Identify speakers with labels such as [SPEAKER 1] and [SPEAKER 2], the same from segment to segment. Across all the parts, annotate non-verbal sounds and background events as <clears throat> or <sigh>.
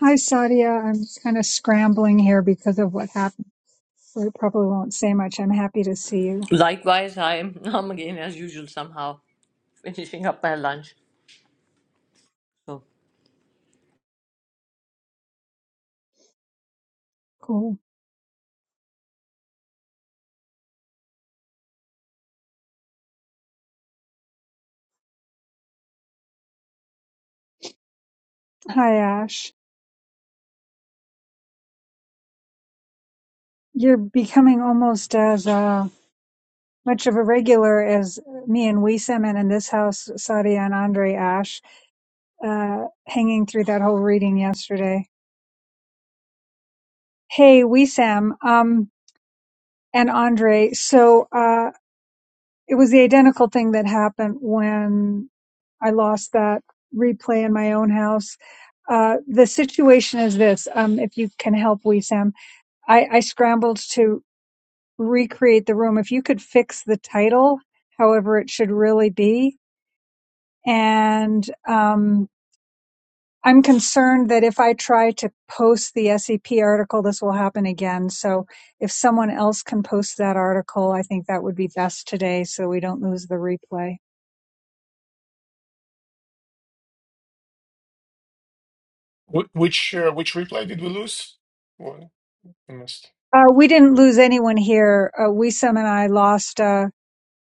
[SPEAKER 1] Hi, Sadia. I'm kind of scrambling here because of what happened. So I probably won't say much. I'm happy to see you.
[SPEAKER 2] Likewise, I am <laughs> I'm again as usual somehow finishing up my lunch. So
[SPEAKER 1] Cool. Hi, Ash. You're becoming almost as uh, much of a regular as me and Wiesem and in this house, Sadia and Andre Ash, uh, hanging through that whole reading yesterday. Hey, Wiesem um, and Andre. So, uh, It was the identical thing that happened when I lost that replay in my own house. Uh, the situation is this. Um, if you can help, we Sam, I, I scrambled to recreate the room. If you could fix the title, however it should really be, and um, I'm concerned that if I try to post the SCP article, this will happen again. So if someone else can post that article, I think that would be best today, so we don't lose the replay.
[SPEAKER 3] Wh- Which uh, which replay did we lose? Well, I missed.
[SPEAKER 1] Uh, we didn't lose anyone here. Uh, Wisam and I lost uh,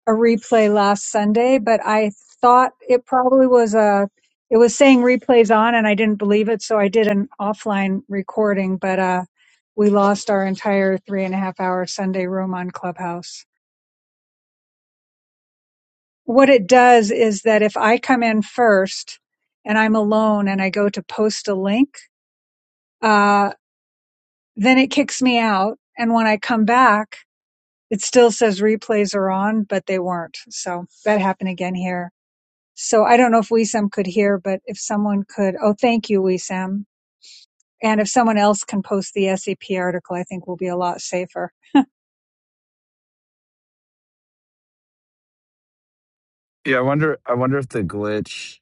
[SPEAKER 1] a replay last Sunday, but I thought it probably was a. It was saying replays on, and I didn't believe it, so I did an offline recording. But uh, we lost our entire three and a half hour Sunday room on Clubhouse. What it does is that if I come in first and I'm alone and I go to post a link, uh, then it kicks me out. And when I come back, it still says replays are on, but they weren't. So that happened again here. So I don't know if WeSam could hear, but if someone could, oh, thank you, WeSam. And if someone else can post the SEP article, I think we'll be a lot safer.
[SPEAKER 4] Yeah, I wonder. I wonder if the glitch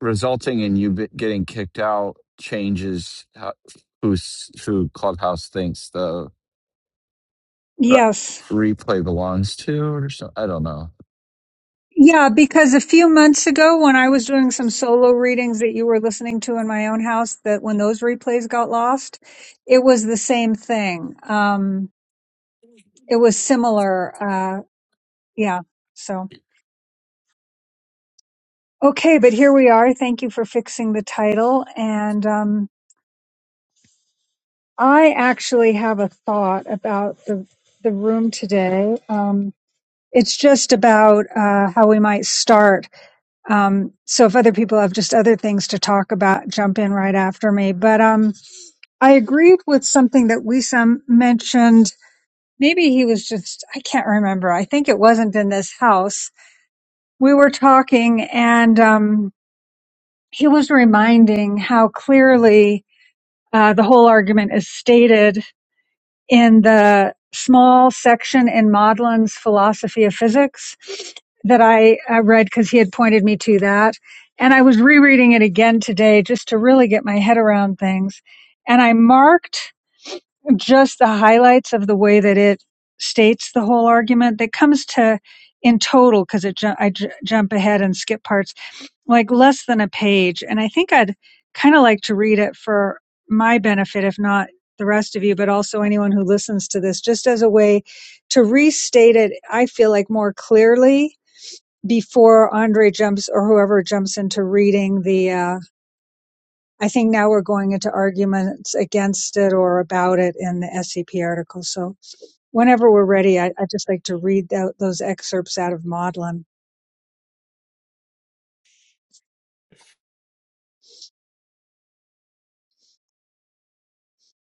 [SPEAKER 4] resulting in you be- getting kicked out changes how, who's who Clubhouse thinks the
[SPEAKER 1] Yes.
[SPEAKER 4] re- replay belongs to, or something. I don't know.
[SPEAKER 1] Yeah, because a few months ago when I was doing some solo readings that you were listening to in my own house, that when those replays got lost, it was the same thing. Um, it was similar. Uh, yeah. So. Okay, but here we are. Thank you for fixing the title. And um, I actually have a thought about the the room today. Um, it's just about uh, how we might start. Um, so if other people have just other things to talk about, jump in right after me. But um, I agreed with something that Wisam mentioned. Maybe he was just, I can't remember. I think it wasn't in this house. We were talking and um, he was reminding how clearly Uh, the whole argument is stated in the small section in Maudlin's Philosophy of Physics that I uh, read because he had pointed me to that. And I was rereading it again today just to really get my head around things. And I marked just the highlights of the way that it states the whole argument that comes to in total because it ju- I j- jump ahead and skip parts like less than a page. And I think I'd kind of like to read it for my benefit, if not the rest of you, but also anyone who listens to this, just as a way to restate it, I feel like more clearly before Andre jumps or whoever jumps into reading the, uh, I think now we're going into arguments against it or about it in the SCP article. So whenever we're ready, I, I'd just like to read tho- those excerpts out of Maudlin.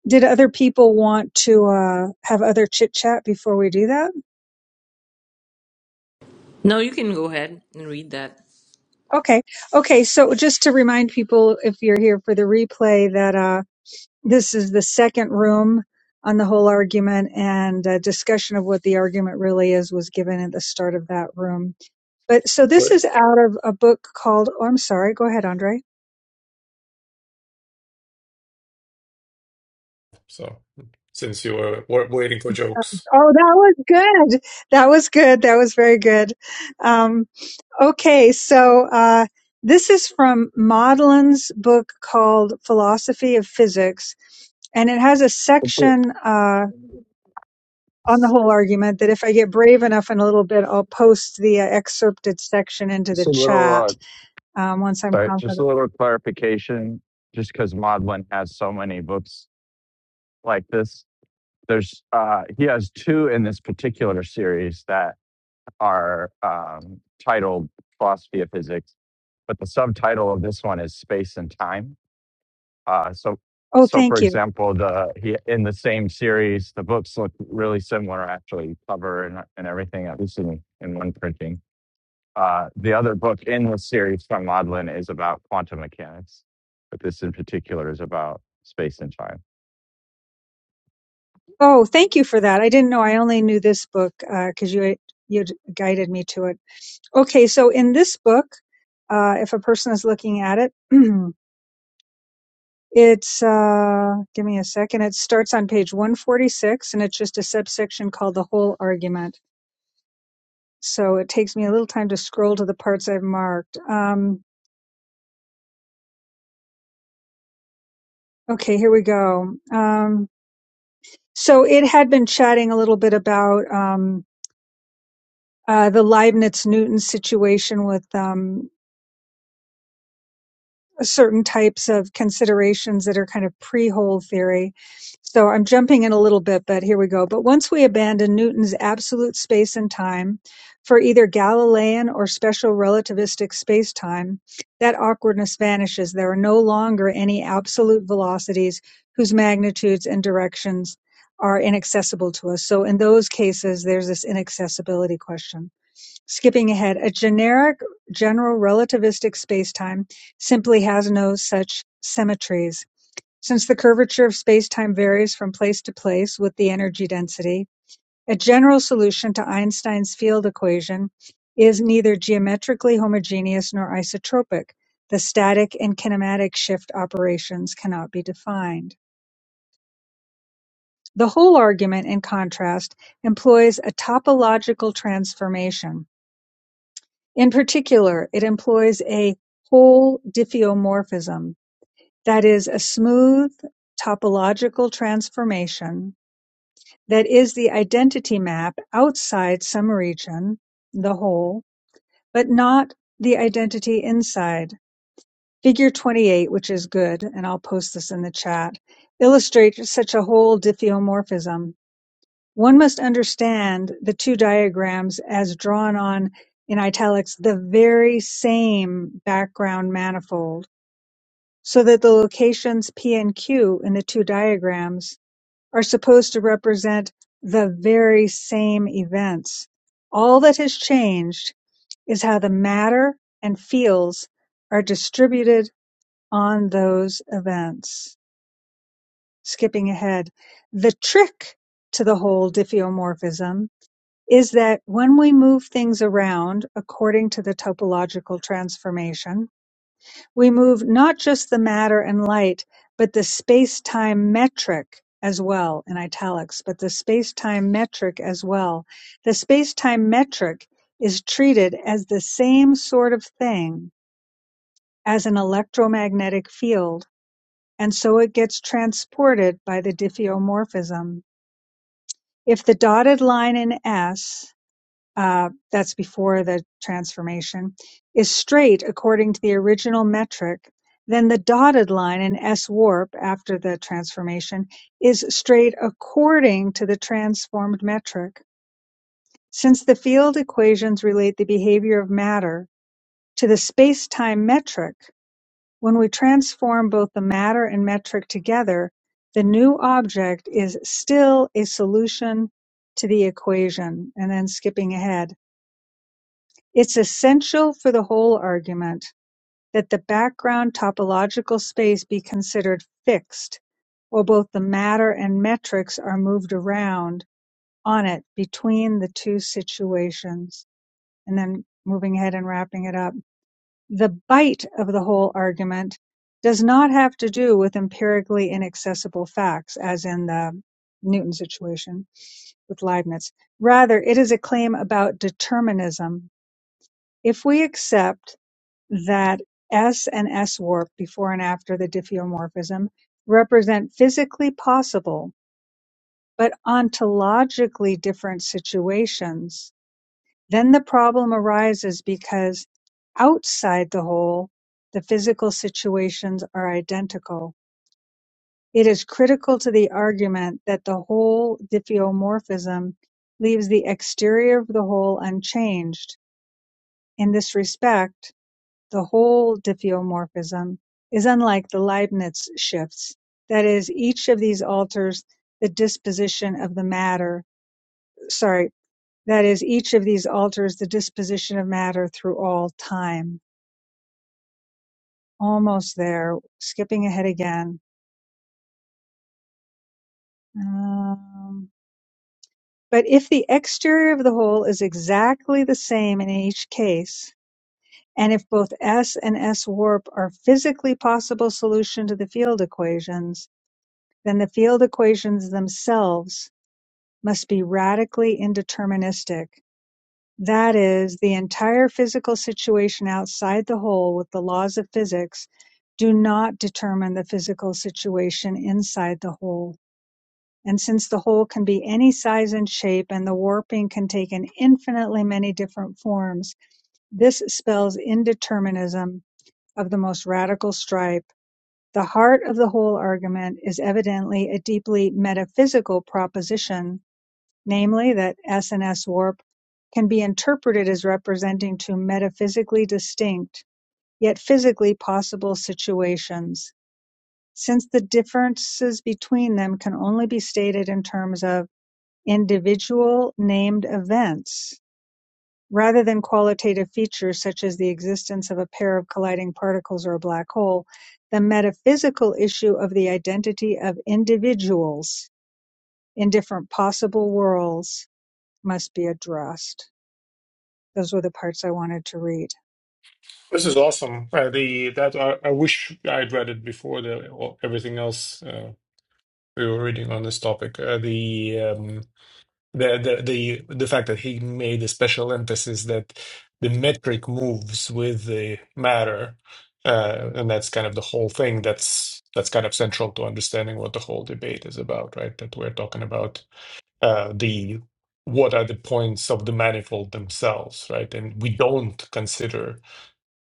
[SPEAKER 1] did other people want to uh, have other chit chat before we do that?
[SPEAKER 2] no, you can go ahead and read that.
[SPEAKER 1] Okay. Okay. So just to remind people, if you're here for the replay, that uh, this is the second room on the whole argument and a discussion of what the argument really is was given at the start of that room. But so this
[SPEAKER 3] Right.
[SPEAKER 1] is out of a book called, oh, I'm sorry. Go ahead, Andre.
[SPEAKER 3] So since you were, were waiting for jokes,
[SPEAKER 1] Oh, that was good. That was good. That was very good. Um, Okay, so uh, this is from Maudlin's book called Philosophy of Physics, and it has a
[SPEAKER 4] It's a,
[SPEAKER 1] section uh, on the whole argument that if I get brave enough in a little bit, I'll post the uh, excerpted section into the
[SPEAKER 4] it's a little.
[SPEAKER 1] chat
[SPEAKER 4] Uh,
[SPEAKER 1] um, once I'm
[SPEAKER 4] sorry, just
[SPEAKER 1] confident.
[SPEAKER 4] a little clarification. Just because Maudlin has so many books like this, there's uh, he has two in this particular series that are um, titled "Philosophy of Physics," but the subtitle of this one is "Space and Time." Uh, so,
[SPEAKER 1] Oh,
[SPEAKER 4] so for
[SPEAKER 1] thank you.
[SPEAKER 4] example, the he, in the same series, the books look really similar, actually, cover and, and everything, at least in, in one printing. Uh, the other book in the series from Maudlin is about quantum mechanics, but this in particular is about space and time.
[SPEAKER 1] Oh, thank you for that. I didn't know. I only knew this book because you you guided me to it. Okay, so in this book, uh, if a person is looking at it, <clears throat> It's uh give me a second. It starts on page 146 and it's just a subsection called the whole argument. So it takes me a little time to scroll to the parts I've marked. Um okay, here we go. Um so it had been chatting a little bit about um uh, the Leibniz Newton situation with um certain types of considerations that are kind of pre hold theory. So I'm jumping in a little bit, but here we go. But once we abandon Newton's absolute space and time for either Galilean or special relativistic space time, that awkwardness vanishes. There are no longer any absolute velocities whose magnitudes and directions are inaccessible to us. So in those cases, there's this inaccessibility question. Skipping ahead, a generic general relativistic spacetime simply has no such symmetries, since the curvature of spacetime varies from place to place with the energy density. A general solution to Einstein's field equation is neither geometrically homogeneous nor isotropic. The static and kinematic shift operations cannot be defined. The whole argument, in contrast, employs a topological transformation. In particular, it employs a whole diffeomorphism, that is, a smooth topological transformation that is the identity map outside some region, the whole, but not the identity inside. Figure 28, which is good, and I'll post this in the chat, illustrates such a whole diffeomorphism. One must understand the two diagrams as drawn on in italics the very same background manifold, so that the locations P and Q in the two diagrams are supposed to represent the very same events. All that has changed is how the matter and fields are distributed on those events. Skipping ahead, the trick to the whole diffeomorphism is that when we move things around according to the topological transformation, we move not just the matter and light, but the space time metric as well in italics, but the space time metric as well. The space time metric is treated as the same sort of thing as an electromagnetic field. And so it gets transported by the diffeomorphism. If the dotted line in S uh, that's before the transformation, is straight according to the original metric, then the dotted line in S warp after the transformation is straight according to the transformed metric. Since the field equations relate the behavior of matter to the space time metric, when we transform both the matter and metric together, the new object is still a solution to the equation. And then skipping ahead. It's essential for the whole argument that the background topological space be considered fixed, while both the matter and metrics are moved around on it between the two situations. And then moving ahead and wrapping it up. The bite of the whole argument does not have to do with empirically inaccessible facts, as in the Newton situation with Leibniz. Rather, it is a claim about determinism. If we accept that S and S warp before and after the diffeomorphism represent physically possible but ontologically different situations, then the problem arises because outside the whole, the physical situations are identical. It is critical to the argument that the whole diffeomorphism leaves the exterior of the whole unchanged. In this respect, The whole diffeomorphism is unlike the Leibniz shifts; that is, each of these alters the disposition of the matter, sorry, that is, each of these alters the disposition of matter through all time. Almost there, skipping ahead again. Um, but if the exterior of the whole is exactly the same in each case, and if both S and S warp are physically possible solution to the field equations, then the field equations themselves must be radically indeterministic, that is, the entire physical situation outside the whole with the laws of physics do not determine the physical situation inside the whole. And since the whole can be any size and shape and the warping can take an infinitely many different forms, this spells indeterminism of the most radical stripe. The heart of the whole argument is evidently a deeply metaphysical proposition, namely that S&S warp can be interpreted as representing two metaphysically distinct, yet physically possible situations, since the differences between them can only be stated in terms of individual named events. Rather than qualitative features such as the existence of a pair of colliding particles or a black hole, the metaphysical issue of the identity of individuals in different possible worlds must be addressed. Those were the parts I wanted to read.
[SPEAKER 3] this is awesome. Uh, the that I, I wish I'd read it before the or everything else uh, we were reading on this topic. Uh, the um, the the the the fact that he made a special emphasis that the metric moves with the matter, uh, and that's kind of the whole thing. That's that's kind of central to understanding what the whole debate is about, right? That we're talking about uh, the what are the points of the manifold themselves, right? And we don't consider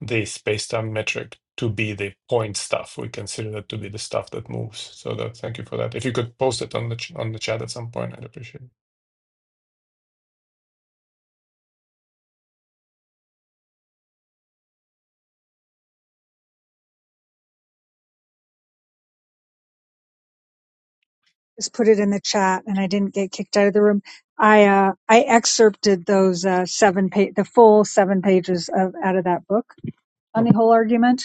[SPEAKER 3] the space-time metric to be the point stuff. We consider that to be the stuff that moves. So that, thank you for that. If you could post it on the ch- on the chat at some point, I'd appreciate it.
[SPEAKER 1] Just put it in the chat, and I didn't get kicked out of the room. I uh, I excerpted those uh, seven pa- the full seven pages of out of that book on the
[SPEAKER 3] Sure.
[SPEAKER 1] whole argument,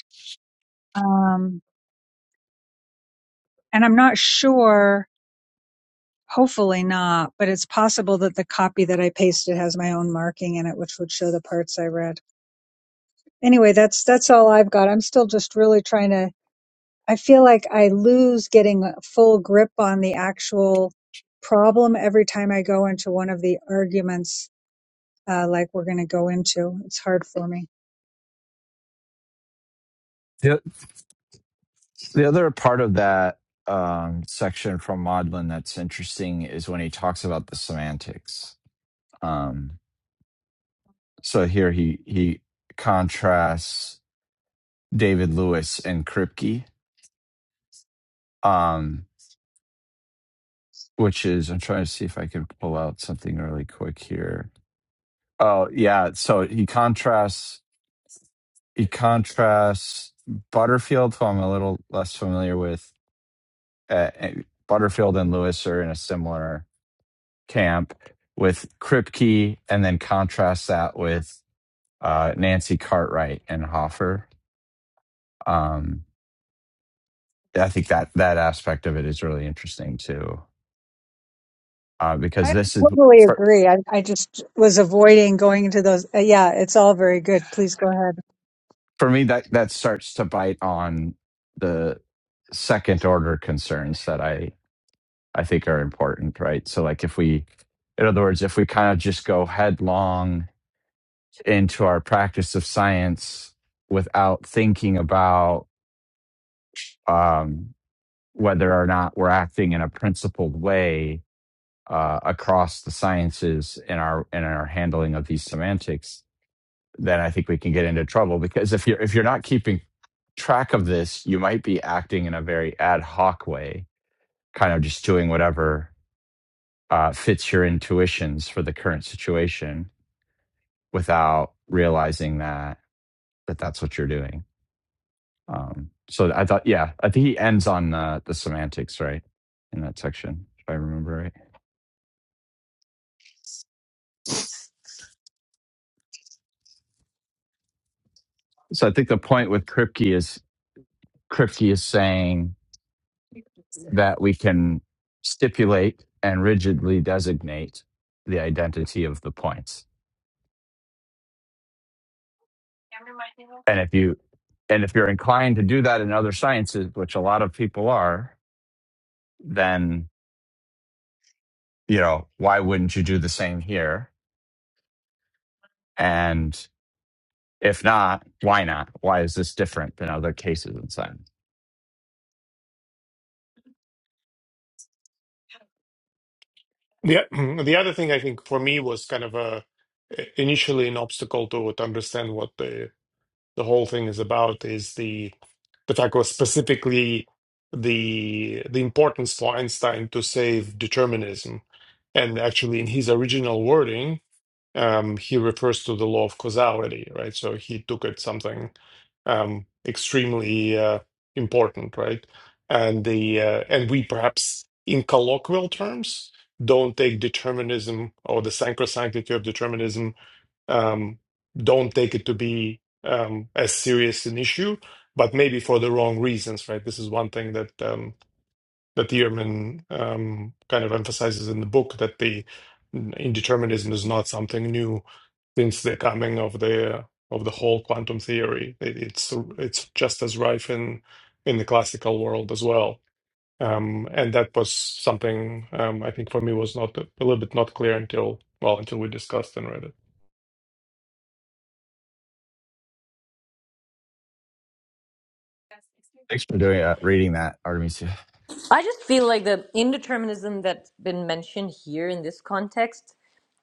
[SPEAKER 1] um, and I'm not sure Hopefully not, but it's possible that the copy that I pasted has my own marking in it, which would show the parts I read. Anyway, that's that's all I've got. I'm still just really trying to. I feel like I lose getting a full grip on the actual problem every time I go into one of the arguments, uh, like we're going to go into. It's hard for me.
[SPEAKER 4] The, the other part of that um, section from Maudlin that's interesting is when he talks about the semantics. Um, so here he he contrasts David Lewis and Kripke. um, which is I'm trying to see if I can pull out something really quick here. Oh yeah, so he contrasts he contrasts Butterfield, who I'm a little less familiar with. Uh, and Butterfield and Lewis are in a similar camp with Kripke, and then contrasts that with uh, Nancy Cartwright and Hoffer. Um, I think that that aspect of it is really interesting too, uh, because
[SPEAKER 1] I
[SPEAKER 4] this
[SPEAKER 1] totally
[SPEAKER 4] is
[SPEAKER 1] agree. I, I just was avoiding going into those. Uh, yeah, it's all very good. Please go ahead.
[SPEAKER 4] for me that that starts to bite on the second order concerns that i i think are important right so like if we in other words if we kind of just go headlong into our practice of science without thinking about um whether or not we're acting in a principled way uh, across the sciences in our in our handling of these semantics then I think we can get into trouble because if you're if you're not keeping track of this, you might be acting in a very ad hoc way, kind of just doing whatever uh, fits your intuitions for the current situation without realizing that that that's what you're doing. Um, so I thought, yeah, I think he ends on the, the semantics right in that section, if I remember right. So I think the point with Kripke is Kripke is saying that we can stipulate and rigidly designate the identity of the points. And if you and if you're inclined to do that in other sciences, which a lot of people are, then you know, why wouldn't you do the same here? And if not, why not? Why is this different than other cases in science?
[SPEAKER 3] The <clears throat> the other thing I think for me was kind of a initially an obstacle to to understand what the the whole thing is about is the the fact was specifically the the importance for Einstein to save determinism. And actually, in his original wording, um, he refers to the law of causality, right? So he took it something um, extremely uh, important, right? And the uh, and we perhaps in colloquial terms don't take determinism or the sacrosanctity of determinism um, don't take it to be um, as serious an issue, but maybe for the wrong reasons, right? This is one thing that um, that Ehrman um, kind of emphasizes in the book that the indeterminism is not something new since the coming of the of the whole quantum theory. It, it's it's just as rife in in the classical world as well. Um, and that was something um, I think for me was not a little bit not clear until well until we discussed and read it.
[SPEAKER 4] Thanks for doing uh, reading that, Artemisia.
[SPEAKER 2] I just feel like the indeterminism that's been mentioned here in this context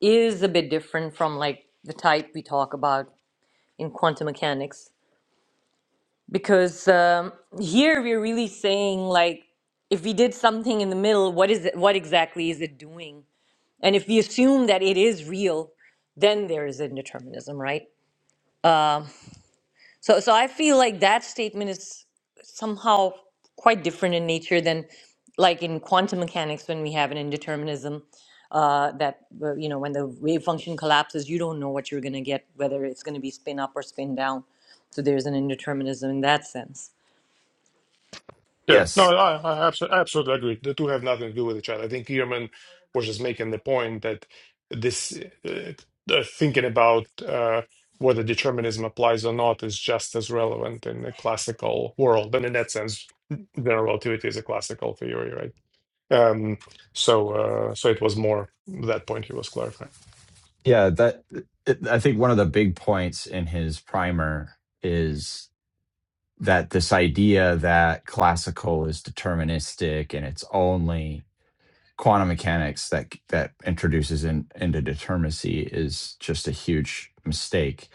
[SPEAKER 2] is a bit different from like the type we talk about in quantum mechanics because um, here we're really saying like if we did something in the middle, what is it, what exactly is it doing? And if we assume that it is real, then there is indeterminism, right? So, so I feel like that statement is somehow quite different in nature than, like in quantum mechanics, when we have an indeterminism, uh, that uh, you know when the wave function collapses, you don't know what you're going to get, whether it's going to be spin up or spin down. So there's an indeterminism in that sense.
[SPEAKER 3] Yeah, no,
[SPEAKER 4] Yes,
[SPEAKER 3] I, I abso- I absolutely agree. The two have nothing to do with each other. I think Ehrman was just making the point that this uh, uh, thinking about uh, whether determinism applies or not is just as relevant in the classical world. And in that sense, general relativity is a classical theory, right? Um, so, uh, so it was more that point he was clarifying.
[SPEAKER 4] yeah. That it, I think one of the big points in his primer is that this idea that classical is deterministic and it's only quantum mechanics that that introduces in, into determinacy is just a huge mistake.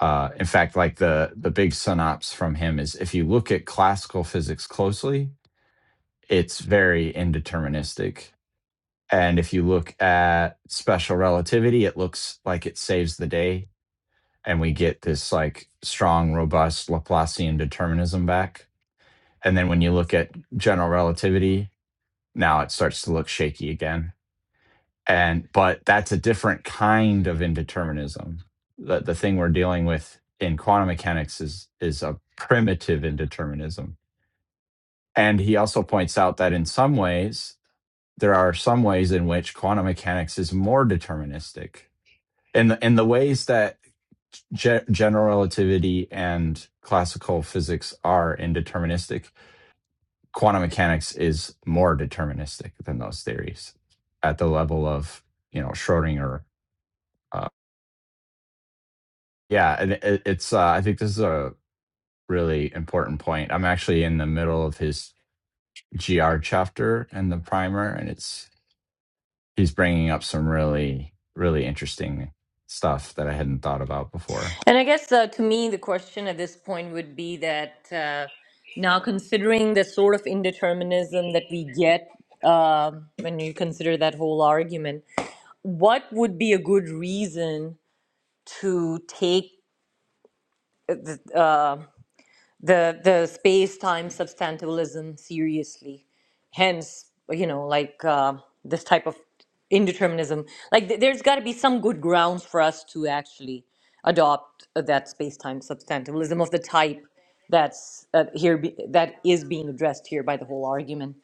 [SPEAKER 4] Uh, in fact, like the the big synopsis from him is if you look at classical physics closely, it's very indeterministic. And if you look at special relativity, it looks like it saves the day, and we get this like strong, robust Laplacian determinism back and then when you look at general relativity, now it starts to look shaky again. And but that's a different kind of indeterminism. The the thing we're dealing with in quantum mechanics is is a primitive indeterminism. And he also points out that in some ways there are some ways in which quantum mechanics is more deterministic. In the in the ways that ge- general relativity and classical physics are indeterministic quantum mechanics is more deterministic than those theories at the level of you know Schrodinger. Uh, yeah, and it, it's uh, I think this is a really important point. I'm actually in the middle of his GR chapter in the primer, and it's he's bringing up some really really interesting stuff that I hadn't thought about before.
[SPEAKER 2] And I guess uh, to me, the question at this point would be that uh, now considering the sort of indeterminism that we get um when you consider that whole argument. what would be a good reason to take the the, the space time substantialism seriously hence you know like uh, this type of indeterminism like th- there's got to be some good grounds for us to actually adopt uh, that space time substantialism of the type that's uh, here be, that is being addressed here by the whole argument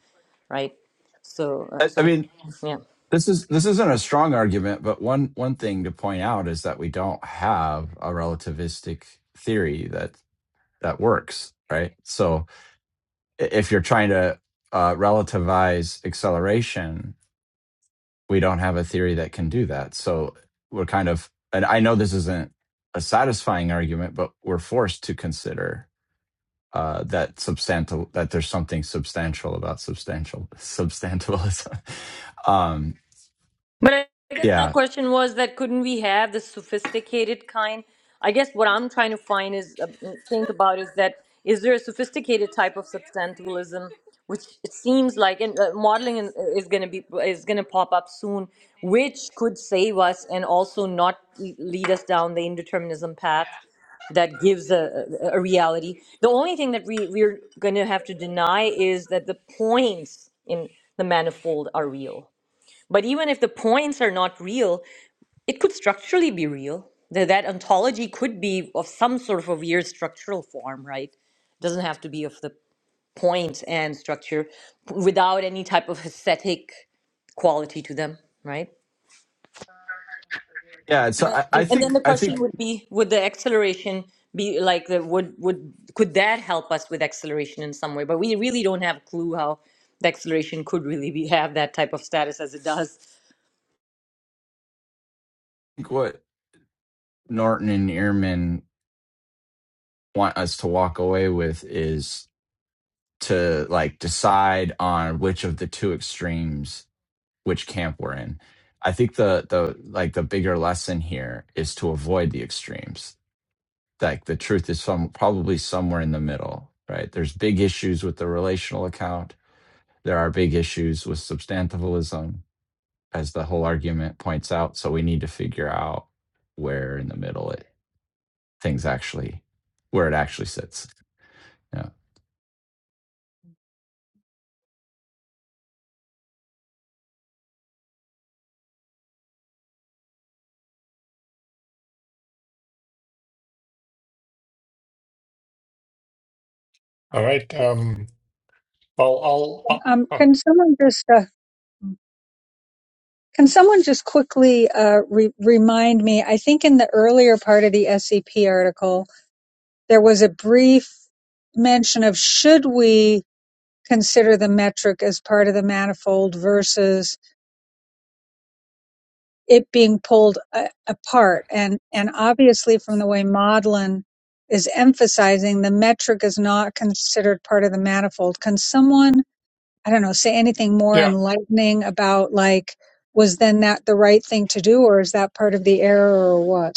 [SPEAKER 2] right so uh,
[SPEAKER 4] I, I
[SPEAKER 2] so
[SPEAKER 4] mean,
[SPEAKER 2] yeah
[SPEAKER 4] This is this isn't a strong argument, but one one thing to point out is that we don't have a relativistic theory that that works, right? So if you're trying to uh, relativize acceleration, we don't have a theory that can do that. So we're kind of, and I know this isn't a satisfying argument, but we're forced to consider uh, that substantial that there's something substantial about substantial substantialism. <laughs> um,
[SPEAKER 2] But I I guess my
[SPEAKER 4] yeah,
[SPEAKER 2] question was that couldn't we have the sophisticated kind? I guess what I'm trying to find is uh, uh, think about is that is there a sophisticated type of substantialism, which it seems like, and uh, modeling in- uh, is going to be is going to pop up soon, which could save us and also not le- lead us down the indeterminism path that gives a, a a reality. The only thing that we we're going to have to deny is that the points in the manifold are real but even if the points are not real, it could structurally be real. That, that ontology could be of some sort of a weird structural form, right? It doesn't have to be of the points and structure without any type of aesthetic quality to them, right?
[SPEAKER 4] Yeah, so
[SPEAKER 2] And,
[SPEAKER 4] I,
[SPEAKER 2] and,
[SPEAKER 4] I
[SPEAKER 2] and then
[SPEAKER 4] think
[SPEAKER 2] the
[SPEAKER 4] I
[SPEAKER 2] question
[SPEAKER 4] think
[SPEAKER 2] would be would the acceleration be like the would would could that help us with acceleration in some way but we really don't have a clue how the acceleration could really be have that type of status as it does
[SPEAKER 4] what Norton and Ehrman want us to walk away with is to like decide on which of the two extremes which camp we're in. I think the the like the bigger lesson here is to avoid the extremes. Like the truth is some probably somewhere in the middle, right? There's big issues with the relational account. There are big issues with substantivalism as the whole argument points out. So we need to figure out where in the middle it things actually where it actually sits. Yeah.
[SPEAKER 3] All right. Um, I'll,
[SPEAKER 1] Um,
[SPEAKER 3] I'll,
[SPEAKER 1] can someone just uh, Can someone just quickly uh, re- remind me? I think in the earlier part of the SCP article, there was a brief mention of should we consider the metric as part of the manifold versus it being pulled a- apart. And, and obviously, from the way Maudlin is emphasizing, the metric is not considered part of the manifold. Can someone I don't know, say anything more
[SPEAKER 3] i
[SPEAKER 1] enlightening about like, was then that the right thing to do, or is that part of the error, or what?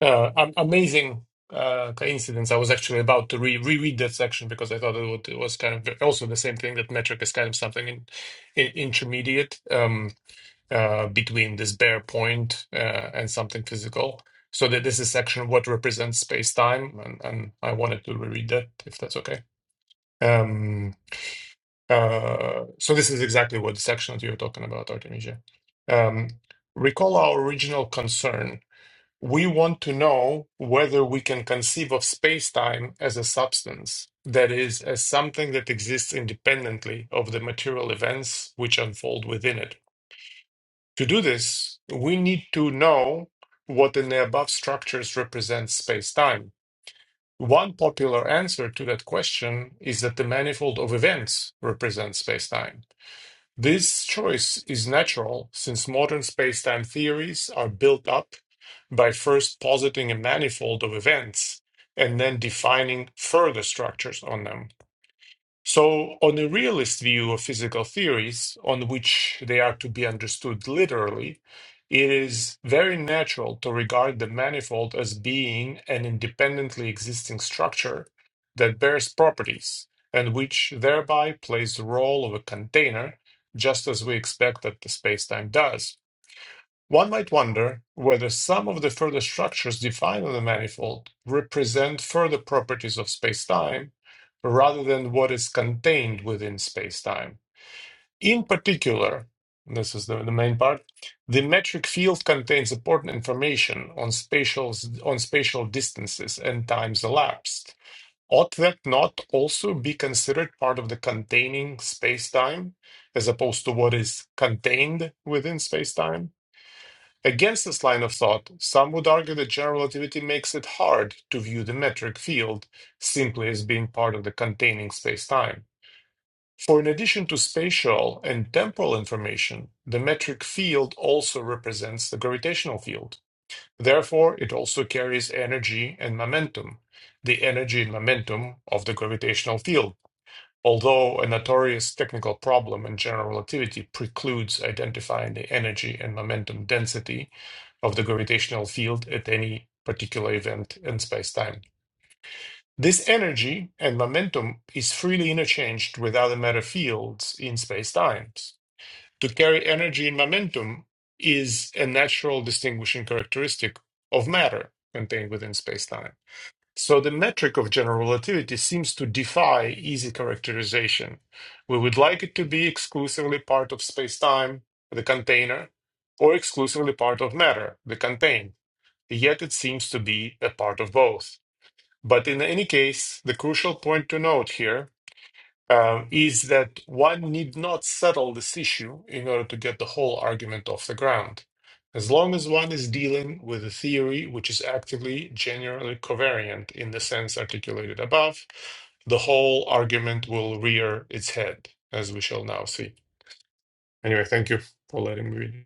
[SPEAKER 3] Uh, am- amazing uh, coincidence. I was actually about to re reread that section because I thought it, would, it was kind of also the same thing that metric is kind of something in, in, intermediate um, uh, between this bare point uh, and something physical. So that this is section what represents space time, and, and I wanted to reread that if that's okay. Um, uh, so this is exactly what the section that you are talking about, Artemisia. Um, recall our original concern we want to know whether we can conceive of space-time as a substance, that is, as something that exists independently of the material events which unfold within it. To do this, we need to know what in the above structures represents space-time. One popular answer to that question is that the manifold of events represents space-time. This choice is natural since modern spacetime theories are built up by first positing a manifold of events and then defining further structures on them. So, on a realist view of physical theories, on which they are to be understood literally, it is very natural to regard the manifold as being an independently existing structure that bears properties and which thereby plays the role of a container, just as we expect that the spacetime does. One might wonder whether some of the further structures defined on the manifold represent further properties of spacetime rather than what is contained within spacetime. In particular, and this is the, the main part, the metric field contains important information on spatial, on spatial distances and times elapsed. Ought that not also be considered part of the containing spacetime as opposed to what is contained within spacetime? Against this line of thought, some would argue that general relativity makes it hard to view the metric field simply as being part of the containing spacetime. For in addition to spatial and temporal information, the metric field also represents the gravitational field. Therefore, it also carries energy and momentum, the energy and momentum of the gravitational field, although a notorious technical problem in general relativity precludes identifying the energy and momentum density of the gravitational field at any particular event in spacetime. This energy and momentum is freely interchanged with other matter fields in spacetimes. To carry energy and momentum is a natural distinguishing characteristic of matter contained within spacetime. So the metric of general relativity seems to defy easy characterization. We would like it to be exclusively part of spacetime, the container, or exclusively part of matter, the contained yet it seems to be a part of both. But in any case, the crucial point to note here um, is that one need not settle this issue in order to get the whole argument off the ground. As long as one is dealing with a theory which is actively generally covariant in the sense articulated above, the whole argument will rear its head, as we shall now see. Anyway, thank you for letting me read.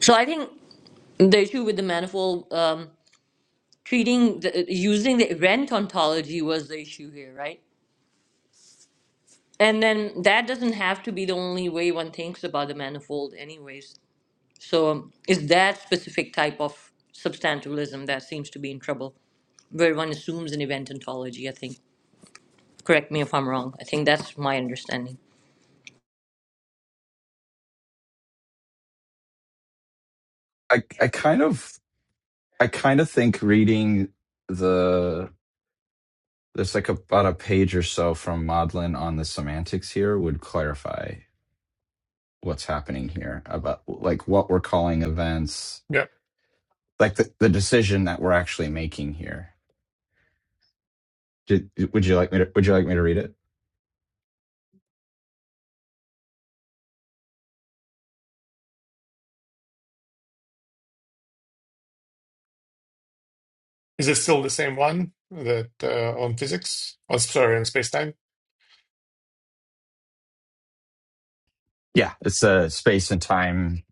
[SPEAKER 2] So I think the issue with the manifold um, treating the, using the event ontology was the issue here, right? And then that doesn't have to be the only way one thinks about the manifold, anyways. So um, it's that specific type of substantialism that seems to be in trouble, where one assumes an event ontology. I think. Correct me if I'm wrong. I think that's my understanding.
[SPEAKER 4] I I kind of I kind of think reading the there's like about a page or so from Maudlin on the semantics here would clarify what's happening here about like what we're calling events,
[SPEAKER 3] Yeah.
[SPEAKER 4] like the, the decision that we're actually making here Ju- Would you like me to, would you like me to read it?
[SPEAKER 3] Is it still the same one that uh, on physics? Oh, sorry, on space-time?
[SPEAKER 4] Yeah, it's uh, space and time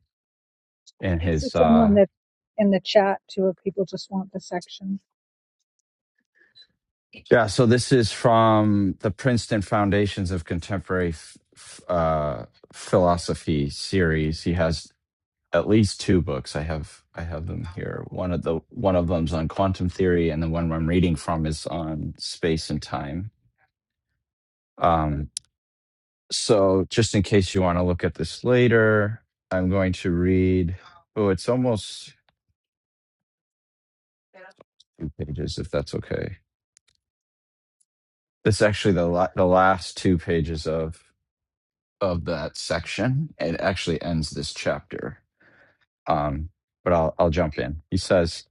[SPEAKER 4] in
[SPEAKER 1] It's the
[SPEAKER 4] his.
[SPEAKER 1] same
[SPEAKER 4] Uh...
[SPEAKER 1] one that's in the chat too. If people just want the section,
[SPEAKER 4] Yeah, so this is from the Princeton Foundations of Contemporary F- F- uh, Philosophy series. He has at least two books. I have I have them here. One of the one of them's on quantum theory, and the one I'm reading from is on space and time. Um, so, just in case you want to look at this later, I'm going to read. Oh, it's almost two pages, if that's okay. It's actually the la- the last two pages of of that section. It actually ends this chapter. Um, but I'll I'll jump in. He says,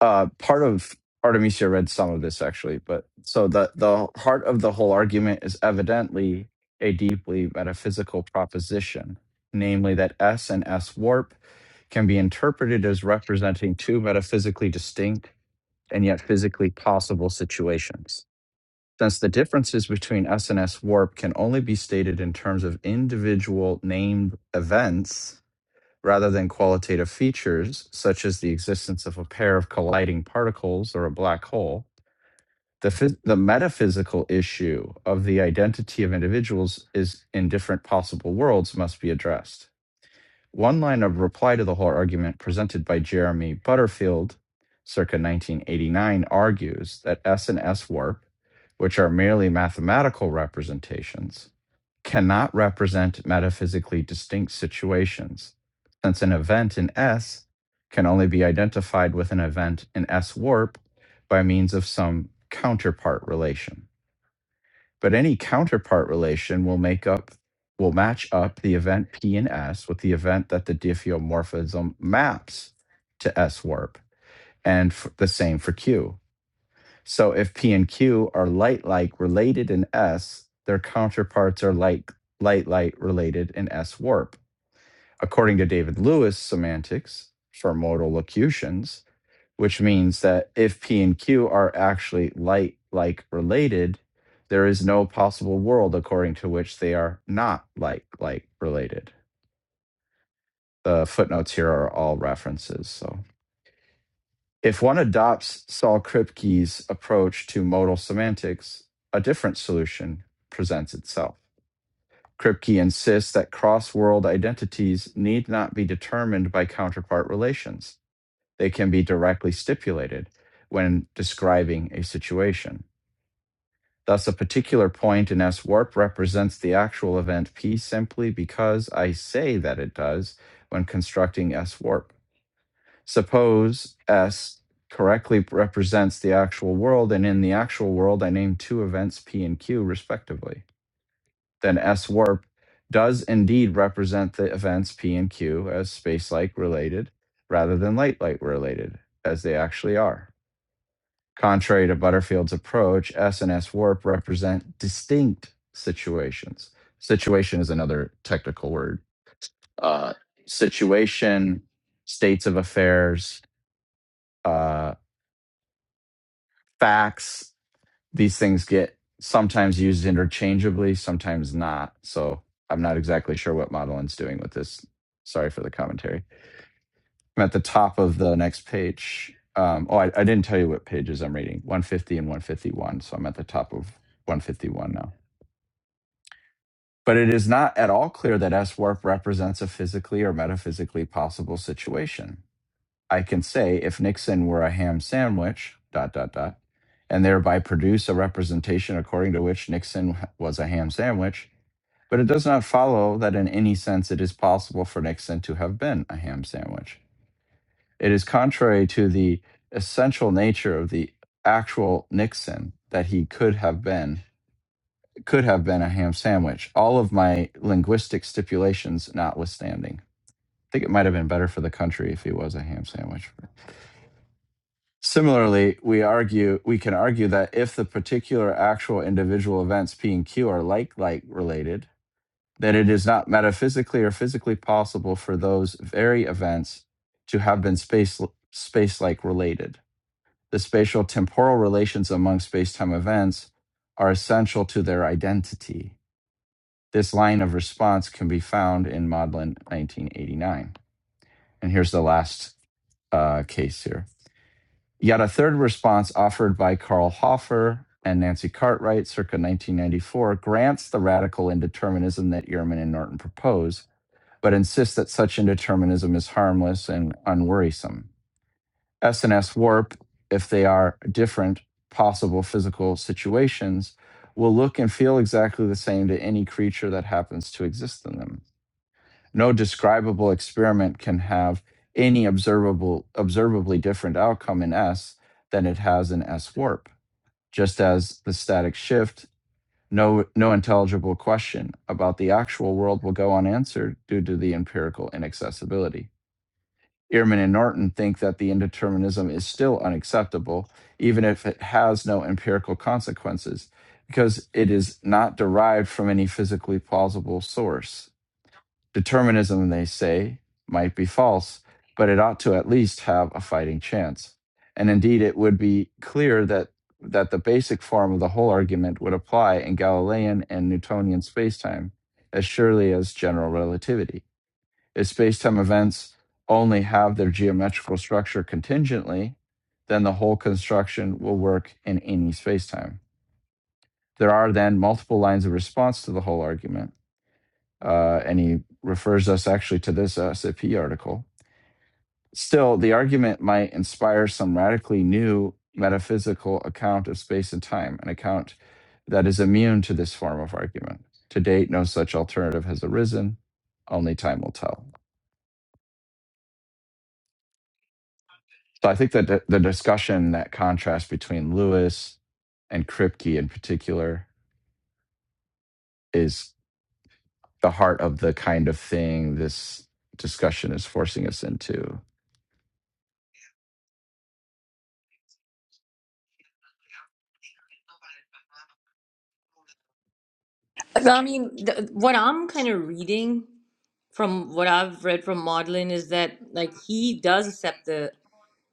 [SPEAKER 4] uh part of artemisia read some of this actually but so the the heart of the whole argument is evidently a deeply metaphysical proposition namely that s and s warp can be interpreted as representing two metaphysically distinct and yet physically possible situations since the differences between s and s warp can only be stated in terms of individual named events rather than qualitative features such as the existence of a pair of colliding particles or a black hole, the, phys- the metaphysical issue of the identity of individuals is in different possible worlds must be addressed. One line of reply to the whole argument presented by Jeremy Butterfield circa 1989 argues that S and S warp, which are merely mathematical representations, cannot represent metaphysically distinct situations, since an event in S can only be identified with an event in S warp by means of some counterpart relation. But any counterpart relation will make up will match up the event P in S with the event that the diffeomorphism maps to S warp, and the same for Q. So if P and Q are light like related in S, their counterparts are like light light related in S warp. According to David Lewis semantics for modal locutions, which means that if P and Q are actually light like related, there is no possible world according to which they are not like like related. The footnotes here are all references. So If one adopts Saul Kripke's approach to modal semantics, a different solution presents itself. Kripke insists that cross world identities need not be determined by counterpart relations. They can be directly stipulated when describing a situation. Thus, a particular point in S warp represents the actual event P simply because I say that it does when constructing S warp. Suppose S correctly represents the actual world, and in the actual world, I name two events P and Q respectively. Then S warp does indeed represent the events P and Q as space-like related rather than light-light related, as they actually are. Contrary to Butterfield's approach, S and S warp represent distinct situations. Situation is another technical word. Uh, situation, states of affairs, uh, facts. These things get sometimes used interchangeably, sometimes not. So I'm not exactly sure what Madeline's doing with this. Sorry for the commentary. I'm at the top of the next page. Um, oh, I, I didn't tell you what pages I'm reading 150 and 151. So I'm at the top of 151 now. But it is not at all clear that S warp represents a physically or metaphysically possible situation. I can say if Nixon were a ham sandwich, dot, dot, dot, and thereby produce a representation according to which Nixon was a ham sandwich, but it does not follow that in any sense it is possible for Nixon to have been a ham sandwich. It is contrary to the essential nature of the actual Nixon that he could have been could have been a ham sandwich all of my linguistic stipulations notwithstanding i think it might have been better for the country if he was a ham sandwich Similarly, we argue we can argue that if the particular actual individual events P and Q are like like related, then it is not metaphysically or physically possible for those very events to have been space space like related. The spatial temporal relations among space-time events are essential to their identity. This line of response can be found in Maudlin 1989. And here's the last uh, case here. Yet a third response offered by Carl Hoffer and Nancy Cartwright circa 1994 grants the radical indeterminism that Ehrman and Norton propose, but insists that such indeterminism is harmless and unworrisome. S and S warp, if they are different possible physical situations, will look and feel exactly the same to any creature that happens to exist in them. No describable experiment can have any observable, observably different outcome in S than it has in S warp, just as the static shift, no, no intelligible question about the actual world will go unanswered due to the empirical inaccessibility. Ehrman and Norton think that the indeterminism is still unacceptable, even if it has no empirical consequences, because it is not derived from any physically plausible source Determinism, they say, might be false, but it ought to at least have a fighting chance. And indeed, it would be clear that, that the basic form of the whole argument would apply in Galilean and Newtonian spacetime as surely as general relativity. If spacetime events only have their geometrical structure contingently, then the whole construction will work in any spacetime. There are then multiple lines of response to the whole argument uh, and he refers us actually to this SAP article. Still, the argument might inspire some radically new metaphysical account of space and time, an account that is immune to this form of argument. To date, no such alternative has arisen. Only time will tell. So I think that the the discussion, that contrast between Lewis and Kripke in particular, is the heart of the kind of thing this discussion is forcing us into.
[SPEAKER 2] But, I mean, the, what I'm kind of reading from what I've read from Maudlin is that like he does accept the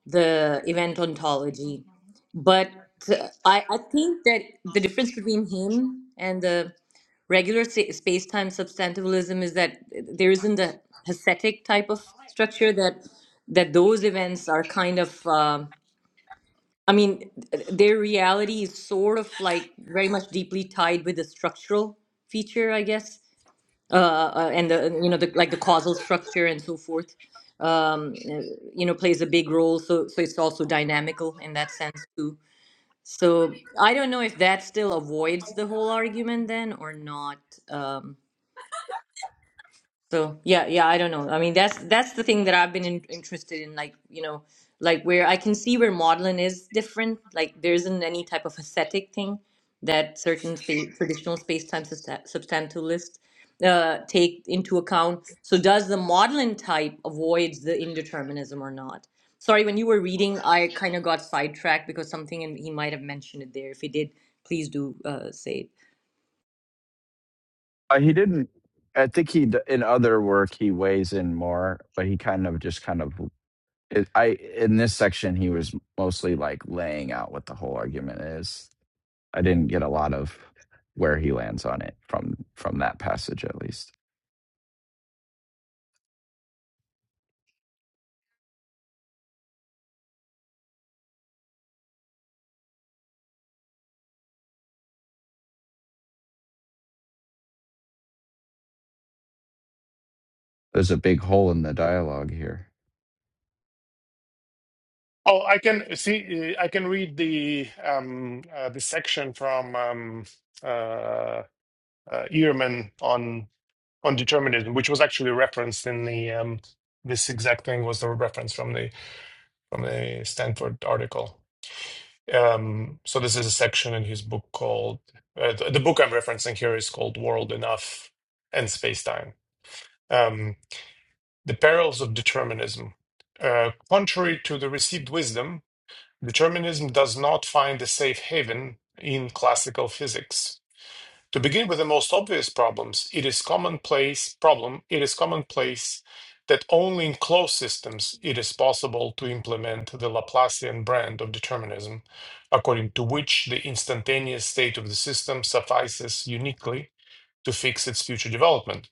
[SPEAKER 2] the event ontology. But uh, I, I think that the difference between him and the regular sa- space-time substantivalism is that there isn't a ascetic type of structure that that those events are kind of um I mean their reality is sort of like very much deeply tied with the structural feature, I guess uh, uh, and the you know the like the causal structure and so forth um uh, you know plays a big role so so it's also dynamical in that sense too so i don't know if that still avoids the whole argument then or not Um, so yeah, yeah, I don't know. I mean, that's that's the thing that I've been in, interested in, like you know, like where I can see where modeling is different. Like there isn't any type of aesthetic thing that certain space, traditional space-time substa- substantialists uh, take into account. So does the modeling type avoids the indeterminism or not? Sorry, when you were reading, I kind of got sidetracked because something, and he might have mentioned it there. If he did, please do uh, say it.
[SPEAKER 4] Uh, he didn't. I think he d- in other work he weighs in more, but he kind of just kind of. It, I in this section he was mostly like laying out what the whole argument is. I didn't get a lot of where he lands on it from from that passage at least. There's a big hole in the dialogue here.
[SPEAKER 3] Oh, I can see. uh, I can read the um, uh, the section from um, uh, uh, Ehrman on on determinism, which was actually referenced in the um, this exact thing was the reference from the from the Stanford article. Um, so this is a section in his book called uh, the, the book I'm referencing here is called World Enough and Space Time: um, The Perils of Determinism. Uh, contrary to the received wisdom, determinism does not find a safe haven in classical physics. To begin with the most obvious problems, it is commonplace problem, it is commonplace that only in closed systems it is possible to implement the Laplacian brand of determinism, according to which the instantaneous state of the system suffices uniquely to fix its future development.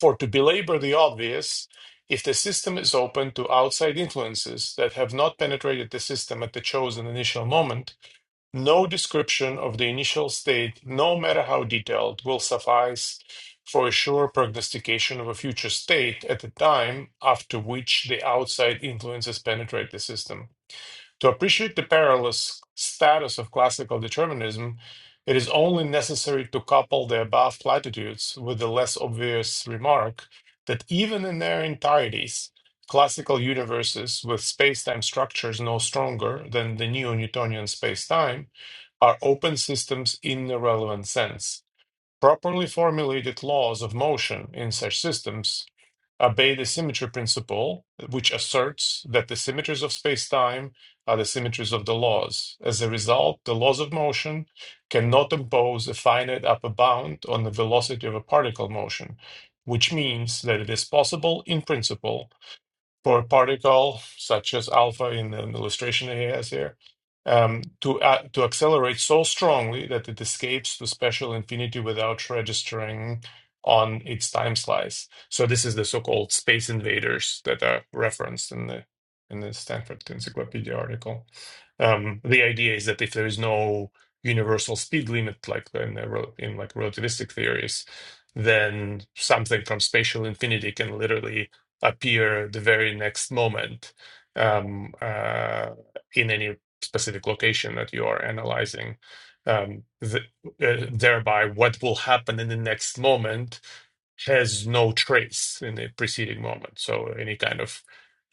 [SPEAKER 3] For to belabor the obvious, if the system is open to outside influences that have not penetrated the system at the chosen initial moment, no description of the initial state, no matter how detailed, will suffice for a sure prognostication of a future state at the time after which the outside influences penetrate the system. To appreciate the perilous status of classical determinism, it is only necessary to couple the above platitudes with the less obvious remark that even in their entireties, classical universes with space-time structures no stronger than the neo Newtonian time are open systems in the relevant sense. Properly formulated laws of motion in such systems obey the symmetry principle, which asserts that the symmetries of space-time are the symmetries of the laws. As a result, the laws of motion cannot impose a finite upper bound on the velocity of a particle motion, which means that it is possible, in principle, for a particle such as alpha in an illustration he has here um, to a- to accelerate so strongly that it escapes to special infinity without registering on its time slice. So this is the so-called space invaders that are referenced in the in the Stanford Encyclopedia article. Um, the idea is that if there is no universal speed limit, like in, the, rel- in like relativistic theories, then something from spatial infinity can literally appear the very next moment um, uh, in any specific location that you are analyzing. Um, th- uh, thereby, what will happen in the next moment has no trace in the preceding moment. So, any kind of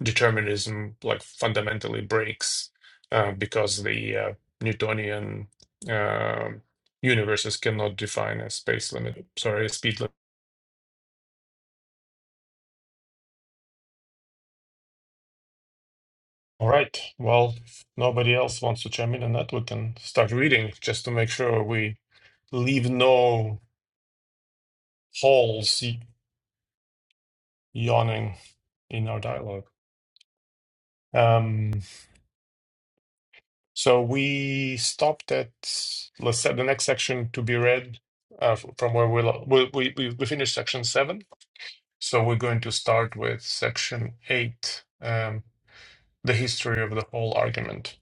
[SPEAKER 3] determinism like fundamentally breaks uh, because the uh, Newtonian um universes cannot define a space limit, sorry, a speed All right. Well, if nobody else wants to chime in on that, we can start reading just to make sure we leave no holes y- yawning in our dialogue. Um, so we stopped at, let's say, the next section to be read uh, f- from where we, lo- we, we, we we finished section seven. So we're going to start with section eight, um, the history of the whole argument.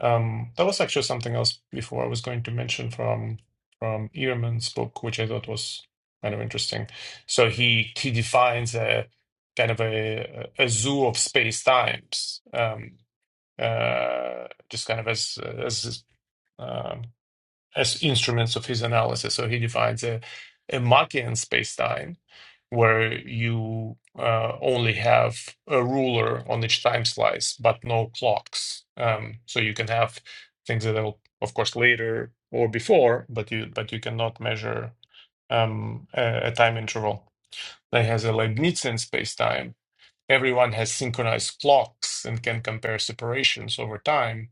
[SPEAKER 3] Um, that was actually something else before I was going to mention from from Ehrman's book, which I thought was kind of interesting. So he he defines a kind of a a zoo of space times, um, uh, just kind of as as um, as instruments of his analysis. So he defines a, a Machian spacetime where you uh, only have a ruler on each time slice, but no clocks. Um, so you can have things that are, of course, later or before, but you but you cannot measure um, a, a time interval. That has a Leibnizian spacetime. Everyone has synchronized clocks and can compare separations over time,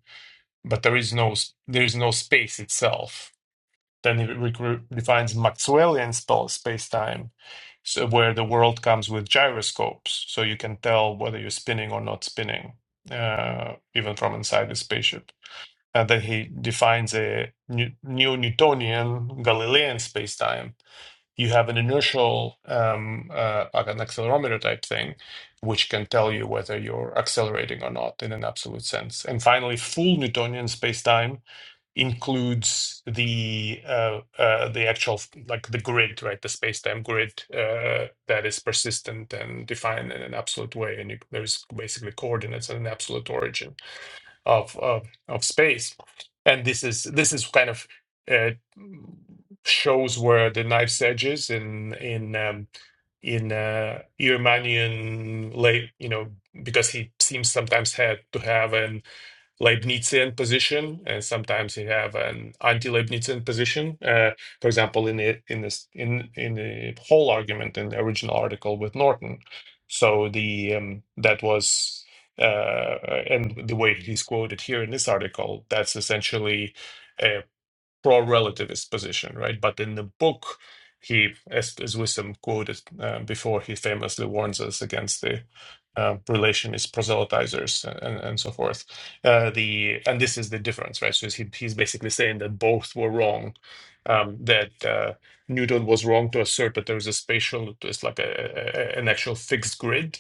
[SPEAKER 3] but there is no there is no space itself then he defines Maxwellian spell spacetime, so where the world comes with gyroscopes, so you can tell whether you're spinning or not spinning, uh, even from inside the spaceship. And then he defines a new Newtonian Galilean spacetime. You have an inertial, um, uh, like an accelerometer type thing, which can tell you whether you're accelerating or not in an absolute sense. And finally, full Newtonian spacetime includes the uh, uh, the actual like the grid, right? The space-time grid uh, that is persistent and defined in an absolute way, and you, there's basically coordinates and an absolute origin of of, of space. And this is this is kind of uh, shows where the knife's edge is in in um, in uh, Irmanian late, you know, because he seems sometimes had to have an Leibnizian position, and sometimes you have an anti-Leibnizian position. Uh, for example, in the in this in in the whole argument in the original article with Norton, so the um, that was uh, and the way he's quoted here in this article, that's essentially. uh, pro relativist position, right? But in the book, he, as, as Wisdom quoted uh, before, he famously warns us against the uh, relationist proselytizers uh, and, and so forth. Uh, the and this is the difference, right? So he, he's basically saying that both were wrong. Um, that uh, Newton was wrong to assert that there is a spatial, it's like a, a, an actual fixed grid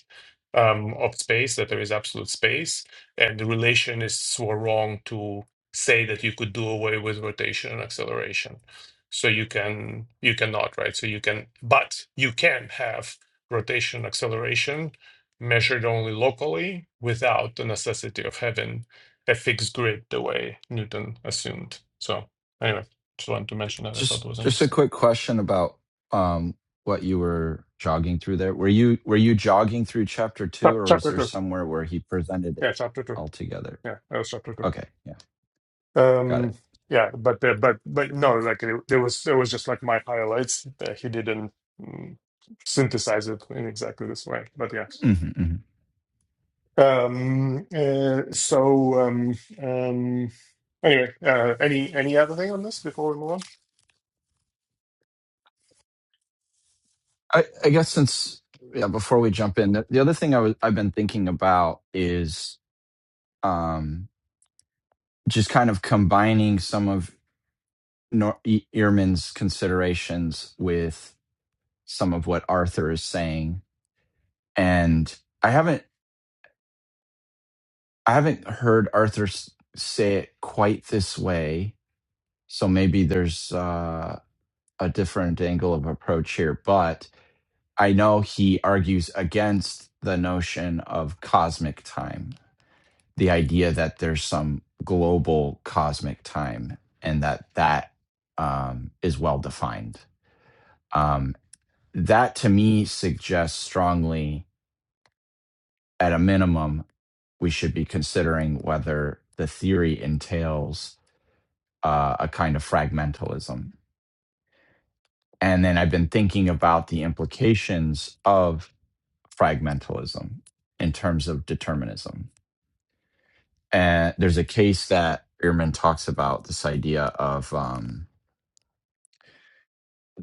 [SPEAKER 3] um, of space, that there is absolute space, and the relationists were wrong to say that you could do away with rotation and acceleration. So you can you cannot, right? So you can, but you can have rotation acceleration measured only locally without the necessity of having a fixed grid the way Newton assumed. So anyway, just wanted to mention that. I thought
[SPEAKER 4] Just
[SPEAKER 3] it was
[SPEAKER 4] just a
[SPEAKER 3] interesting.
[SPEAKER 4] quick question about um what you were jogging through there. Were you were you jogging through chapter 2
[SPEAKER 3] Chap-
[SPEAKER 4] or was
[SPEAKER 3] Chapter
[SPEAKER 4] there
[SPEAKER 3] two.
[SPEAKER 4] somewhere where he presented it
[SPEAKER 3] Yeah, chapter two.
[SPEAKER 4] altogether?
[SPEAKER 3] Yeah, that was chapter two.
[SPEAKER 4] Okay, yeah. Got
[SPEAKER 3] Um,
[SPEAKER 4] it.
[SPEAKER 3] yeah, but uh, but but no, like it, there was there was just like my highlights. Uh, he didn't mm, synthesize it in exactly this way, but yeah.
[SPEAKER 4] Mhm, mhm.
[SPEAKER 3] Um, uh, so um, um, anyway, uh, any any other thing on this before we move
[SPEAKER 4] I, I guess since yeah, before we jump in, the, the other thing I was I've been thinking about is um, just kind of combining some of Nor- E- Ehrman's considerations with some of what Arthur is saying, and I haven't I haven't heard Arthur s- say it quite this way, so maybe there's uh, a different angle of approach here, but I know he argues against the notion of cosmic time the idea that there's some global cosmic time and that that um, is well defined. Um, that to me suggests strongly, at a minimum, we should be considering whether the theory entails uh, a kind of fragmentalism. And then I've been thinking about the implications of fragmentalism in terms of determinism. And there's a case that Ehrman talks about this idea of um,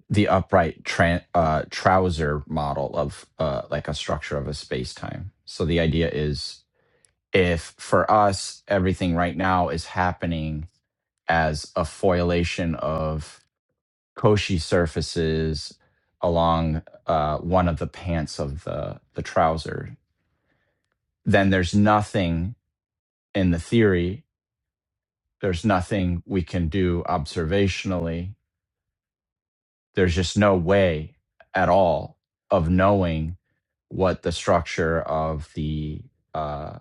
[SPEAKER 4] the upright tran uh, trouser model of uh, like a structure of a space time. So the idea is if for us, everything right now is happening as a foilation of Cauchy surfaces along uh, one of the pants of the, the trouser, then there's nothing in the theory, there's nothing we can do observationally there's just no way at all of knowing what the structure of the uh,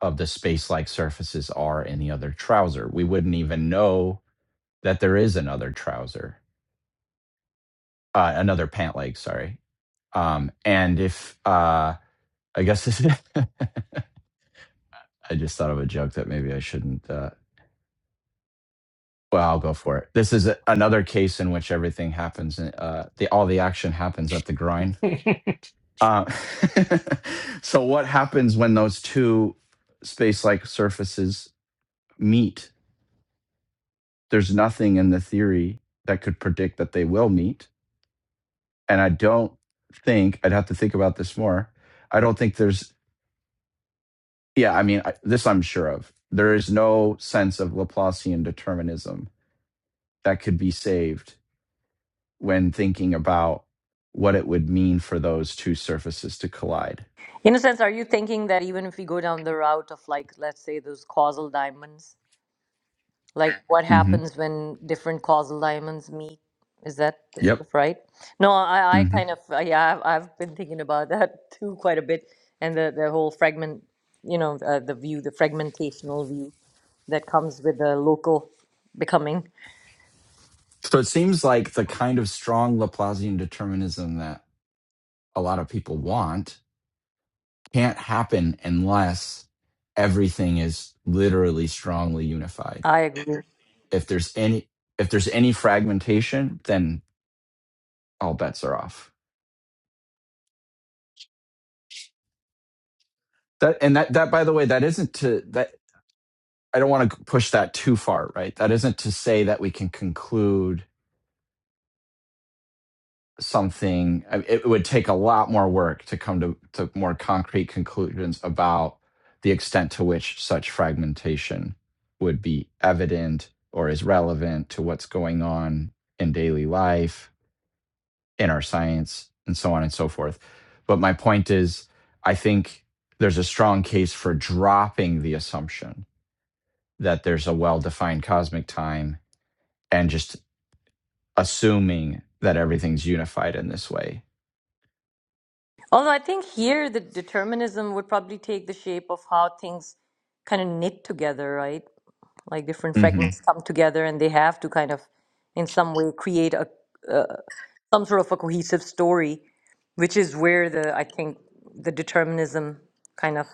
[SPEAKER 4] of the space-like surfaces are in the other trouser. We wouldn't even know that there is another trouser, uh, another pant leg. Sorry. Um, and if uh, I guess this is, <laughs> I just thought of a joke that maybe I shouldn't. Uh, well, I'll go for it. This is a, another case in which everything happens. In, uh, the all the action happens at the groin
[SPEAKER 3] on? <laughs>
[SPEAKER 4] Uh, <laughs> so what happens when those two space-like surfaces meet? There's nothing in the theory that could predict that they will meet, and I don't think I'd have to think about this more. I don't think there's yeah, I mean I, this I'm sure of. There is no sense of Laplacian determinism that could be saved when thinking about what it would mean for those two surfaces to collide.
[SPEAKER 2] In a sense, are you thinking that even if we go down the route of like, let's say those causal diamonds, like what
[SPEAKER 4] Mhm.
[SPEAKER 2] happens when different causal diamonds meet? Is that is Yeah. sort
[SPEAKER 4] Yep.
[SPEAKER 2] right? No, I, I
[SPEAKER 4] Mm-hmm.
[SPEAKER 2] kind of uh, yeah, I've, I've been thinking about <laughs> that too quite a bit, and the the whole fragment, you know, uh, the view, the fragmentational view that comes with the local becoming.
[SPEAKER 4] So it seems like the kind of strong Laplacian determinism that a lot of people want can't happen unless everything is literally strongly unified.
[SPEAKER 2] I agree.
[SPEAKER 4] If there's any if there's any fragmentation, then all bets are off. That and that that by the way, that isn't to that I don't want to push that too far, right? That isn't to say that we can conclude something it would take a lot more work to come to, to more concrete conclusions about the extent to which such fragmentation would be evident or is relevant to what's going on in daily life in our science and so on and so forth but my point is i think there's a strong case for dropping the assumption that there's a well-defined cosmic time and just assuming that everything's unified in this way
[SPEAKER 2] Although I think here the determinism would probably take the shape of how things kind of knit together, right? like different
[SPEAKER 4] hmm
[SPEAKER 2] fragments come together and they have to kind of in some way create a uh, some sort of a cohesive story which is where the i think the determinism kind of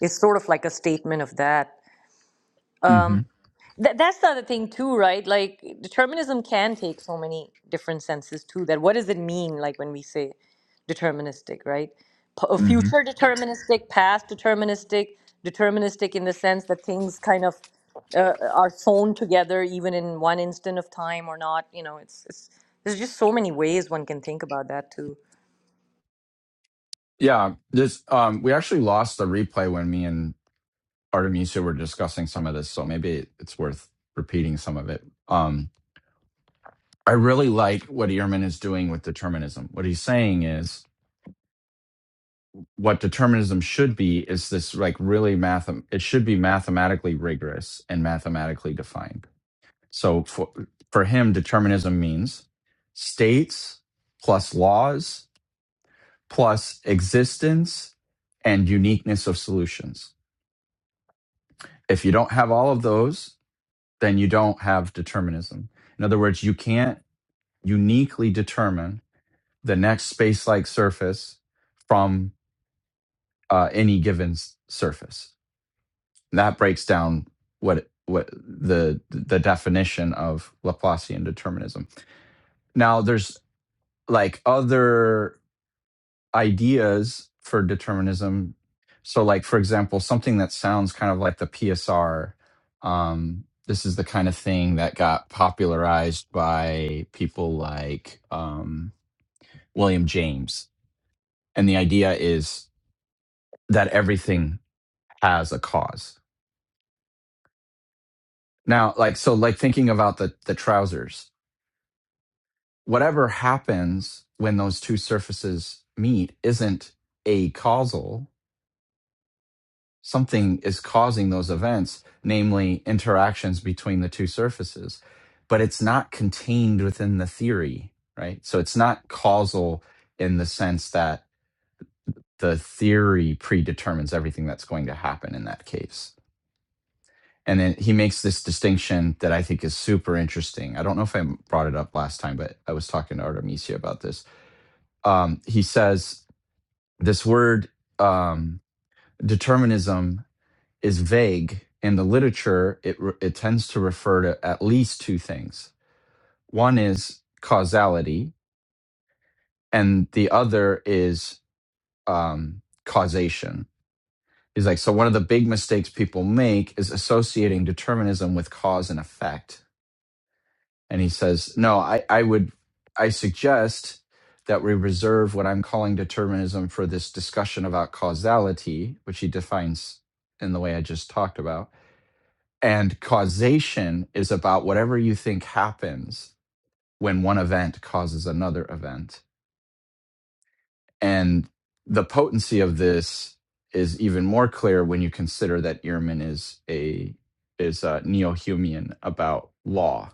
[SPEAKER 2] is sort of like a statement of that Th- that's the other thing too, right? Like determinism can take so many different senses too. That what does it mean, like when we say deterministic, right? P- uh,
[SPEAKER 4] hmm
[SPEAKER 2] future deterministic, past deterministic, deterministic in the sense that things kind of uh, are sewn together, even in one instant of time or not. You know, it's, it's there's just so many ways one can think about that too.
[SPEAKER 4] Yeah, this um, we actually lost the replay when me and Artemisia were discussing some of this, so maybe it's worth repeating some of it. Um, I really like what Ehrman is doing with determinism. What he's saying is what determinism should be is this like really math it should be mathematically rigorous and mathematically defined. So for for him determinism means states plus laws plus existence and uniqueness of solutions If you don't have all of those, then you don't have determinism. In other words, you can't uniquely determine the next space like surface from uh, any given s- surface. And that breaks down what what the the definition of Laplacian determinism. Now there's like other ideas for determinism. So, like for example, something that sounds kind of like the PSR. Um, this is the kind of thing that got popularized by people like um, William James, and the idea is that everything has a cause. Now, like so, like thinking about the the trousers. Whatever happens when those two surfaces meet isn't a causal something is causing those events, namely interactions between the two surfaces, but it's not contained within the theory, right? So it's not causal in the sense that the theory predetermines everything that's going to happen in that case. And then he makes this distinction that I think is super interesting. I don't know if I brought it up last time, but I was talking to Artemisia about this. Um, he says this word um, determinism is vague in the literature it it tends to refer to at least two things one is causality and the other is um causation he's like so one of the big mistakes people make is associating determinism with cause and effect and he says no i i would i suggest that we reserve what i'm calling determinism for this discussion about causality which he defines in the way i just talked about And causation is about whatever you think happens when one event causes another event. And the potency of this is even more clear when you consider that Ehrman is a is a neo-Humean about law.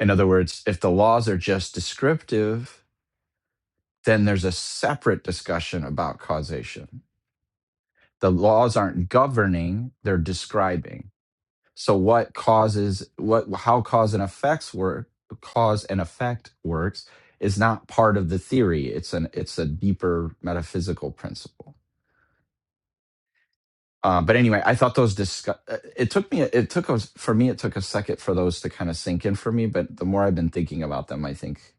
[SPEAKER 4] In other words, if the laws are just descriptive, then there's a separate discussion about causation. The laws aren't governing, they're describing So what causes what how cause and effects work cause and effect works is not part of the theory. It's an it's a deeper metaphysical principle. Uh, but anyway, I thought those discuss. It took me. It took us for me. It took a second for those to kind of sink in for me. But the more I've been thinking about them, I think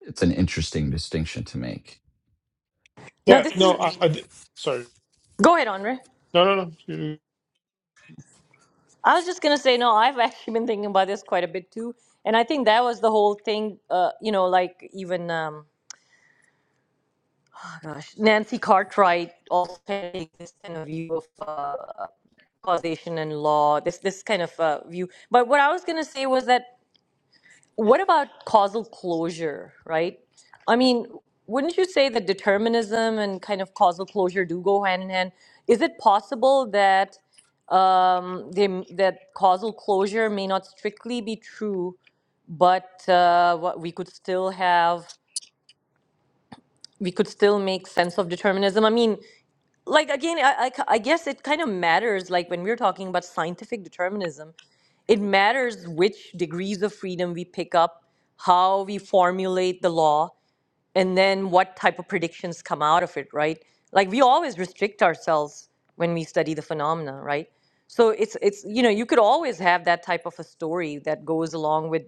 [SPEAKER 4] it's an interesting distinction to make.
[SPEAKER 2] Now,
[SPEAKER 3] Yeah,
[SPEAKER 2] this
[SPEAKER 3] no, I,
[SPEAKER 2] is
[SPEAKER 3] I d- sorry.
[SPEAKER 2] go ahead, Andre.
[SPEAKER 3] No, no, no. you-
[SPEAKER 2] I was just gonna say, no, I've <laughs> actually been thinking about this quite a bit too, and I think that was the whole thing. Uh, you know, like even um, oh gosh, Nancy Cartwright also had this kind of view of uh, causation and law. This this kind of uh, view. But what I was gonna say was that What about causal closure, right? I mean, wouldn't you say that determinism and kind of causal closure do go hand in hand? Is it possible that um, they, that causal closure may not strictly be true, but uh, what we could still have, we could still make sense of determinism? I mean, like again I, I c- I guess it kind of matters like when we're talking about scientific determinism it matters which degrees of freedom we pick up how we formulate the law and then what type of predictions come out of it right like we always restrict ourselves when we study the phenomena right so it's it's you know you could always have that type of a story that goes along with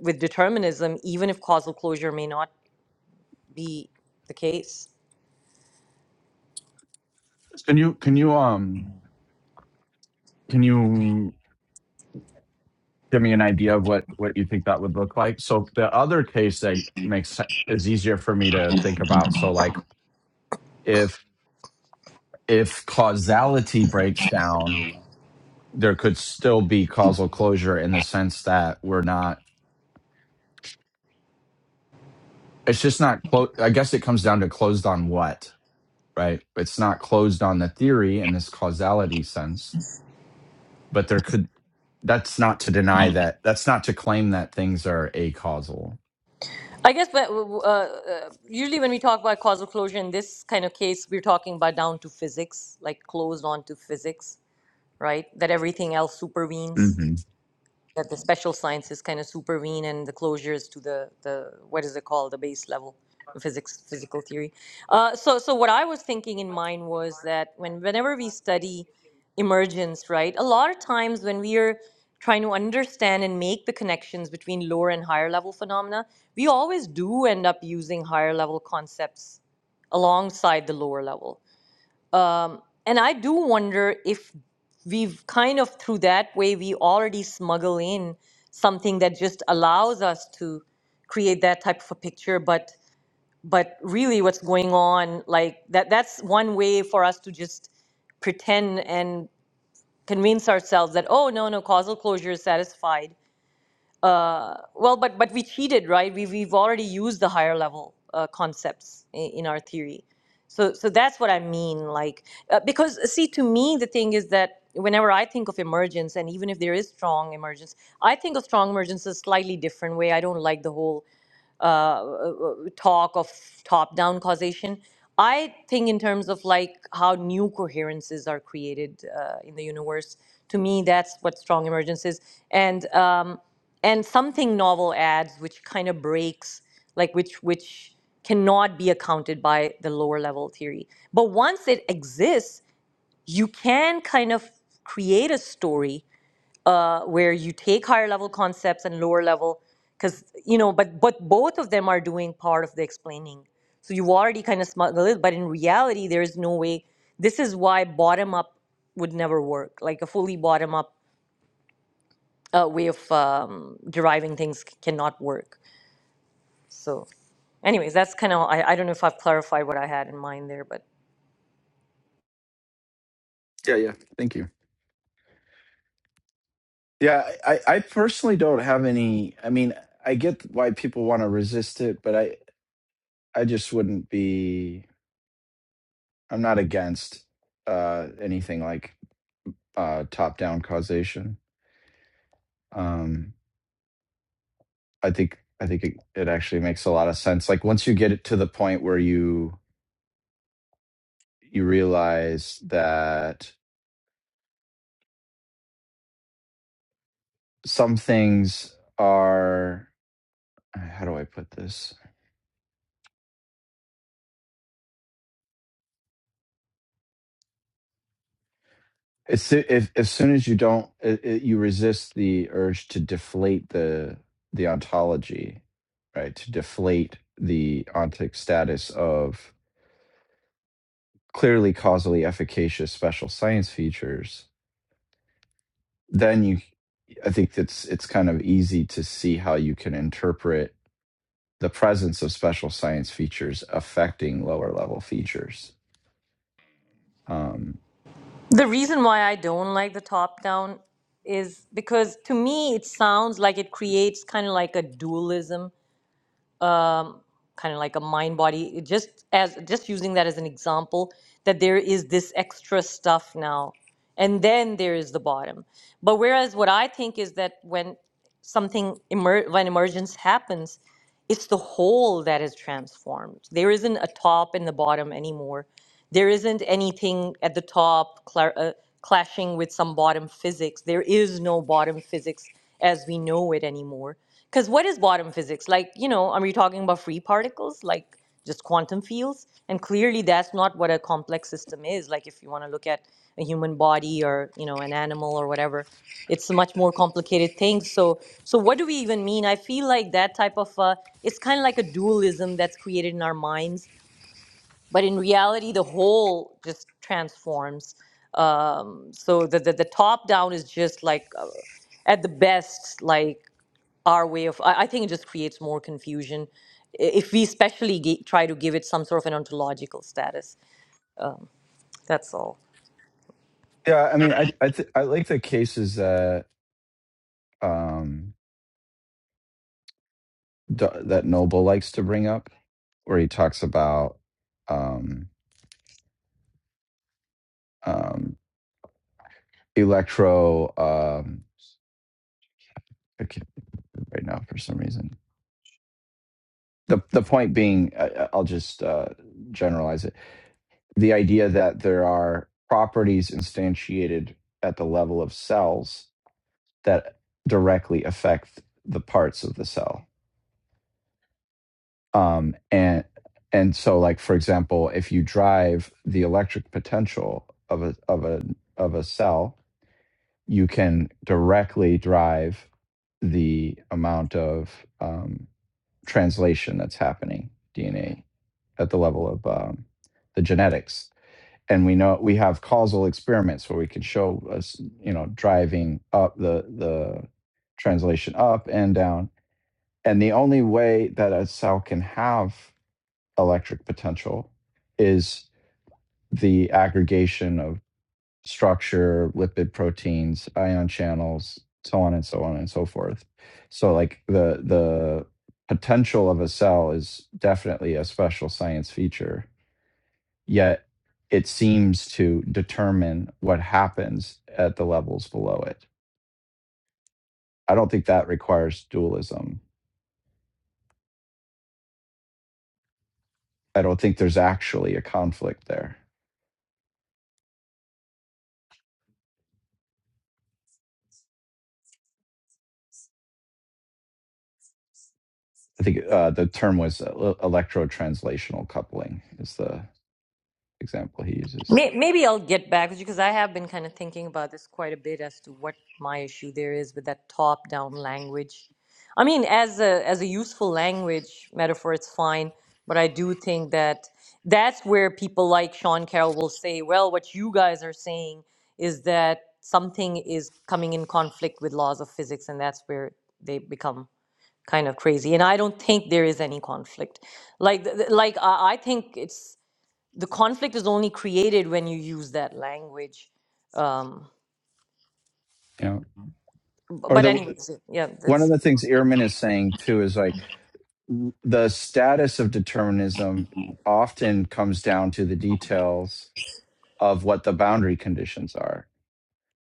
[SPEAKER 2] with determinism even if causal closure may not be the case
[SPEAKER 4] Can you? Can you? Um. Can you? give me an idea of what what you think that would look like so the other case that makes se- is easier for me to think about so like if if causality breaks down there could still be causal closure in the sense that we're not it's just not close i guess it comes down to closed on what right it's not closed on the theory in this causality sense but there could that's not to deny that that's not to claim that things are acausal
[SPEAKER 2] I guess but, uh, uh, usually when we talk about causal closure in this kind of case, we're talking about down to physics, like closed onto physics, right? That everything else supervenes
[SPEAKER 4] hmm
[SPEAKER 2] that the special sciences kind of supervene and the closures to the, the what is it called the base level of physics physical theory uh, so so what i was thinking in mind was that when whenever we study emergence right a lot of times when we are trying to understand and make the connections between lower and higher level phenomena we always do end up using higher level concepts alongside the lower level um, and I do wonder if we've kind of, through that way, we already smuggle in something that just allows us to create that type of a picture. But but really, what's going on, like that, that's one way for us to just pretend and convince ourselves that, oh, no, no, causal closure is satisfied uh, well, but but we cheated, right? We we've already used the higher level uh, concepts in, in our theory, so so that's what I mean. Like uh, because see, to me, the thing is that whenever I think of emergence, and even if there is strong emergence, I think of strong emergence a slightly different way. I don't like the whole uh, uh, uh, talk of top down causation. I think, in terms of like how new coherences are created uh, in the universe, to me, that's what strong emergence is. And, um, and something novel adds, which kind of breaks, like which, which cannot be accounted by the lower level theory. But once it exists, you can kind of create a story uh, where you take higher level concepts and lower level because you know but but both of them are doing part of the explaining so you've already kind of smuggled it but in reality there is no way this is why bottom up would never work like a fully bottom up uh, way of um, deriving things c- cannot work so anyways that's kind of I, I don't know if i've clarified what i had in mind there but
[SPEAKER 4] Yeah, yeah. thank you Yeah, I, I personally don't have any. I mean, I get why people want to resist it, but I, I just wouldn't be. I'm not against uh, anything like uh, top-down causation. Um, I think I think it, it actually makes a lot of sense. Like once you get it to the point where you you realize that some things are. How do I put this? As soo- if, as soon as you don't, i i you resist the urge to deflate the the ontology, right? To deflate the ontic status of clearly causally efficacious special science features, then you, I think it's it's kind of easy to see how you can interpret the presence of special science features affecting lower level features. Um,
[SPEAKER 2] the reason why i don't like the top down is because to me it sounds like it creates kind of like a dualism um, kind of like a mind body just as just using that as an example that there is this extra stuff now and then there is the bottom but whereas what i think is that when something emer- when emergence happens it's the whole that is transformed. There isn't a top and the bottom anymore. There isn't anything at the top cla uh, clashing with some bottom physics. There is no bottom physics as we know it anymore. Because what is bottom physics? Like, you know, are we talking about free particles? Like, just quantum fields. And clearly, that's not what a complex system is. Like if you want to look at a human body or you know an animal or whatever, it's a much more complicated thing. So, so what do we even mean? I feel like that type of uh, it's kind of like a dualism that's created in our minds, but in reality, the whole just transforms. Um, so the, the the top down is just like uh, at the best like our way of i I think it just creates more confusion i- if we especially gi- try to give it some sort of an ontological status that's all
[SPEAKER 4] yeah, I mean, I I, th- I like the cases that um, Do- that Noble likes to bring up where he talks about um, um, electro. Um, I can't remember right now for some reason. The the point being, uh, I'll just uh, generalize it. The idea that there are properties instantiated at the level of cells that directly affect the parts of the cell, um, and and so like for example, if you drive the electric potential of a of a of a cell you can directly drive the amount of um, translation that's happening DNA at the level of um, the genetics. And we know we have causal experiments where we can show us, you know, driving up the the translation up and down. And the only way that a cell can have electric potential is the aggregation of structure, lipid proteins, ion channels, so on and so on and so forth. So like the the potential of a cell is definitely a special science feature. Yet it seems to determine what happens at the levels below it. I don't think that requires dualism. I don't think there's actually a conflict there. I think uh, the term was uh, electrotranslational coupling is the example he uses.
[SPEAKER 2] May- Maybe I'll get back with you because I have been kind of thinking about this quite a bit as to what my issue there is with that top-down language. I mean, as a as a useful language metaphor, it's fine, but I do think that that's where people like Sean Carroll will say, "Well, what you guys are saying is that something is coming in conflict with laws of physics," and that's where they become kind of crazy. And I don't think there is any conflict. Like, th- th- like I I think it's the conflict is only created when you use that language. Um,
[SPEAKER 4] Yeah.
[SPEAKER 2] b-
[SPEAKER 4] Or
[SPEAKER 2] but
[SPEAKER 4] the
[SPEAKER 2] anyways, yeah,
[SPEAKER 4] one of
[SPEAKER 2] that's
[SPEAKER 4] the things Ehrman is saying too is like the status of determinism often comes down to the details of what the boundary conditions are.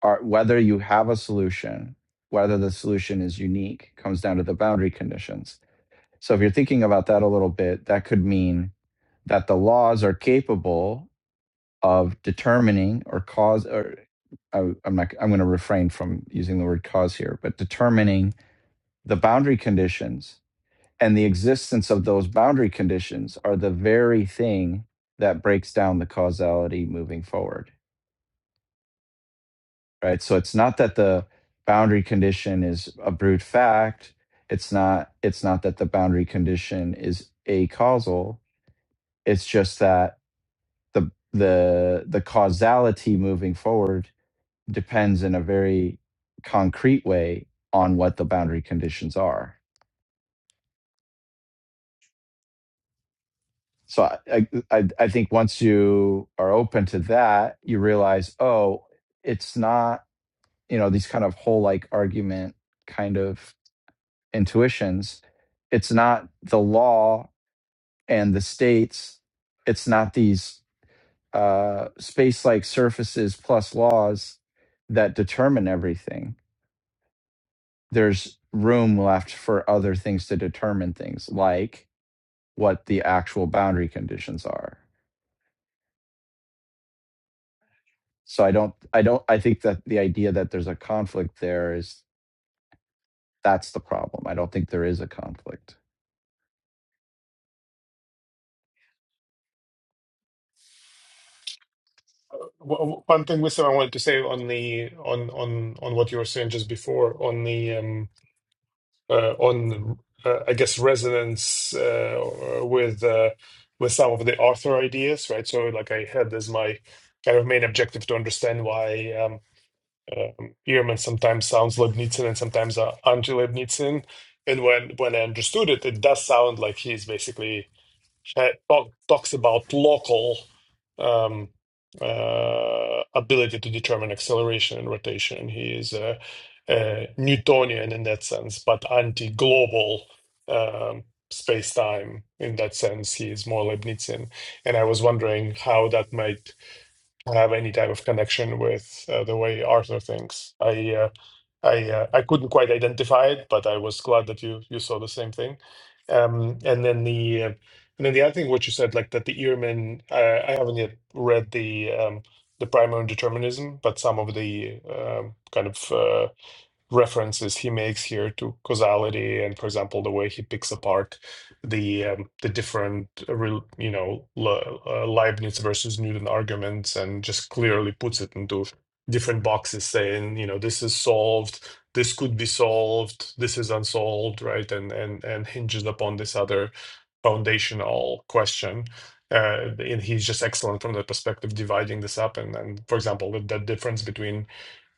[SPEAKER 4] Are whether you have a solution, whether the solution is unique, comes down to the boundary conditions. So if you're thinking about that a little bit, that could mean that the laws are capable of determining or cause or I, I'm not I'm going to refrain from using the word cause here, but determining the boundary conditions And the existence of those boundary conditions are the very thing that breaks down the causality moving forward, right? So it's not that the boundary condition is a brute fact. It's not it's not that the boundary condition is a causal. It's just that the the the causality moving forward depends in a very concrete way on what the boundary conditions are so I, I I think once you are open to that, you realize, oh, it's not you know these kind of whole like argument kind of intuitions. It's not the law and the states. It's not these uh, space like surfaces plus laws that determine everything. There's room left for other things to determine things, like what the actual boundary conditions are So I don't, I don't, I think that the idea that there's a conflict there is that's the problem. I don't think there is a conflict.
[SPEAKER 3] W- w- One thing, Wisdom, I wanted to say on the on on on what you were saying just before on the um. uh, on uh, I guess resonance uh, with uh, with some of the author ideas, right? So like I had as my kind of main objective to understand why um, um, Ehrman sometimes sounds Leibnizian and sometimes uh, anti-Leibnizian. And when when I understood it, it does sound like he's basically uh, talk, talks about local um, uh, ability to determine acceleration and rotation. He is uh, uh, Newtonian in that sense, but anti-global um, space-time in that sense. He is more Leibnizian, and I was wondering how that might have any type of connection with uh, the way Arthur thinks. I uh, I uh, I couldn't quite identify it, but I was glad that you you saw the same thing. Um, and then the uh, and then the other thing, what you said, like that the Ehrman, I, I haven't yet read the um, the primary determinism, but some of the um, kind of uh, references he makes here to causality and for example the way he picks apart the um, the different uh, you know Le- uh, Leibniz versus Newton arguments and just clearly puts it into different boxes saying you know this is solved this could be solved this is unsolved right and and and hinges upon this other foundational question uh, and he's just excellent from the perspective dividing this up and and for example the, the difference between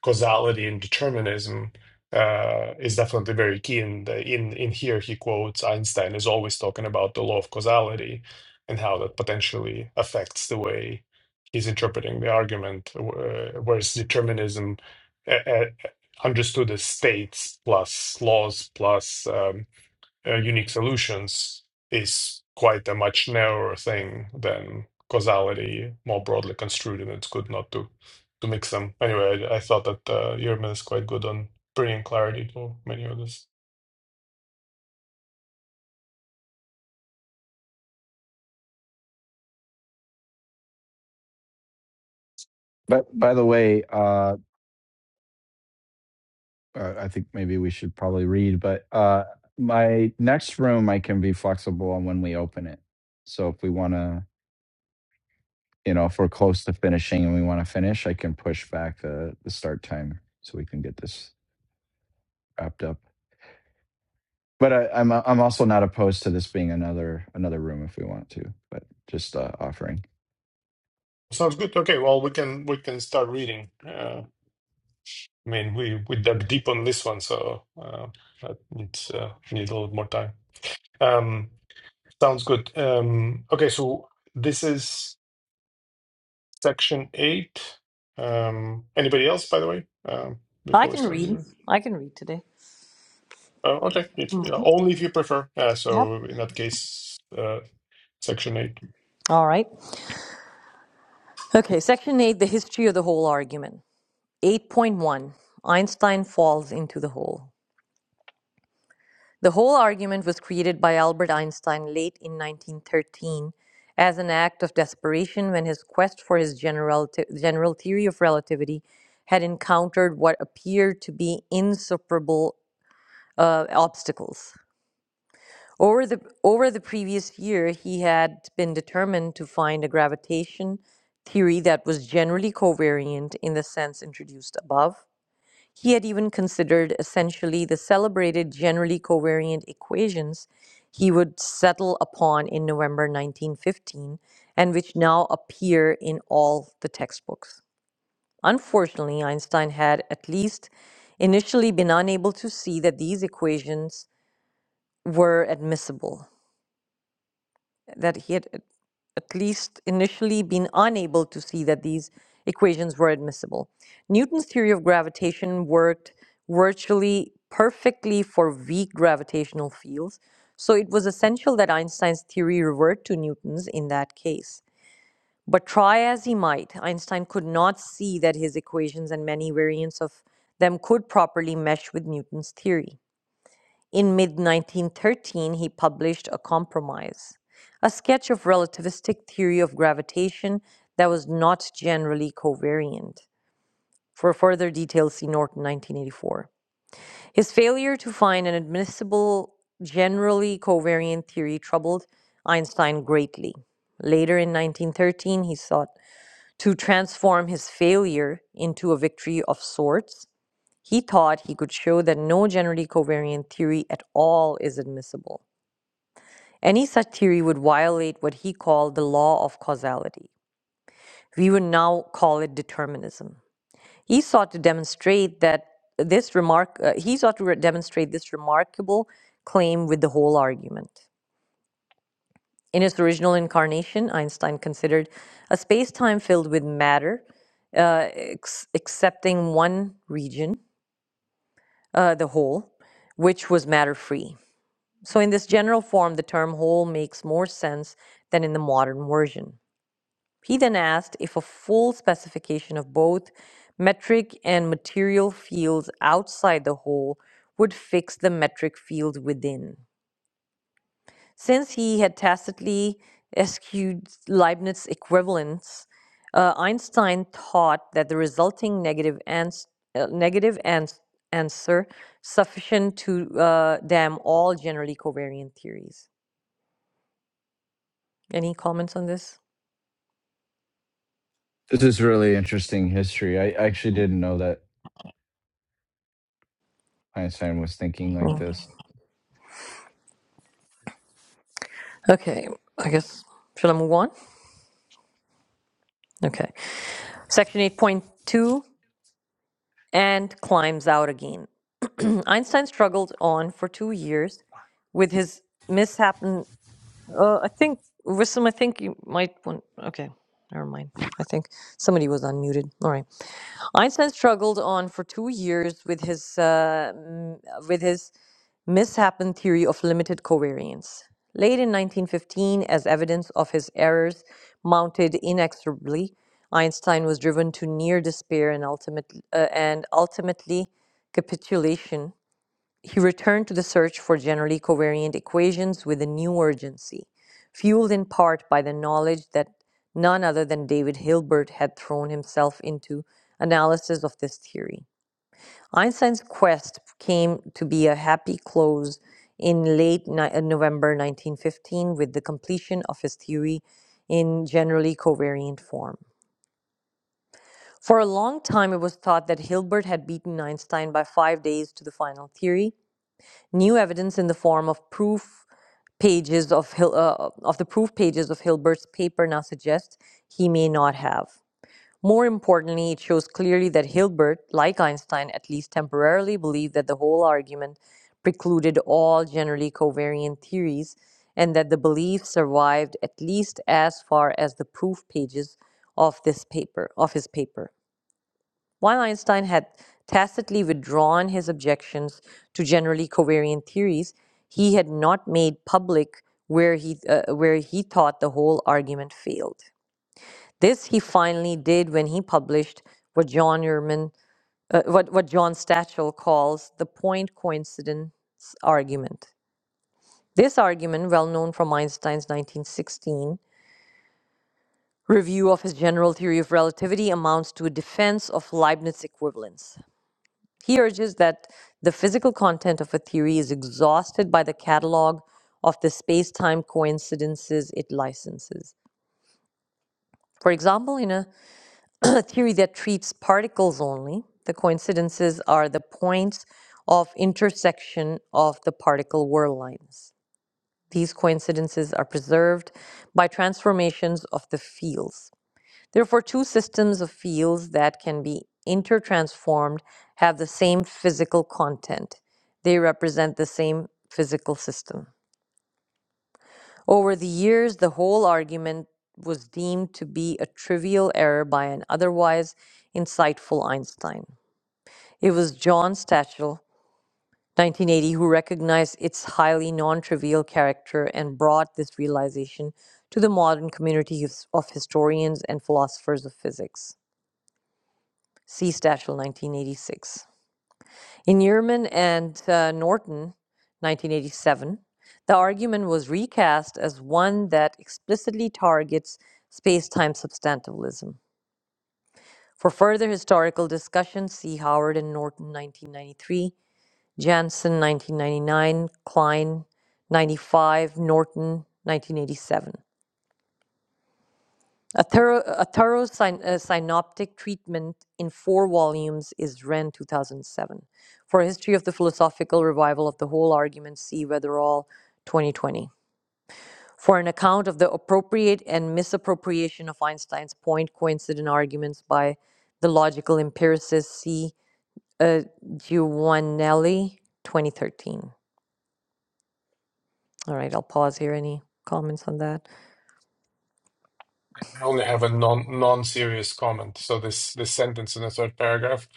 [SPEAKER 3] causality and determinism uh, is definitely very key. And uh, in in here, he quotes Einstein is always talking about the law of causality and how that potentially affects the way he's interpreting the argument, uh, whereas determinism uh, uh, understood as states plus laws plus. um, uh, unique solutions is quite a much narrower thing than causality more broadly construed, and it's good not to to mix them. Anyway, I, I thought that uh, Yerman is quite good on bringing clarity to many of this.
[SPEAKER 4] But by the way, uh, uh, I think maybe we should probably read, but uh, my next room, I can be flexible on when we open it. So if we want to, you know, if we're close to finishing and we want to finish, I can push back the, the start time so we can get this wrapped up. But I, I'm I'm also not opposed to this being another another room if we want to, but just uh, offering.
[SPEAKER 3] Sounds good. Okay, well we can we can start reading. Uh, I mean, we we dug deep on this one, so uh, that needs uh, needs a little more time. Um, sounds good. Um, okay, so this is. section eight. Um, anybody else, by the way, um,
[SPEAKER 2] I
[SPEAKER 3] before we
[SPEAKER 2] can
[SPEAKER 3] start
[SPEAKER 2] read.
[SPEAKER 3] reading?
[SPEAKER 2] I can read today.
[SPEAKER 3] Oh, okay. If, yeah, only if you prefer. Uh,
[SPEAKER 2] Yep.
[SPEAKER 3] so in that case, uh, section eight.
[SPEAKER 2] All right. Okay, section 8, the history of the whole argument. 8.1, Einstein falls into the hole. The whole argument was created by Albert Einstein late in 1913 as an act of desperation when his quest for his general, general theory of relativity had encountered what appeared to be insuperable uh, obstacles. Over the, over the previous year, he had been determined to find a gravitation theory that was generally covariant in the sense introduced above. He had even considered essentially the celebrated generally covariant equations he would settle upon in November 1915 and which now appear in all the textbooks. Unfortunately, Einstein had at least initially been unable to see that these equations were admissible, that he had at least initially been unable to see that these equations were admissible. Newton's theory of gravitation worked virtually perfectly for weak gravitational fields, so it was essential that Einstein's theory revert to Newton's in that case. But try as he might, Einstein could not see that his equations and many variants of them could properly mesh with Newton's theory. In mid 1913, he published A Compromise, a sketch of relativistic theory of gravitation that was not generally covariant. For further details, see Norton 1984. His failure to find an admissible, generally covariant theory troubled Einstein greatly. Later in 1913, he sought to transform his failure into a victory of sorts. He thought he could show that no generally covariant theory at all is admissible. Any such theory would violate what he called the law of causality. We would now call it determinism. He sought to demonstrate that this remark uh, he sought to re- demonstrate this remarkable claim with the whole argument. In its original incarnation, Einstein considered a space-time filled with matter, uh, ex- excepting one region, uh, the whole, which was matter-free. So, in this general form, the term whole makes more sense than in the modern version. He then asked if a full specification of both metric and material fields outside the hole would fix the metric field within. Since he had tacitly eschewed Leibniz equivalence, uh, Einstein thought that the resulting negative, ans- uh, negative ans- answer sufficient to uh, damn all generally covariant theories. Any comments on this?
[SPEAKER 4] This is really interesting history. I actually didn't know that Einstein was thinking like
[SPEAKER 2] Hmm.
[SPEAKER 4] this.
[SPEAKER 2] Okay, I guess shall I move on? Okay. Section 8.2 and climbs out again. <clears throat> Einstein struggled on for two years with his mishap. and- Uh, I think, Wissam, I think you might want. Okay, never mind. I think somebody was unmuted. All right. Einstein struggled on for two years with his uh, m- with his mishap and theory of limited covariance. Late in 1915, as evidence of his errors mounted inexorably, Einstein was driven to near despair and, ultimate, uh, and ultimately capitulation. He returned to the search for generally covariant equations with a new urgency, fueled in part by the knowledge that none other than David Hilbert had thrown himself into analysis of this theory. Einstein's quest came to be a happy close in late ni- uh, November 1915 with the completion of his theory in generally covariant form. For a long time, it was thought that Hilbert had beaten Einstein by five days to the final theory. New evidence in the form of proof pages of, Hil- uh, of the proof pages of Hilbert's paper now suggests he may not have. More importantly, it shows clearly that Hilbert, like Einstein, at least temporarily believed that the whole argument precluded all generally covariant theories and that the belief survived at least as far as the proof pages of this paper of his paper. While Einstein had tacitly withdrawn his objections to generally covariant theories, he had not made public where he uh, where he thought the whole argument failed. This he finally did when he published what John Ehrman, uh, what, what John Stachel calls the point coincidence argument. This argument, well known from Einstein's 1916 review of his general theory of relativity, amounts to a defense of Leibniz equivalence. He urges that the physical content of a theory is exhausted by the catalog of the space time coincidences it licenses. For example, in a <coughs> <clears throat> theory that treats particles only. The coincidences are the points of intersection of the particle whirl lines. These coincidences are preserved by transformations of the fields. Therefore, two systems of fields that can be intertransformed have the same physical content. They represent the same physical system. Over the years, the whole argument was deemed to be a trivial error by an otherwise insightful Einstein. It was John Stachel, 1980, who recognized its highly non trivial character and brought this realization to the modern community of of historians and philosophers of physics. See Stachel, 1986. In Yearman and uh, Norton, 1987, the argument was recast as one that explicitly targets space time substantialism. For further historical discussion, see Howard and Norton, 1993, Jansen, 1999, Klein, 95, Norton, 1987. A thorough, a thorough syn- uh, synoptic treatment in four volumes is Wren 2007. For a history of the philosophical revival of the whole argument, see Weatherall 2020. For an account of the appropriate and misappropriation of Einstein's point coincident arguments by the logical empiricist, see uh, Giovanelli 2013. All right, I'll pause here. Any comments on that?
[SPEAKER 3] I only have a non non-serious comment. So this this sentence in the third paragraph.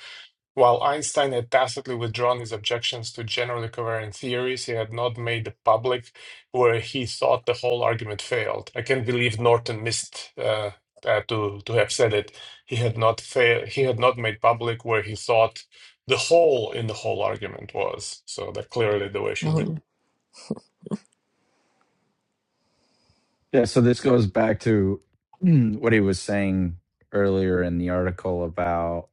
[SPEAKER 3] While Einstein had tacitly withdrawn his objections to generally covariant theories, he had not made the public where he thought the whole argument failed. I can't believe Norton missed uh, uh, to to have said it. He had not fail. He had not made public where he thought the hole in the whole argument was. So that clearly the way she would.
[SPEAKER 2] Mhm.
[SPEAKER 4] Yeah, so this goes back to <clears throat> mm, what he was saying earlier in the article about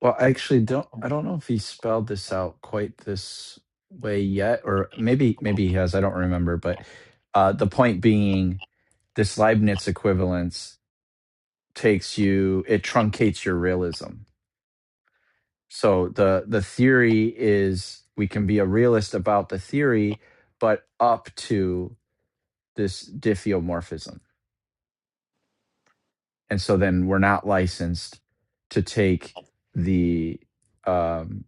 [SPEAKER 4] well, I actually don't I don't know if he spelled this out quite this way yet or maybe maybe he has, I don't remember, but uh the point being this Leibniz equivalence takes you it truncates your realism So the the theory is we can be a realist about the theory, but up to this diffeomorphism, and so then we're not licensed to take the um,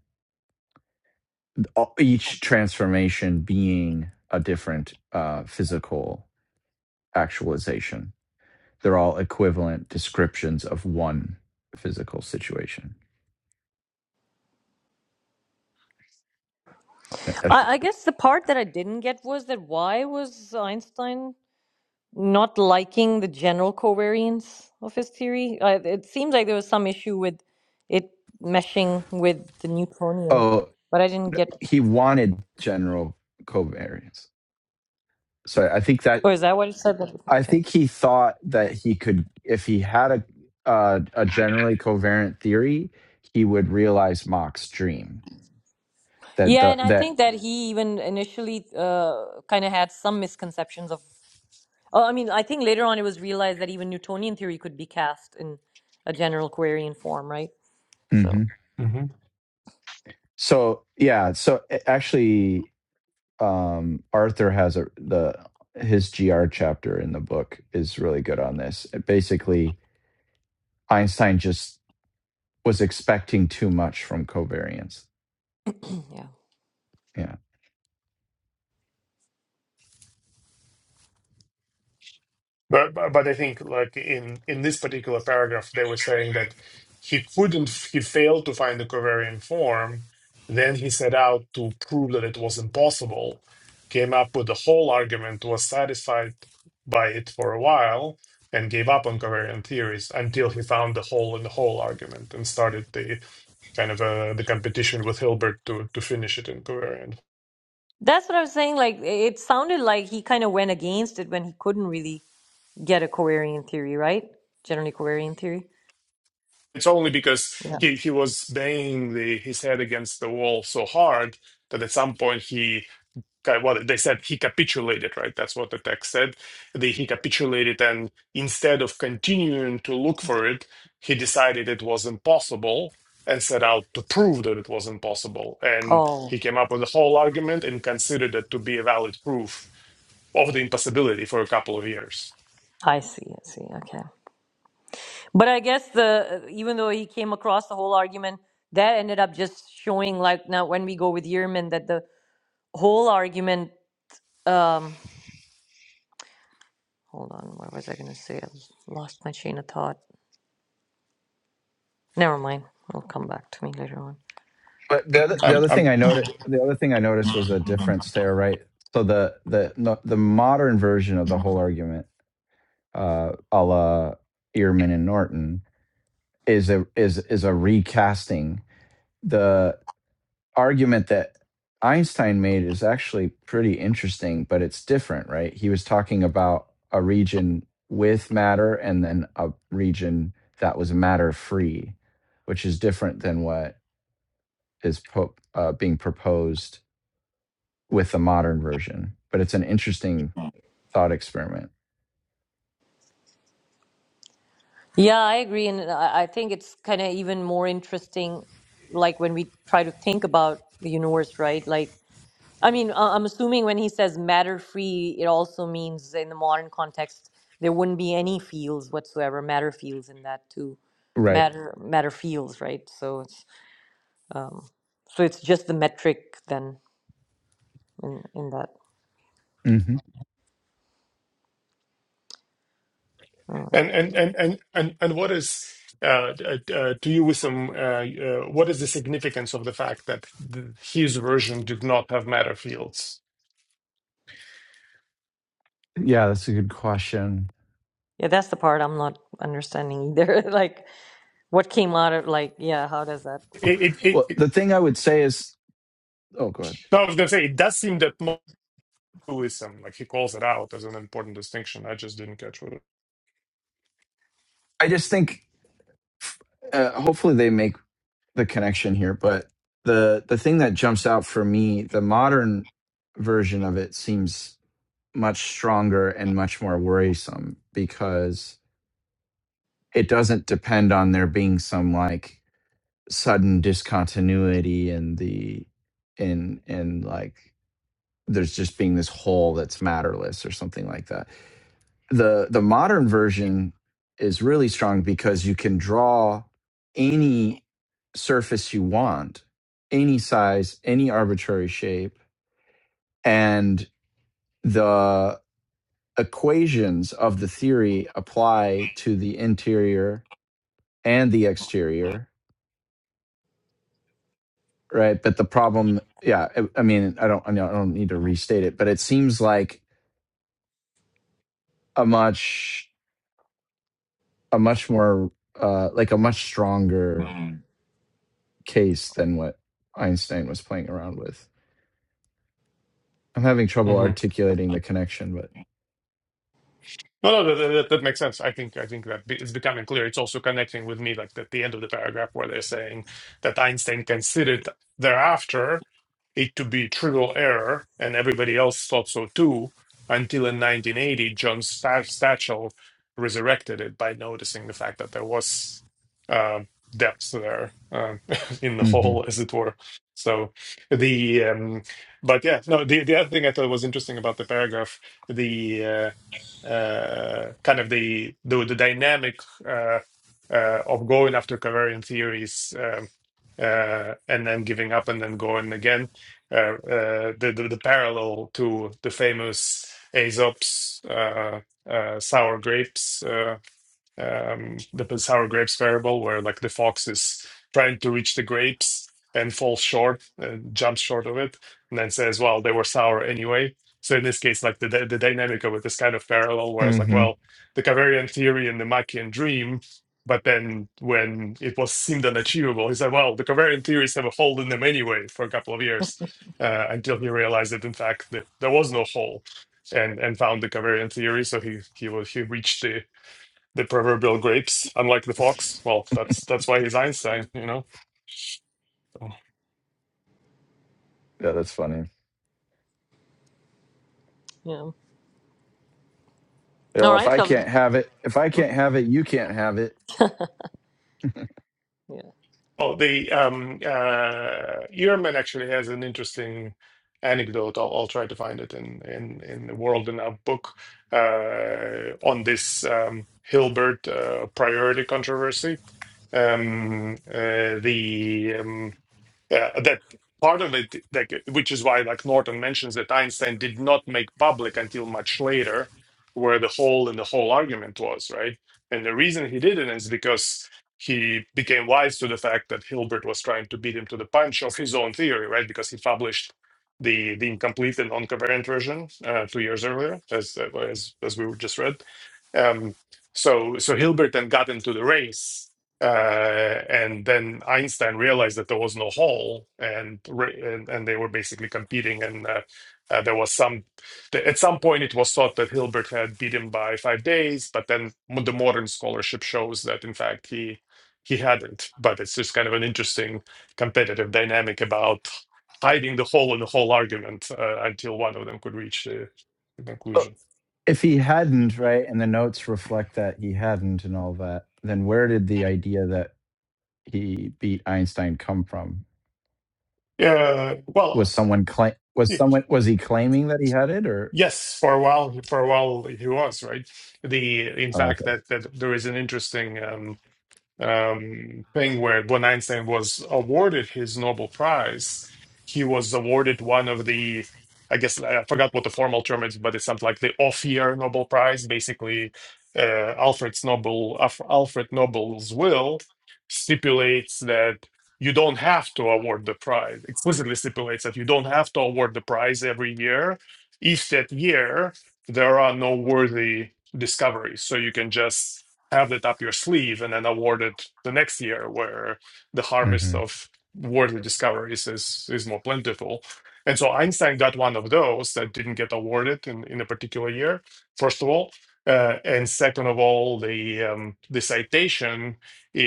[SPEAKER 4] each transformation being a different uh, physical actualization. They're all equivalent descriptions of one physical situation. Uh, uh,
[SPEAKER 2] I, I guess the part that I didn't get was that why was Einstein not liking the general covariance of his theory. Uh, it seems like there was some issue with it meshing with the Newtonian,
[SPEAKER 4] Oh,
[SPEAKER 2] but I didn't get.
[SPEAKER 4] he wanted general covariance so I think that
[SPEAKER 2] Oh, is that what it said?
[SPEAKER 4] I
[SPEAKER 2] Okay.
[SPEAKER 4] think he thought that he could, if he had a uh, a generally coherent theory, he would realize Mach's dream. That
[SPEAKER 2] Yeah,
[SPEAKER 4] the
[SPEAKER 2] and I
[SPEAKER 4] that
[SPEAKER 2] think that he even initially uh, kind of had some misconceptions of. Oh, I mean, I think later on it was realized that even Newtonian theory could be cast in a general covariant form, right? So,
[SPEAKER 4] hmm so yeah so a- actually um, Arthur has a the his gr chapter in the book is really good on this. Basically, Einstein just was expecting too much from covariance.
[SPEAKER 2] <clears throat> yeah.
[SPEAKER 4] Yeah.
[SPEAKER 3] But but but I think like in in this particular paragraph, they were saying that he couldn't, he failed to find the covariant form. Then he set out to prove that it was impossible, came up with the whole argument, was satisfied by it for a while, and gave up on covariant theories until he found the hole in the whole argument and started the kind of uh, the competition with Hilbert to to finish it in covariant
[SPEAKER 2] That's what I was saying. Like, it it sounded like he kind of went against it when he couldn't really. get a Corarian theory, right? Generally Corarian theory.
[SPEAKER 3] it's only because he, he was banging the, his head against the wall so hard that at some point he kind well they said he capitulated right that's what the text said they he capitulated and instead of continuing to look for it he decided it was impossible and set out to prove that it was impossible and
[SPEAKER 2] Oh,
[SPEAKER 3] he came up with a whole argument and considered it to be a valid proof of the impossibility for a couple of years
[SPEAKER 2] I see. I see. Okay. But I guess the even though he came across the whole argument, that ended up just showing like now when we go with Yearman that the whole argument. Um, hold on. What was I going to say? I lost my chain of thought. Never mind. It'll come back to me later on.
[SPEAKER 4] But the other, the
[SPEAKER 3] I'm.
[SPEAKER 4] other
[SPEAKER 3] I'm
[SPEAKER 4] thing I noticed, the other thing I noticed was a difference there, right? So the the no, the modern version of the whole argument, uh, a la Ehrman and Norton, is a is is a recasting. The argument that Einstein made is actually pretty interesting, but it's different, right? He was talking about a region with matter and then a region that was matter free, which is different than what is po- uh, being proposed with the modern version. But it's an interesting thought experiment,
[SPEAKER 2] Yeah, I agree, and I I think it's kind of even more interesting, like when we try to think about the universe, right? Like I mean, uh, I'm assuming when he says matter free, it also means in the modern context there wouldn't be any fields whatsoever, matter fields in that too,
[SPEAKER 4] right?
[SPEAKER 2] matter matter fields, right? So it's um, so it's just the metric then in in that.
[SPEAKER 4] hmm
[SPEAKER 2] Uh,
[SPEAKER 3] And and and and and and what is uh, d- uh, uh, to you, Wissam, uh, uh, what is the significance of the fact that th his version did not have matter fields?
[SPEAKER 4] Yeah, that's a good question.
[SPEAKER 2] yeah, that's the part I'm not understanding either. <laughs> like what came out of like yeah, how does that
[SPEAKER 3] It, it, it,
[SPEAKER 4] Well,
[SPEAKER 3] it,
[SPEAKER 4] the thing I would say is, oh, go ahead.
[SPEAKER 3] no, I was going to say it does seem that Wissam, like he calls it out as an important distinction. I just didn't catch what
[SPEAKER 4] I just think, uh, hopefully, they make the connection here. But the the thing that jumps out for me, the modern version of it seems much stronger and much more worrisome because it doesn't depend on there being some like sudden discontinuity in the in in like there's just being this whole that's matterless or something like that. The the modern version is really strong because you can draw any surface you want, any size, any arbitrary shape, and the equations of the theory apply to the interior and the exterior, right? But the problem, yeah, I, I mean, I don't I don't need to restate it, but it seems like a much a much more uh like a much stronger case than what Einstein was playing around with. I'm having trouble articulating the connection, but
[SPEAKER 3] No, no, that, that, that makes sense. I think I think that be- it's becoming clear. It's also connecting with me, like at the end of the paragraph where they're saying that Einstein considered thereafter it to be trivial error, and everybody else thought so too, until in 1980, John Sta- Satchel resurrected it by noticing the fact that there was uh, depth there um <laughs> in the
[SPEAKER 4] mm hmm
[SPEAKER 3] hole, as it were. So the um, but yeah, no, the the other thing I thought was interesting about the paragraph. the. uh, uh, kind of the the, the dynamic uh, uh, of going after covariant theories um, uh, and then giving up and then going again. Uh, uh, the, the the parallel to the famous Aesop's uh, uh, sour grapes uh, um, the sour grapes variable, where like the fox is trying to reach the grapes and falls short, uh, jumps short of it, and then says, "Well, they were sour anyway." So in this case, like the the dynamic of it is kind of parallel, where it's
[SPEAKER 4] mm
[SPEAKER 3] like,
[SPEAKER 4] hmm
[SPEAKER 3] well, the Caverian theory and the Machian dream. But then, when it was seemed unachievable, he said, "Well, the Caverian theories have a hole in them anyway." For a couple of years, uh, until he realized that in fact that there was no hole, and and found the Caverian theory. So he he was he reached the the proverbial grapes, unlike the fox. Well, that's that's why he's Einstein, you know. So-
[SPEAKER 4] yeah, that's funny.
[SPEAKER 2] Yeah. All
[SPEAKER 4] Well, if
[SPEAKER 2] right,
[SPEAKER 4] I
[SPEAKER 2] shall we?
[SPEAKER 4] can't have it, if I can't have it, you can't have it.
[SPEAKER 2] Yeah.
[SPEAKER 3] Well, the um, uh, Ehrman actually has an interesting anecdote. I'll, I'll try to find it in in in the World in a book uh, on this um, Hilbert uh, priority controversy. Um, uh, the um, uh, that part of it, like, which is why, like Norton mentions that Einstein did not make public until much later, where the hole in the whole argument was, right? And the reason he didn't is because he became wise to the fact that Hilbert was trying to beat him to the punch of his own theory, right? Because he published the the incomplete and non-covariant version uh, two years earlier, as uh, as as we just read. Um, so so Hilbert then got into the race uh, and then Einstein realized that there was no hole, and re- and, and they were basically competing. And uh, uh, there was some. th- at some point, it was thought that Hilbert had beat him by five days, but then mo- the modern scholarship shows that in fact he he hadn't. But it's just kind of an interesting competitive dynamic about hiding the hole in the whole argument uh, until one of them could reach the the
[SPEAKER 4] Oh,
[SPEAKER 3] conclusion.
[SPEAKER 4] If he hadn't, right, and the notes reflect that he hadn't, and all that, then where did the idea that he beat Einstein come from?
[SPEAKER 3] Yeah.
[SPEAKER 4] Was
[SPEAKER 3] Well.
[SPEAKER 4] someone claim? Was someone was he claiming that he had it, or
[SPEAKER 3] Yes, for a while, for a while he was, right? The in
[SPEAKER 4] oh,
[SPEAKER 3] fact
[SPEAKER 4] okay?
[SPEAKER 3] that that there is an interesting um um, thing where when Einstein was awarded his Nobel Prize, he was awarded one of the, I guess I forgot what the formal term is, but it's something like the off-year Nobel Prize, basically uh, Alfred's Nobel, Alf- Alfred Nobel's will stipulates that you don't have to award the prize, explicitly stipulates that you don't have to award the prize every year if that year there are no worthy discoveries. So you can just have it up your sleeve and then award it the next year where the harvest
[SPEAKER 4] hmm
[SPEAKER 3] of worthy discoveries is is more plentiful. And so Einstein got one of those that didn't get awarded in, in a particular year, first of all. Uh, and second of all, the um, the citation i-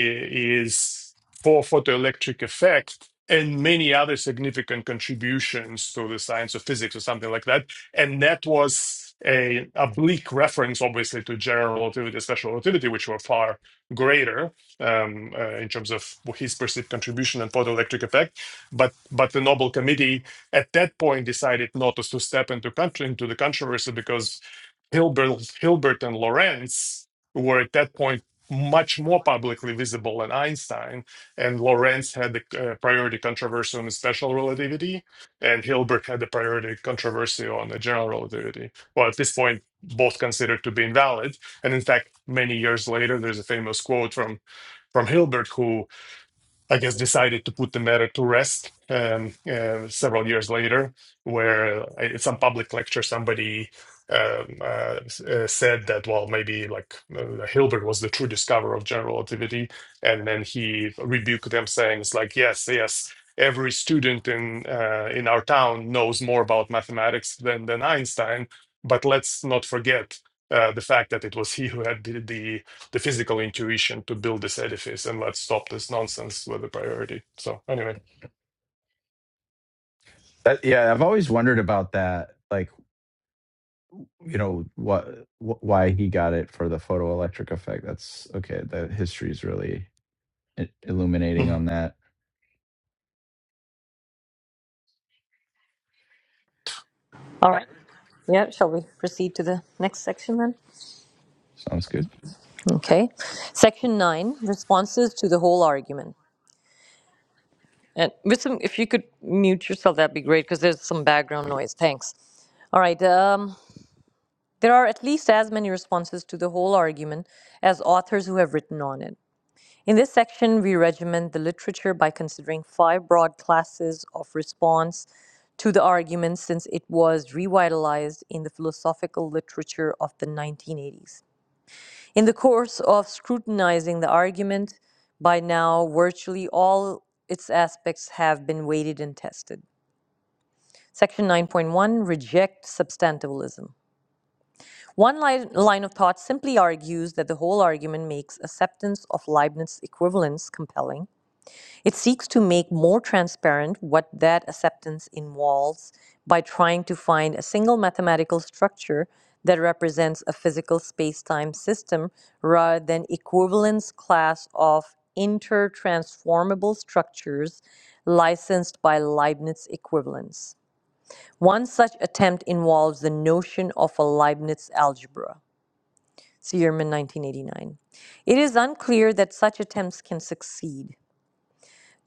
[SPEAKER 3] is for photoelectric effect and many other significant contributions to the science of physics or something like that and that was a, a bleak reference, obviously, to general relativity, special relativity, which were far greater um, uh, in terms of his perceived contribution and photoelectric effect. But but the Nobel Committee at that point decided not to step into country into the controversy because Hilbert, Hilbert and Lorentz were at that point much more publicly visible than Einstein, and Lorentz had the uh, priority controversy on special relativity, and Hilbert had the priority controversy on the general relativity. Well, at this point, both considered to be invalid. And in fact, many years later, there's a famous quote from from Hilbert who I guess, decided to put the matter to rest um, uh, several years later, where uh, at some public lecture somebody um, uh, uh, said that, well, maybe like uh, Hilbert was the true discoverer of general relativity. And then he rebuked them, saying, it's like, yes, yes. Every student in uh, in our town knows more about mathematics than than Einstein, but let's not forget uh, the fact that it was he who had the, the the physical intuition to build this edifice and let's stop this nonsense with the priority. So anyway,
[SPEAKER 4] That, yeah, I've always wondered about that. Like you know what wh- why he got it for the photoelectric effect that's okay the history is really i- illuminating
[SPEAKER 3] Mhm.
[SPEAKER 4] on that
[SPEAKER 2] All right. Yeah, shall we proceed to the next section then?
[SPEAKER 4] sounds good
[SPEAKER 2] Okay. Section 9 Responses to the Whole Argument. And with some, if you could mute yourself, that'd be great because there's some background noise. Thanks. All right. Um, there are at least as many responses to the whole argument as authors who have written on it. In this section, we regiment the literature by considering five broad classes of response to the argument since it was revitalized in the philosophical literature of the 1980s. In the course of scrutinizing the argument, by now virtually all its aspects have been weighted and tested. Section 9.1 Reject substantivalism. One line, line of thought simply argues that the whole argument makes acceptance of Leibniz equivalence compelling. It seeks to make more transparent what that acceptance involves by trying to find a single mathematical structure that represents a physical space-time system rather than equivalence class of intertransformable structures licensed by Leibniz equivalence. One such attempt involves the notion of a Leibniz algebra, Searman 1989. It is unclear that such attempts can succeed.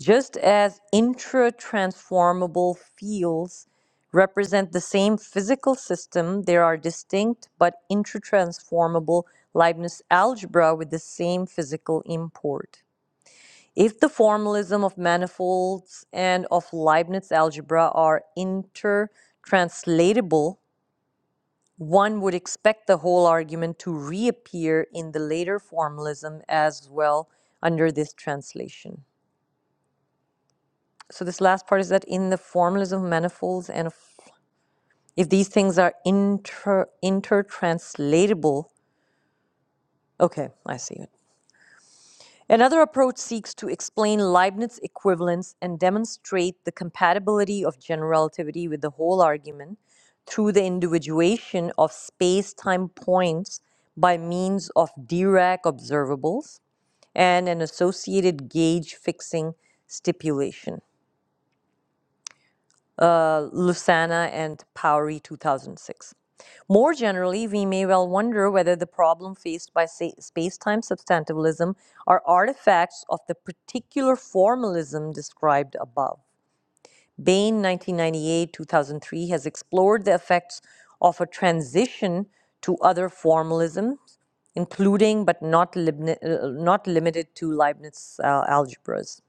[SPEAKER 2] Just as intra-transformable fields represent the same physical system, there are distinct but intra-transformable Leibniz algebra with the same physical import. If the formalism of manifolds and of Leibniz algebra are intertranslatable, One would expect the whole argument to reappear in the later formalism as well under this translation. So, this last part is that in the formalism of manifolds and if these things are inter intertranslatable, okay, I see it. Another approach seeks to explain Leibniz equivalence and demonstrate the compatibility of general relativity with the whole argument through the individuation of space time points by means of Dirac observables and an associated gauge fixing stipulation uh, Lucena and Powery 2006. More generally, we may well wonder whether the problem faced by sa- space-time substantivalism are artifacts of the particular formalism described above. Bain, 1998 2003, has explored the effects of a transition to other formalisms, including but not, uh, not limited to Leibniz uh, algebras.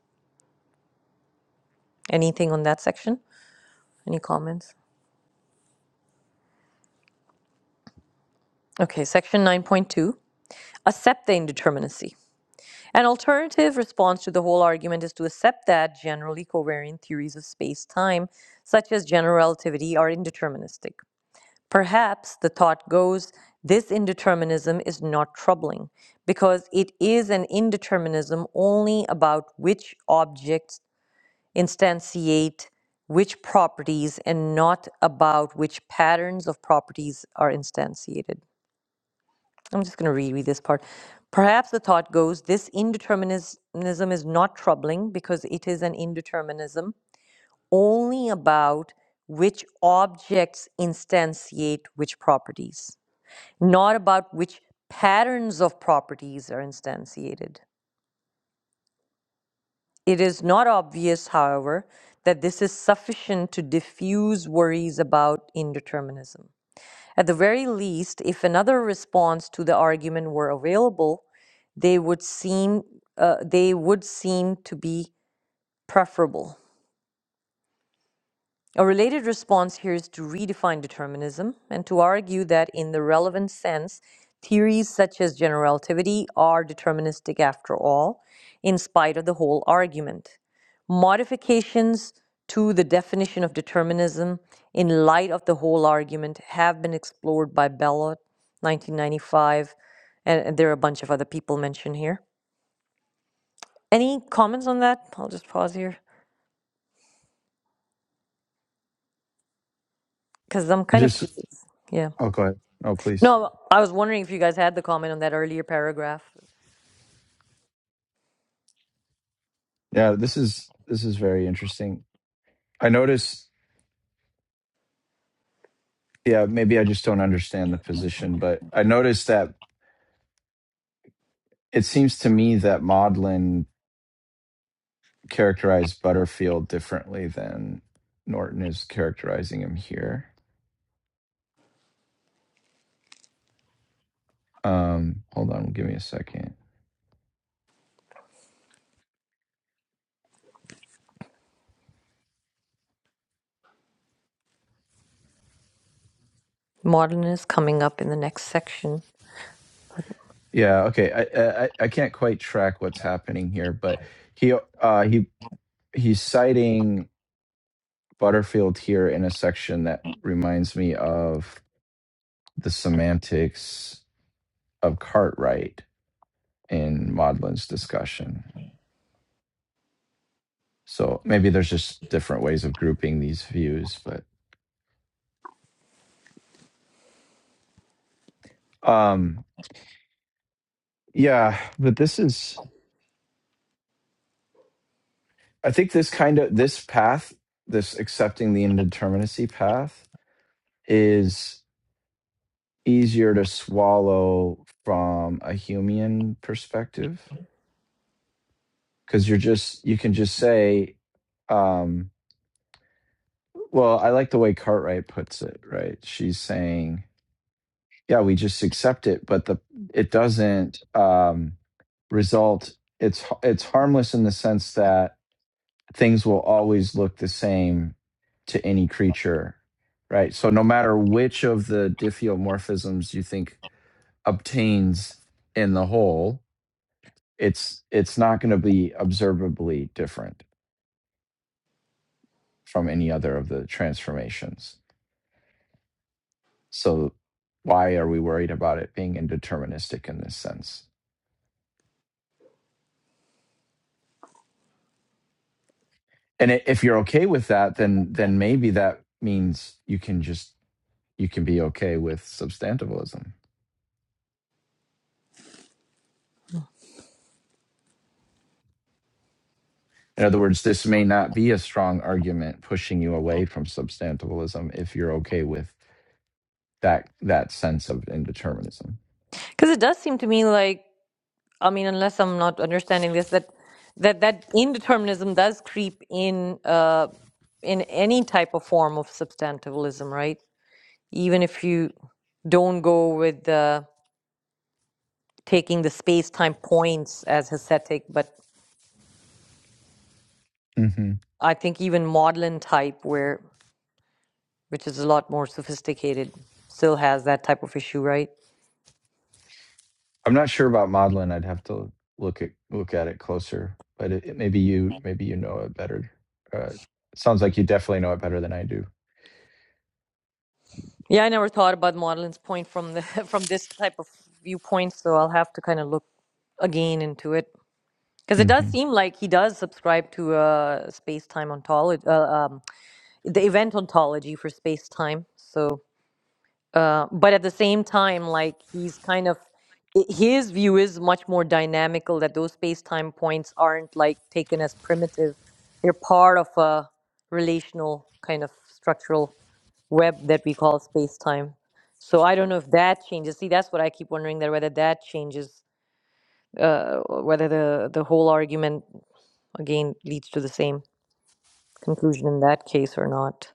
[SPEAKER 2] Anything on that section? Any comments? Okay, section 9.2. accept the indeterminacy. An alternative response to the whole argument is to accept that generally covariant theories of space time, such as general relativity, are indeterministic. Perhaps the thought goes this indeterminism is not troubling because it is an indeterminism only about which objects instantiate which properties and not about which patterns of properties are instantiated. I'm just going to reread this part. Perhaps the thought goes this indeterminism is not troubling because it is an indeterminism only about which objects instantiate which properties, not about which patterns of properties are instantiated. It is not obvious, however, that this is sufficient to diffuse worries about indeterminism. At the very least, if another response to the argument were available, they would seem uh, they would seem to be preferable. A related response here is to redefine determinism and to argue that, in the relevant sense, theories such as general relativity are deterministic after all, in spite of the whole argument. Modifications to the definition of determinism in light of the whole argument have been explored by Bellot, 1995, and and there are a bunch of other people mentioned here. Any comments on that? I'll just pause here because I'm kind of
[SPEAKER 4] just
[SPEAKER 2] curious. Yeah.
[SPEAKER 4] oh go ahead oh please
[SPEAKER 2] No, I was wondering if you guys had the comment on that earlier paragraph.
[SPEAKER 4] yeah this is this is very interesting i notice yeah maybe i just don't understand the position but i noticed that it seems to me that maudlin characterized butterfield differently than norton is characterizing him here um hold on give me a second
[SPEAKER 2] Modernist coming up in the next section.
[SPEAKER 4] Yeah, okay. I, I I can't quite track what's happening here, but he uh he he's citing Butterfield here in a section that reminds me of the semantics of Cartwright in Maudlin's discussion. So maybe there's just different ways of grouping these views, but um yeah, but this is I think this kind of this path, this accepting the indeterminacy path is easier to swallow from a human perspective because you're just you can just say um well i like the way cartwright puts it right she's saying yeah we just accept it but the it doesn't um result it's it's harmless in the sense that things will always look the same to any creature right so no matter which of the diffeomorphisms you think obtains in the whole it's it's not going to be observably different from any other of the transformations so why are we worried about it being indeterministic in this sense and i- if you're okay with that then then maybe that means you can just you can be okay with substantivalism in other words this may not be a strong argument pushing you away from substantivalism if you're okay with that that sense of indeterminism
[SPEAKER 2] Because it does seem to me like, I mean, unless I'm not understanding this, that that, that indeterminism does creep in uh, in any type of form of substantivalism, right? Even if you don't go with uh, taking the space time points as aesthetic, but
[SPEAKER 4] Mm-hmm.
[SPEAKER 2] I think even Maudlin type, where which is a lot more sophisticated, still has that type of issue, right?
[SPEAKER 4] I'm not sure about Modlin. I'd have to look at look at it closer, but it, it- maybe you maybe you know it better. Uh, it sounds like you definitely know it better than I do.
[SPEAKER 2] Yeah, I never thought about Madeline's point from the <laughs> from this type of viewpoint, so I'll have to kind of look again into it because it does
[SPEAKER 4] hmm
[SPEAKER 2] seem like he does subscribe to uh, space time ontology, uh, um, the event ontology for space time. So uh, but at the same time, like he's kind of i- his view is much more dynamical that those space-time points aren't like taken as primitive; they're part of a relational kind of structural web that we call space-time. So I don't know if that changes. See, that's what I keep wondering that whether that changes, uh, whether the the whole argument again leads to the same conclusion in that case or not.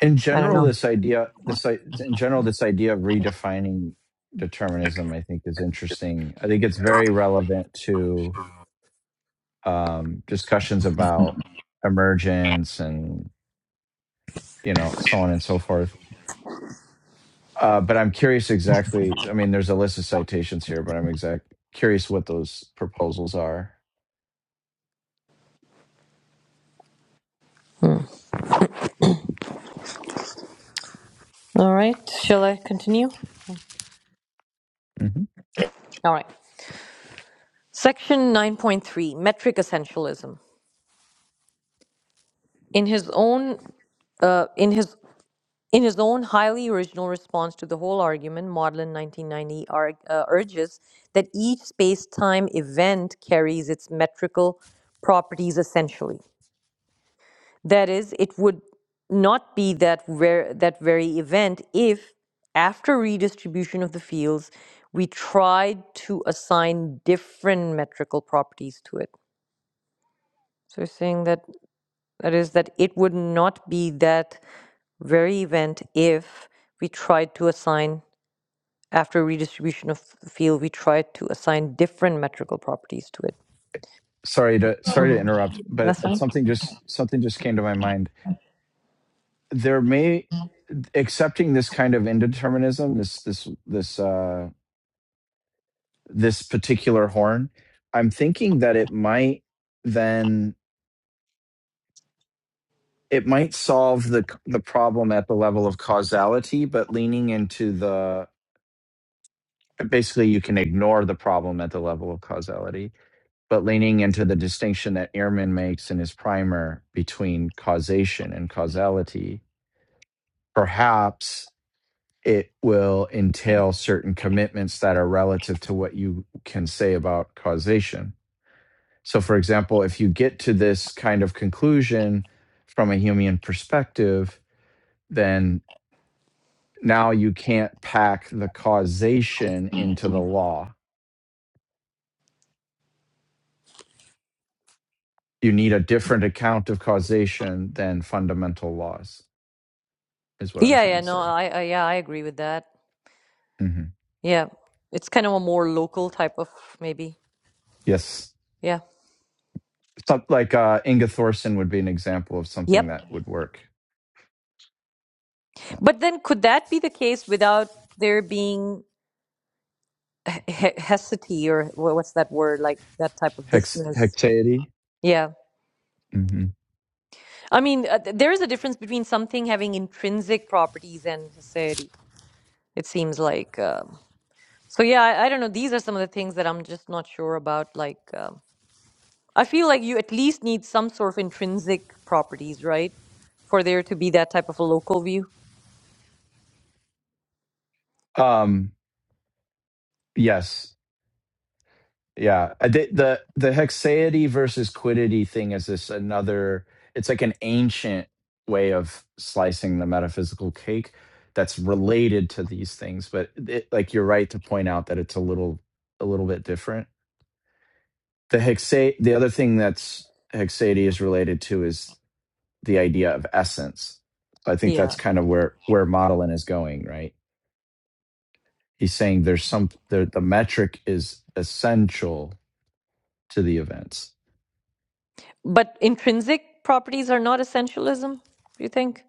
[SPEAKER 4] In
[SPEAKER 2] I don't
[SPEAKER 4] general,
[SPEAKER 2] know.
[SPEAKER 4] this idea this i- in general this idea of redefining determinism, I think, is interesting. I think it's very relevant to um, discussions about emergence and you know so on and so forth. Uh, but I'm curious exactly. I mean, there's a list of citations here, but I'm exact curious what those proposals are
[SPEAKER 2] Hmm. All right, shall I continue?
[SPEAKER 4] hmm
[SPEAKER 3] yeah.
[SPEAKER 2] All right. Section 9.3 Metric Essentialism. In his own uh, in his in his own highly original response to the whole argument, Maudlin 1990 arg- uh, urges that each space-time event carries its metrical properties essentially. That is, it would not be that ver- that very event if, after redistribution of the fields, we tried to assign different metrical properties to it. So you're saying that That is, that it would not be that very event if we tried to assign, after redistribution of the field, we tried to assign different metrical properties to it.
[SPEAKER 4] Sorry to
[SPEAKER 1] probably
[SPEAKER 4] sorry
[SPEAKER 2] hmm
[SPEAKER 4] to interrupt, but
[SPEAKER 2] That's
[SPEAKER 4] it's
[SPEAKER 2] fine.
[SPEAKER 4] something just something just came to my mind. There may accepting this kind of indeterminism, this this this uh this particular horn. I'm thinking that it might then it might solve the the problem at the level of causality, but leaning into the basically you can ignore the problem at the level of causality, but leaning into the distinction that Ehrman makes in his primer between causation and causality perhaps it will entail certain commitments that are relative to what you can say about causation. So, for example, if you get to this kind of conclusion from a Humean perspective, then now you can't pack the causation into the law. You need a different account of causation than fundamental laws, is what I'm
[SPEAKER 2] Yeah,
[SPEAKER 4] trying
[SPEAKER 2] yeah,
[SPEAKER 4] to
[SPEAKER 2] no,
[SPEAKER 4] say.
[SPEAKER 2] I, I, yeah, I agree with that.
[SPEAKER 4] Mhm.
[SPEAKER 2] Yeah, it's kind of a more local type of maybe.
[SPEAKER 4] Yes.
[SPEAKER 2] Yeah.
[SPEAKER 4] Some, like uh, Inga Thorson would be an example of something
[SPEAKER 2] Yep.
[SPEAKER 4] that would work.
[SPEAKER 2] But then could that be the case without there being he- he- hesity or wha- what's that word, like that type of
[SPEAKER 4] Hex
[SPEAKER 2] dissonance?
[SPEAKER 4] hexaity.
[SPEAKER 2] Yeah.
[SPEAKER 4] hmm
[SPEAKER 2] I mean, uh, th- there is a difference between something having intrinsic properties and society, it seems like. Um, so, yeah, I, I don't know. These are some of the things that I'm just not sure about. Like, um, I feel like you at least need some sort of intrinsic properties, right? For there to be that type of a local view.
[SPEAKER 4] Um, yes, yeah. Uh, The the, the hexaity versus quiddity thing is this another. It's like an ancient way of slicing the metaphysical cake that's related to these things, but it, like you're right to point out that it's a little a little bit different. The hexa the other thing that's hexaity is related to is the idea of essence. So I think
[SPEAKER 2] Yeah.
[SPEAKER 4] that's kind of where where modeling is going, right? he's saying there's some the, the metric is essential to the events
[SPEAKER 2] But intrinsic properties are not essentialism, do you think?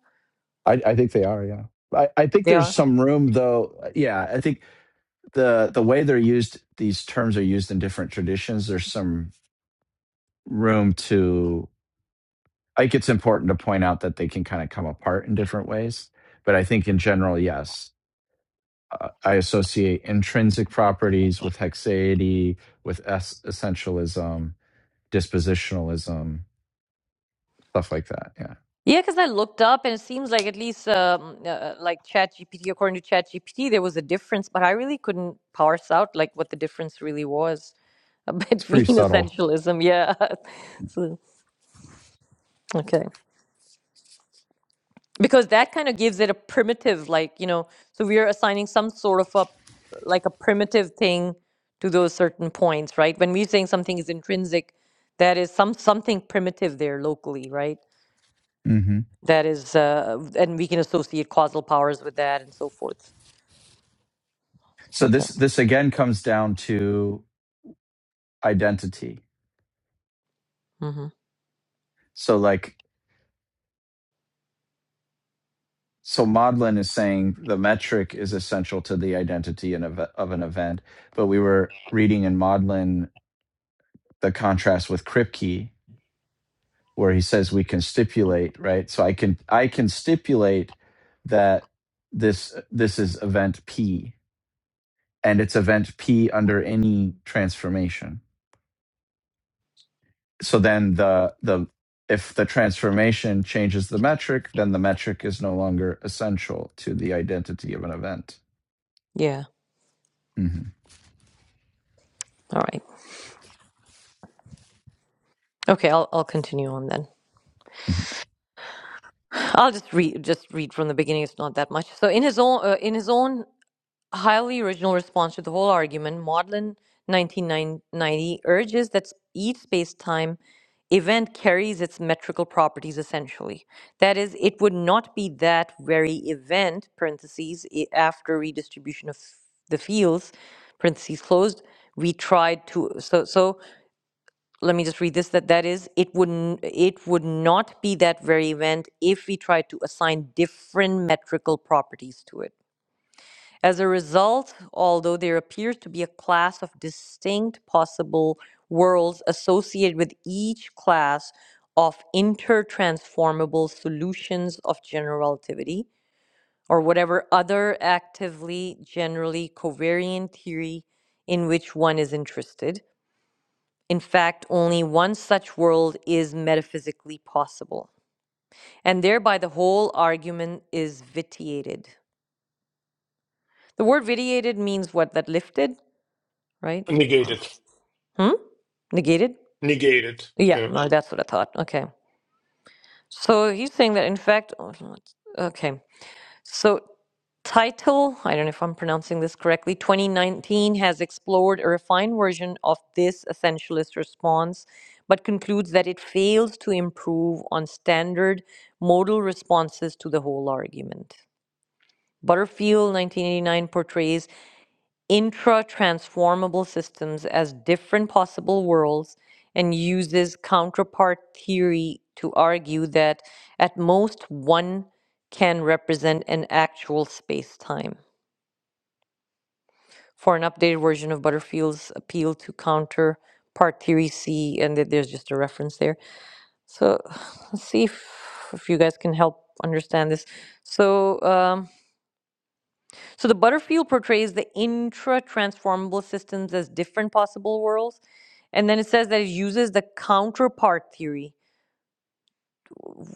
[SPEAKER 4] i, I think they are yeah I, I think
[SPEAKER 2] They
[SPEAKER 4] there's
[SPEAKER 2] are.
[SPEAKER 4] some room though yeah i think the the way they're used these terms are used in different traditions there's some room to like it's important to point out that they can kind of come apart in different ways but i think in general yes Uh, i associate intrinsic properties with hexaity with es- essentialism dispositionalism stuff like that yeah
[SPEAKER 2] Yeah, because I looked up and it seems like at least um, uh, like ChatGPT, according to ChatGPT, there was a difference, but I really couldn't parse out like what the difference really was <laughs>
[SPEAKER 4] it's
[SPEAKER 2] between
[SPEAKER 4] pretty subtle
[SPEAKER 2] essentialism. Yeah. <laughs> So, okay. Because that kind of gives it a primitive, like, you know, so we are assigning some sort of a, like a primitive thing to those certain points, right? When we're saying something is intrinsic, that is some something primitive there locally, right?
[SPEAKER 4] hmm
[SPEAKER 2] that is uh, and we can associate causal powers with that and so forth
[SPEAKER 4] So
[SPEAKER 2] Okay.
[SPEAKER 4] this this again comes down to identity.
[SPEAKER 2] hmm
[SPEAKER 4] So like so Maudlin is saying the metric is essential to the identity in of, of an event, but we were reading in Maudlin the contrast with Kripke, where he says we can stipulate, right? So I can I can stipulate that this this is event P and it's event P under any transformation so then the the if the transformation changes the metric, then the metric is no longer essential to the identity of an event.
[SPEAKER 2] Yeah.
[SPEAKER 4] hmm
[SPEAKER 2] All right. Okay. I'll I'll continue on then.
[SPEAKER 4] hmm
[SPEAKER 2] I'll just read just read from the beginning. It's not that much. So in his own uh, in his own highly original response to the whole argument, Maudlin 1990 urges that each space-time event carries its metrical properties essentially. That is, it would not be that very event (parentheses after redistribution of the fields) (parentheses closed) we tried to so so let me just read this, that that is, it wouldn't, it would not be that very event if we tried to assign different metrical properties to it. As a result, although there appears to be a class of distinct possible worlds associated with each class of intertransformable solutions of general relativity, or whatever other actively generally covariant theory in which one is interested, in fact, only one such world is metaphysically possible. And thereby the whole argument is vitiated. The word vitiated means what? That lifted, right?
[SPEAKER 3] negate it,
[SPEAKER 2] Hmm? Negated?
[SPEAKER 3] negate it.
[SPEAKER 2] Yeah,
[SPEAKER 3] Yeah,
[SPEAKER 2] no, that's what I thought. Okay. So he's saying that in fact, oh, okay. So, title, I don't know if I'm pronouncing this correctly, 2019 has explored a refined version of this essentialist response, but concludes that it fails to improve on standard modal responses to the whole argument. Butterfield, 1989, portrays intra-transformable systems as different possible worlds and uses counterpart theory to argue that at most one can represent an actual space-time. For an updated version of Butterfield's appeal to counterpart theory, see, and th- there's just a reference there. So <sighs> let's see if, if you guys can help understand this. So um, So the Butterfield portrays the intra-transformable systems as different possible worlds, and then it says that it uses the counterpart theory.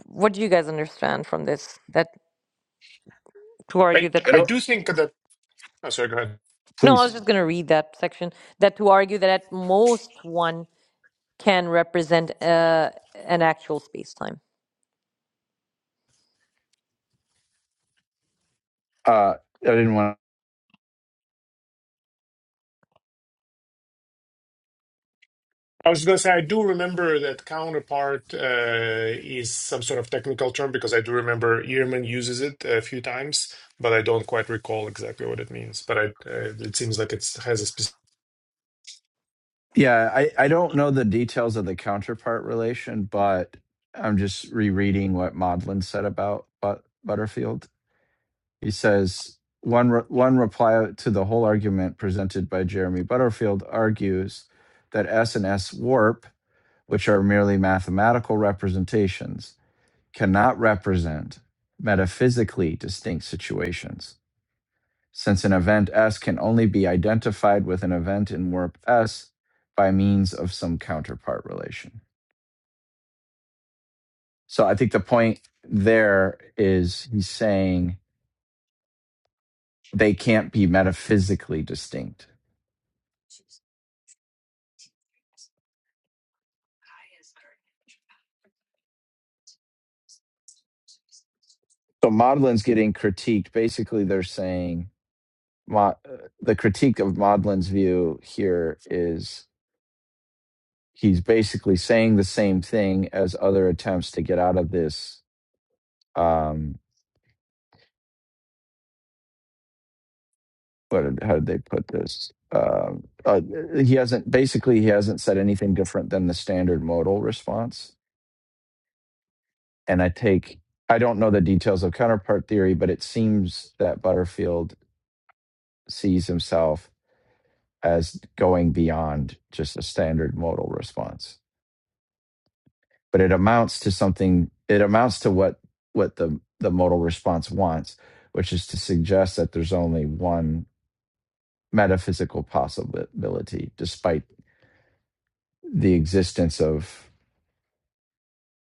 [SPEAKER 2] What do you guys understand from this? That to argue
[SPEAKER 3] I
[SPEAKER 2] that
[SPEAKER 4] I
[SPEAKER 3] I
[SPEAKER 4] don't.
[SPEAKER 3] do think that. Oh, sorry, go ahead.
[SPEAKER 2] no, I was
[SPEAKER 4] Please,
[SPEAKER 2] just going to read that section. That to argue that at most one can represent uh, an actual space-time.
[SPEAKER 4] uh, I didn't want.
[SPEAKER 3] I was going to say I do remember that counterpart uh, is some sort of technical term because I do remember Ehrman uses it a few times, but I don't quite recall exactly what it means. But I, uh, it seems like it has a specific.
[SPEAKER 4] To, Yeah, I I don't know the details of the counterpart relation, but I'm just rereading what Maudlin said about but, Butterfield. He says one re- one reply to the whole argument presented by Jeremy Butterfield argues that S and S warp which are merely mathematical representations, cannot represent metaphysically distinct situations, since an event S can only be identified with an event in warp S by means of some counterpart relation. So I think the point there is he's saying they can't be metaphysically distinct. So Maudlin's getting critiqued. Basically, they're saying Mo- the critique of Maudlin's view here is he's basically saying the same thing as other attempts to get out of this. Um, what did- how did they put this? Um uh, he hasn't basically he hasn't said anything different than the standard modal response. And I take I don't know the details of counterpart theory, but it seems that Butterfield sees himself as going beyond just a standard modal response. but it amounts to something it amounts to what what the the modal response wants which is to suggest that there's only one metaphysical possibility despite the existence of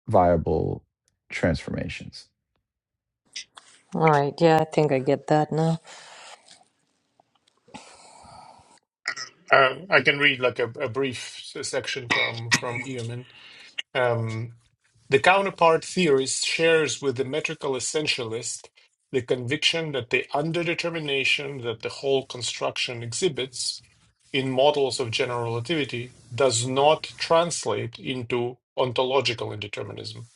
[SPEAKER 4] viable transformations
[SPEAKER 2] All right, yeah, I think I get that now.
[SPEAKER 3] Uh, I can read like a, a brief section from from Ehrman. Um, the counterpart theorist shares with the metrical essentialist the conviction that the underdetermination that the whole construction exhibits in models of general relativity does not translate into ontological indeterminism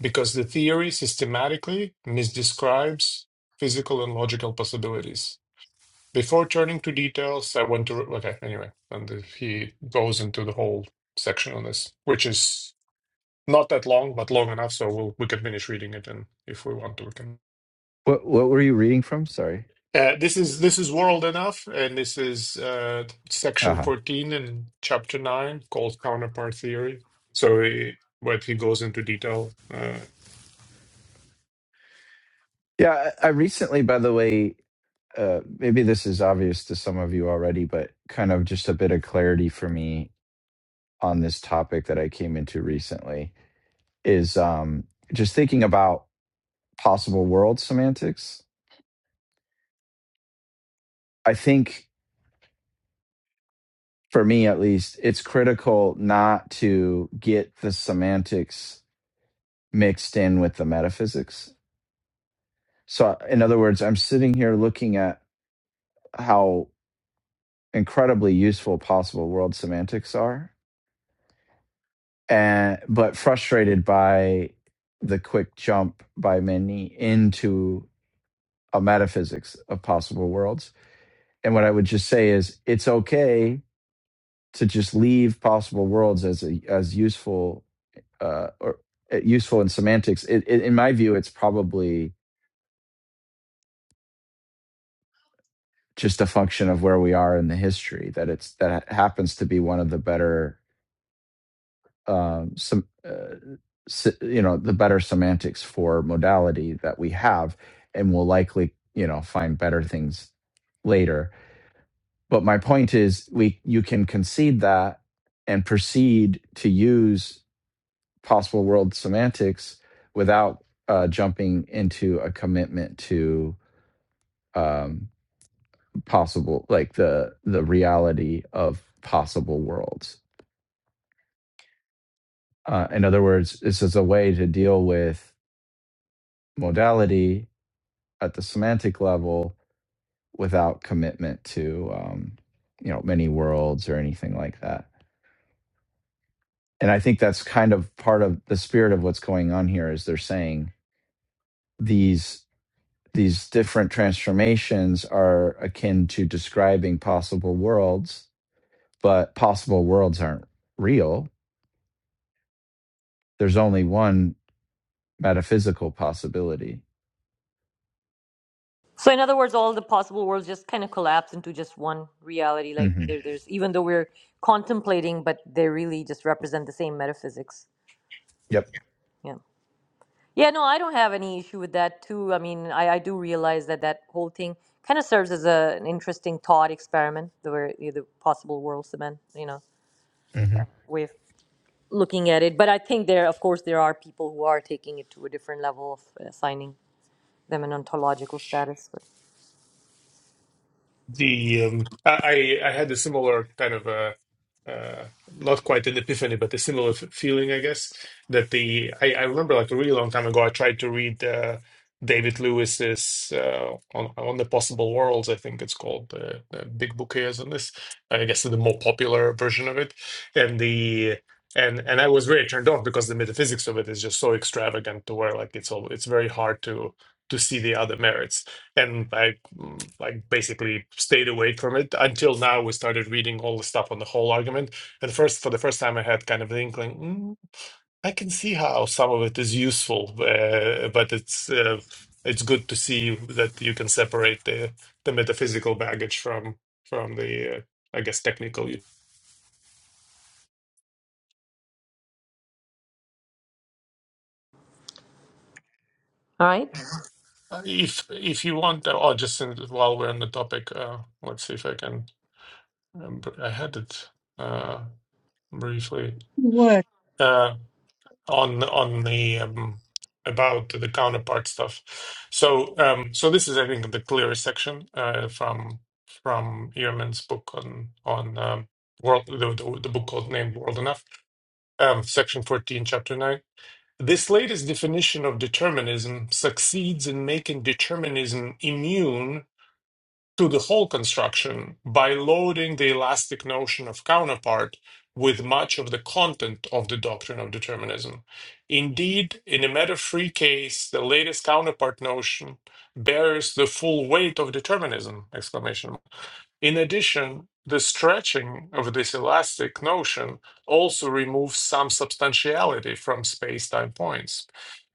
[SPEAKER 3] because the theory systematically misdescribes physical and logical possibilities. Before turning to details, I want to. Okay, anyway, and he goes into the whole section on this, which is not that long, but long enough so we'll, we can finish reading it, and if we want to, we can.
[SPEAKER 4] what what were you reading from sorry
[SPEAKER 3] Uh, this is this is world enough, and this is uh, section
[SPEAKER 4] uh-huh
[SPEAKER 3] fourteen in chapter nine called counterpart theory. So he, but he goes into detail. Uh,
[SPEAKER 4] yeah i, I recently by the way uh, maybe this is obvious to some of you already, but kind of just a bit of clarity for me on this topic that I came into recently is um, just thinking about possible world semantics. I think for me at least, it's critical not to get the semantics mixed in with the metaphysics. So, in other words, I'm sitting here looking at how incredibly useful possible world semantics are, and but frustrated by the quick jump by many into a metaphysics of possible worlds. And what I would just say is it's okay to just leave possible worlds as a, as useful uh, or uh, useful in semantics. It, it, in my view, it's probably just a function of where we are in the history that it's that happens to be one of the better um, some uh, se- you know the better semantics for modality that we have, and we'll likely you know find better things later. But my point is, we you can concede that and proceed to use possible world semantics without uh, jumping into a commitment to um, possible like the the reality of possible worlds. Uh, in other words, this is a way to deal with modality at the semantic level without commitment to um, you know many worlds or anything like that. And I think that's kind of part of the spirit of what's going on here is they're saying these. these different transformations are akin to describing possible worlds, but possible worlds aren't real. There's only one metaphysical possibility.
[SPEAKER 2] So in other words, all the possible worlds just kind of collapse into just one reality. Like
[SPEAKER 4] hmm
[SPEAKER 2] there, there's even though we're contemplating, but they really just represent the same metaphysics.
[SPEAKER 4] Yep.
[SPEAKER 2] Yeah. Yeah. No, I don't have any issue with that too. I mean, I, I do realize that that whole thing kind of serves as a, an interesting thought experiment, the where you know, the possible worlds, the man, you know,
[SPEAKER 4] hmm
[SPEAKER 2] way of looking at it. But I think there, of course, there are people who are taking it to a different level of assigning them an ontological status. But
[SPEAKER 3] The um, I I I had a similar kind of uh uh, not quite an epiphany, but a similar f feeling, I guess. That the I, I remember like a really long time ago, I tried to read uh, David Lewis's uh, on on the Possible Worlds, I think it's called. The, the big book he has on this, I guess the more popular version of it, and the and and I was very turned off because the metaphysics of it is just so extravagant to where like it's all it's very hard to to see the other merits and I mm, like basically stayed away from it until now. We started reading all the stuff on the whole argument, and first for the first time, I had kind of the inkling. Mm, I can see how some of it is useful, uh, but it's uh, it's good to see that you can separate the the metaphysical baggage from from the uh, I guess technical. u-
[SPEAKER 2] all right.
[SPEAKER 3] Uh, If if you want, uh, oh, just in, while we're on the topic, uh, let's see if I can. Um, br- I had it uh, briefly.
[SPEAKER 1] would
[SPEAKER 3] Uh, on on the um, about the counterpart stuff. So um, so this is I think the clearest section uh, from from Ehrman's book on on um, world the, the, the book called named World Enough, um, section fourteen, chapter nine. This latest definition of determinism succeeds in making determinism immune to the whole construction by loading the elastic notion of counterpart with much of the content of the doctrine of determinism. Indeed, in a matter free case, the latest counterpart notion bears the full weight of determinism! Exclamation in addition, the stretching of this elastic notion also removes some substantiality from space time points.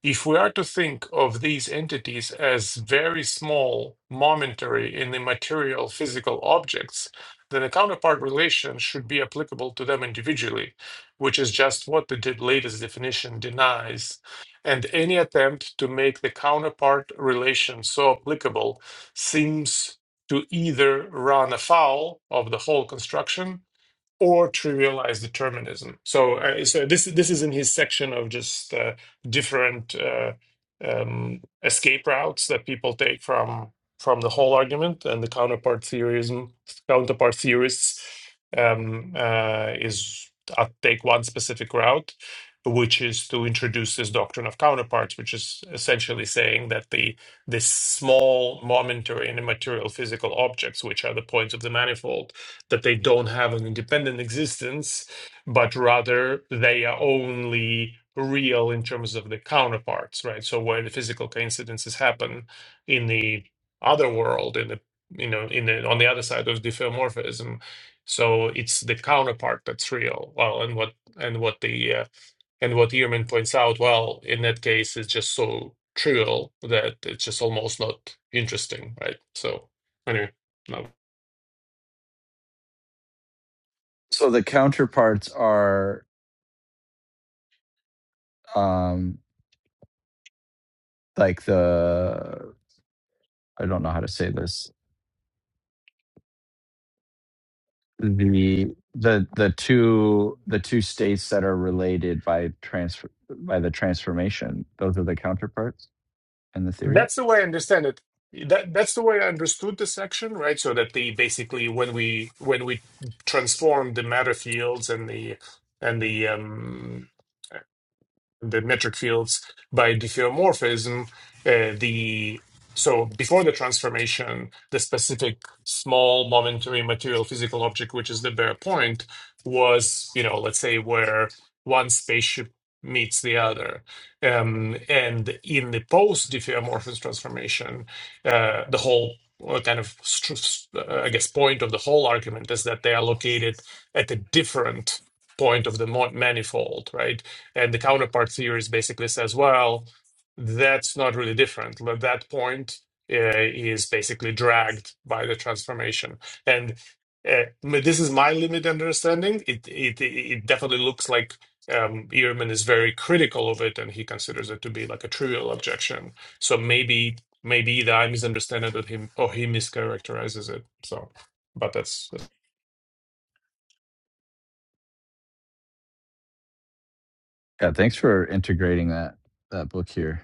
[SPEAKER 3] If we are to think of these entities as very small, momentary, and immaterial physical objects, then a counterpart relation should be applicable to them individually, which is just what the latest definition denies. And any attempt to make the counterpart relation so applicable seems to either run afoul of the whole construction or trivialize determinism. So, uh, so this this is in his section of just uh, different uh, um, escape routes that people take from from the whole argument and the counterpart theorism counterpart theorists um, uh, is uh, take one specific route, which is to introduce this doctrine of counterparts, which is essentially saying that the this small momentary and immaterial physical objects, which are the points of the manifold that they don't have an independent existence, but rather they are only real in terms of the counterparts, right? So where the physical coincidences happen in the other world, in the you know, in the, on the other side of diffeomorphism. So it's the counterpart that's real. Well, and what and what the uh, and what Ehrman points out, well, in that case, it's just so trivial that it's just almost not interesting, right? So anyway, no.
[SPEAKER 4] So the counterparts are um, like the I don't know how to say this the the the two the two states that are related by transfer by the transformation. Those are the counterparts in the theory.
[SPEAKER 3] That's the way I understand it. That that's the way I understood the section, right? So that they basically when we when we transform the matter fields and the and the um the metric fields by diffeomorphism. Uh, the so before the transformation, the specific small momentary material physical object, which is the bare point, was you know let's say where one spaceship meets the other, um, and in the post diffeomorphism transformation, uh, the whole. uh, kind of, stru- s- uh, I guess, point of the whole argument is that they are located at a different point of the mo- manifold, right? And the counterpart theories basically says, well, that's not really different. But That point uh, is basically dragged by the transformation. And uh, m- this is my limited understanding. It it it definitely looks like um, Ehrman is very critical of it, and he considers it to be like a trivial objection. So maybe maybe either I misunderstand it, or him or he mischaracterizes it. So, but that's
[SPEAKER 4] Yeah, thanks for integrating that that book here.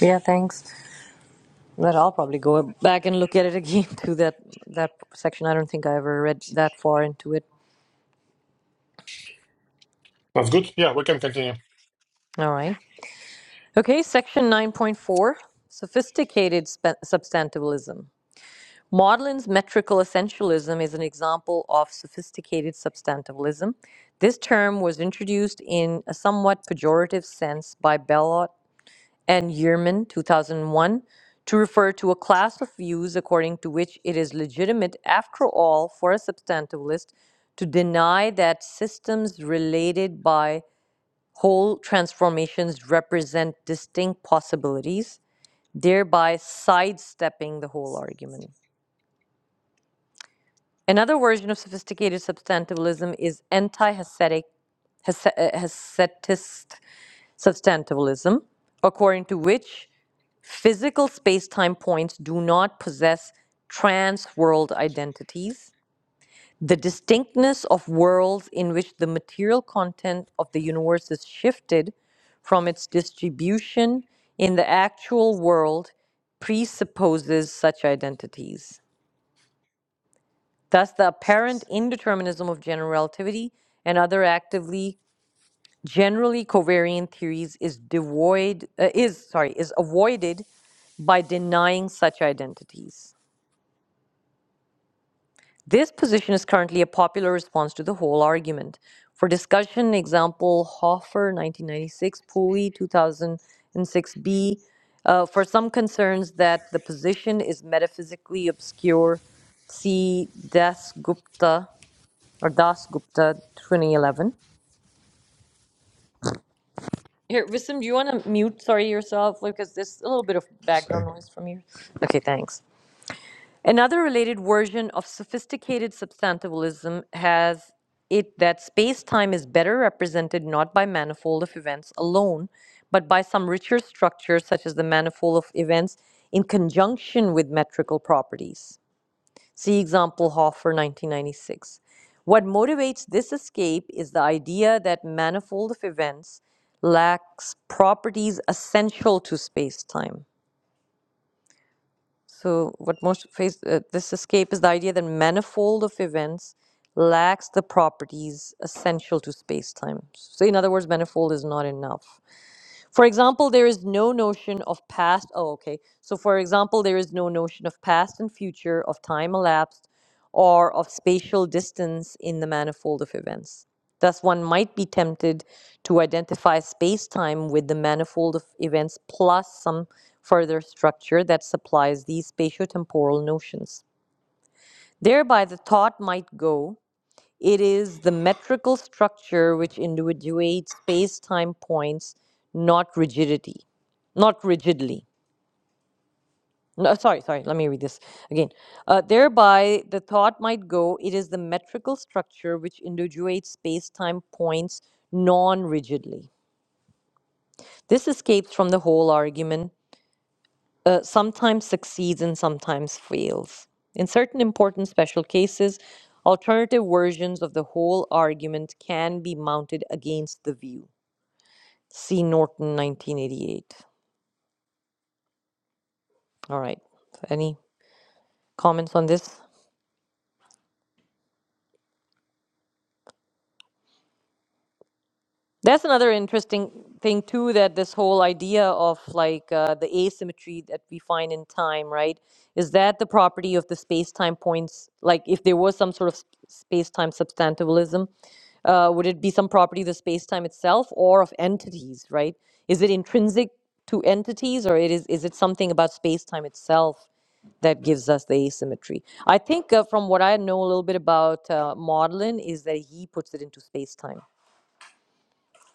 [SPEAKER 2] Yeah. Thanks. But I'll probably go back and look at it again <laughs> through that that section. I don't think I ever read that far into it.
[SPEAKER 3] that's good. Yeah, we can continue.
[SPEAKER 2] All right. Okay, section 9.4, sophisticated spe- substantivalism. Maudlin's metrical essentialism is an example of sophisticated substantivalism. This term was introduced in a somewhat pejorative sense by Bellot and Yearman, 2001, to refer to a class of views according to which it is legitimate, after all, for a substantivalist to deny that systems related by whole transformations represent distinct possibilities, thereby sidestepping the whole argument. Another version of sophisticated substantivalism is anti Hasidic Hasetist substantivalism, according to which Physical spacetime points do not possess trans world identities. The distinctness of worlds in which the material content of the universe is shifted from its distribution in the actual world presupposes such identities. Thus, the apparent indeterminism of general relativity and other actively generally covariant theories is devoid uh, is sorry is avoided by denying such identities. This position is currently a popular response to the whole argument. For discussion, example Hoffer, 1996, Pooley, 2006b, uh, for some concerns that the position is metaphysically obscure, see Das Gupta or Das Gupta, 2011. Here, Wisdom, do you want to mute, sorry, yourself? Because there's a little bit of
[SPEAKER 4] Sorry.
[SPEAKER 2] background noise from you. Okay, thanks. Another related version of sophisticated substantivalism has it that space time is better represented not by manifold of events alone, but by some richer structure such as the manifold of events in conjunction with metrical properties. See example Hoffer 1996. What motivates this escape is the idea that manifold of events lacks properties essential to space time. So, what most face uh, this escape is the idea that manifold of events lacks the properties essential to space time. So, in other words, manifold is not enough. For example, there is no notion of past. Oh, okay. So, for example, there is no notion of past and future, of time elapsed, or of spatial distance in the manifold of events. Thus, one might be tempted to identify space-time with the manifold of events plus some further structure that supplies these spatiotemporal notions. Thereby, the thought might go, it is the metrical structure which individuates space-time points, not rigidity, not rigidly. No, sorry, sorry, let me read this again. Uh, thereby, the thought might go, it is the metrical structure which individuates space-time points non-rigidly This escapes from the whole argument, uh, sometimes succeeds and sometimes fails. In certain important special cases, alternative versions of the whole argument can be mounted against the view. See Norton, 1988. All right. Any comments on this? That's another interesting thing too that this whole idea of like uh, the asymmetry that we find in time, right? Is that the property of the space-time points? Like if there was some sort of sp- space-time substantivalism, uh, would it be some property of the space-time itself or of entities, right? Is it intrinsic to entities or it is is it something about space-time itself that gives us the asymmetry? I think uh, from what I know a little bit about uh, Maudlin is that he puts it into space-time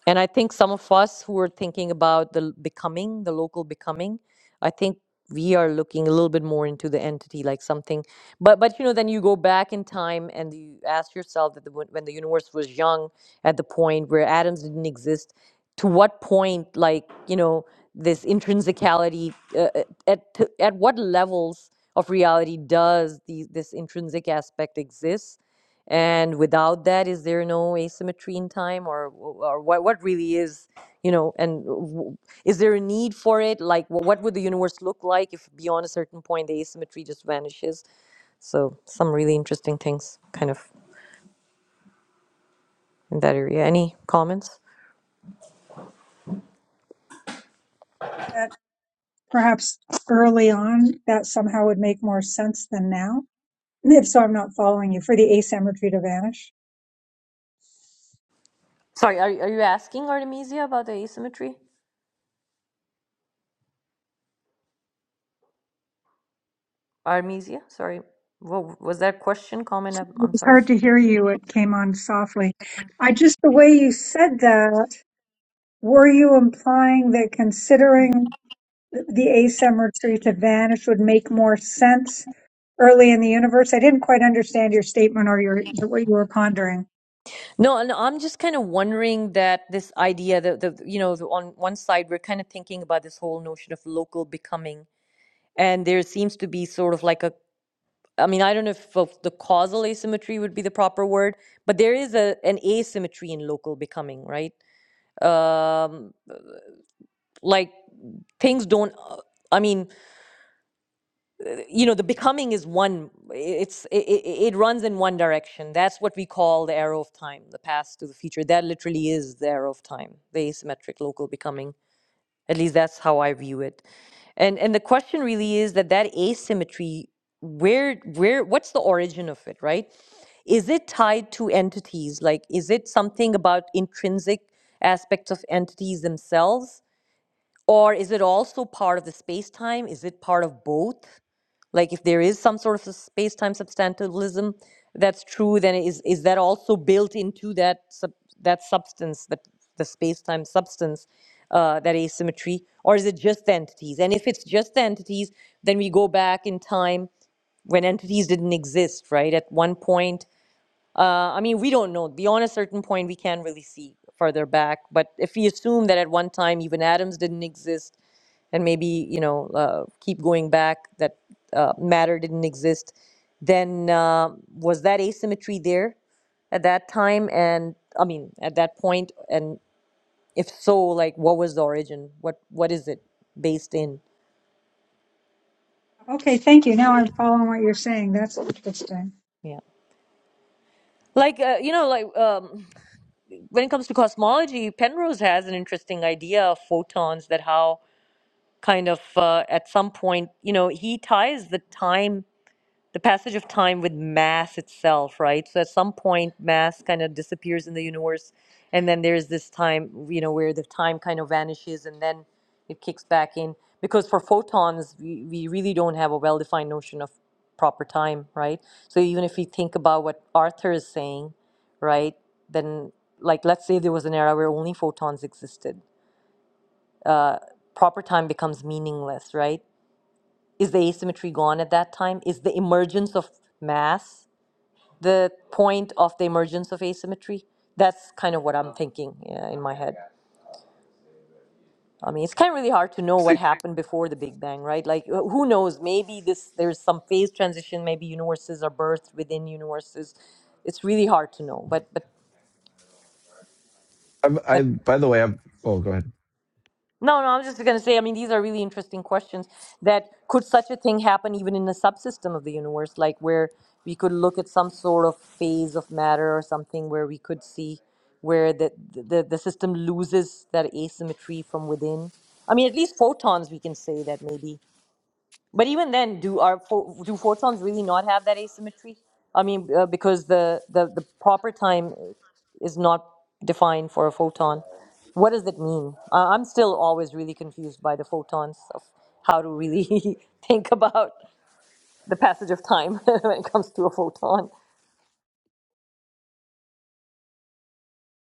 [SPEAKER 2] and I think some of us who are thinking about the l- becoming, the local becoming, I think we are looking a little bit more into the entity, like something. But but you know, then you go back in time and you ask yourself that the, when when the universe was young, at the point where atoms didn't exist, to what point, like you know, this intrinsicality, uh, uh, at to, at what levels of reality does the, this intrinsic aspect exist? And without that, is there no asymmetry in time, or or what? What really is, you know? And w- is there a need for it? Like, wh- what would the universe look like if beyond a certain point the asymmetry just vanishes? So, some really interesting things, kind of in that area. Any comments?
[SPEAKER 1] that perhaps early on that somehow would make more sense than now. If so, I'm not following you for the ASAM retreat of vanish.
[SPEAKER 2] Sorry, are are you asking Artemisia about the asymmetry? Artemisia, sorry, what was that question? Comment? I'm,
[SPEAKER 1] It
[SPEAKER 2] I'm
[SPEAKER 1] was
[SPEAKER 2] sorry.
[SPEAKER 1] hard to hear you. It came on softly. I just the way you said that. Were you implying that considering the asymmetry to vanish would make more sense early in the universe. I didn't quite understand your statement or your what you were pondering.
[SPEAKER 2] No, and I'm just kind of wondering that this idea that the you know the- on one side we're kind of thinking about this whole notion of local becoming, and there seems to be sort of like a I mean I don't know if of the causal asymmetry would be the proper word, but there is a an asymmetry in local becoming, right? Um, like things don't. uh, I mean, you know the becoming is one it's it, it runs in one direction that's what we call the arrow of time the past to the future that literally is the arrow of time the asymmetric local becoming at least that's how i view it and and the question really is that that asymmetry where where what's the origin of it right is it tied to entities like is it something about intrinsic aspects of entities themselves or is it also part of the space time is it part of both like if there is some sort of a space-time substantialism that's true, then is is that also built into that sub, that substance, that the space-time substance, uh, that asymmetry, or is it just the entities? And if it's just the entities, then we go back in time when entities didn't exist, right? At one point, uh, I mean, we don't know. Beyond a certain point, we can't really see further back. But if we assume that at one time even atoms didn't exist, and maybe you know uh, keep going back that uh, matter didn't exist, then uh, was that asymmetry there at that time? And I mean, at that point, and if so, like what was the origin? What what is it based in?
[SPEAKER 1] Okay, thank you. Now I'm following what you're saying. That's interesting.
[SPEAKER 2] Yeah, like uh, you know, like um, when it comes to cosmology, Penrose has an interesting idea of photons that how kind of uh, at some point, you know, he ties the time, the passage of time with mass itself, right? So at some point, mass kind of disappears in the universe, and then there's this time, you know, where the time kind of vanishes and then it kicks back in. Because for photons, we, we really don't have a well defined notion of proper time, right? So even if we think about what Arthur is saying, right, then like let's say there was an era where only photons existed. Uh, proper time becomes meaningless, right? Is the asymmetry gone at that time? Is the emergence of mass the point of the emergence of asymmetry? That's kind of what I'm thinking yeah, in my head. I mean, it's kind of really hard to know what
[SPEAKER 4] See,
[SPEAKER 2] happened before the Big Bang, right? Like, uh, who knows? Maybe this there's some phase transition. Maybe universes are birthed within universes. It's really hard to know. But but
[SPEAKER 4] I've, I,
[SPEAKER 2] but
[SPEAKER 4] by the way, I've, oh, go ahead.
[SPEAKER 2] No, no, I'm just going to say, I mean, these are really interesting questions that could such a thing happen even in a subsystem of the universe, like where we could look at some sort of phase of matter or something where we could see where the, the, the system loses that asymmetry from within. I mean, at least photons, we can say that maybe. But even then, do our pho- do photons really not have that asymmetry? I mean, uh, because the, the the proper time is not defined for a photon. What does that mean? I I'm still always really confused by the photons of how to really <laughs> think about the passage of time <laughs> when it comes to a photon.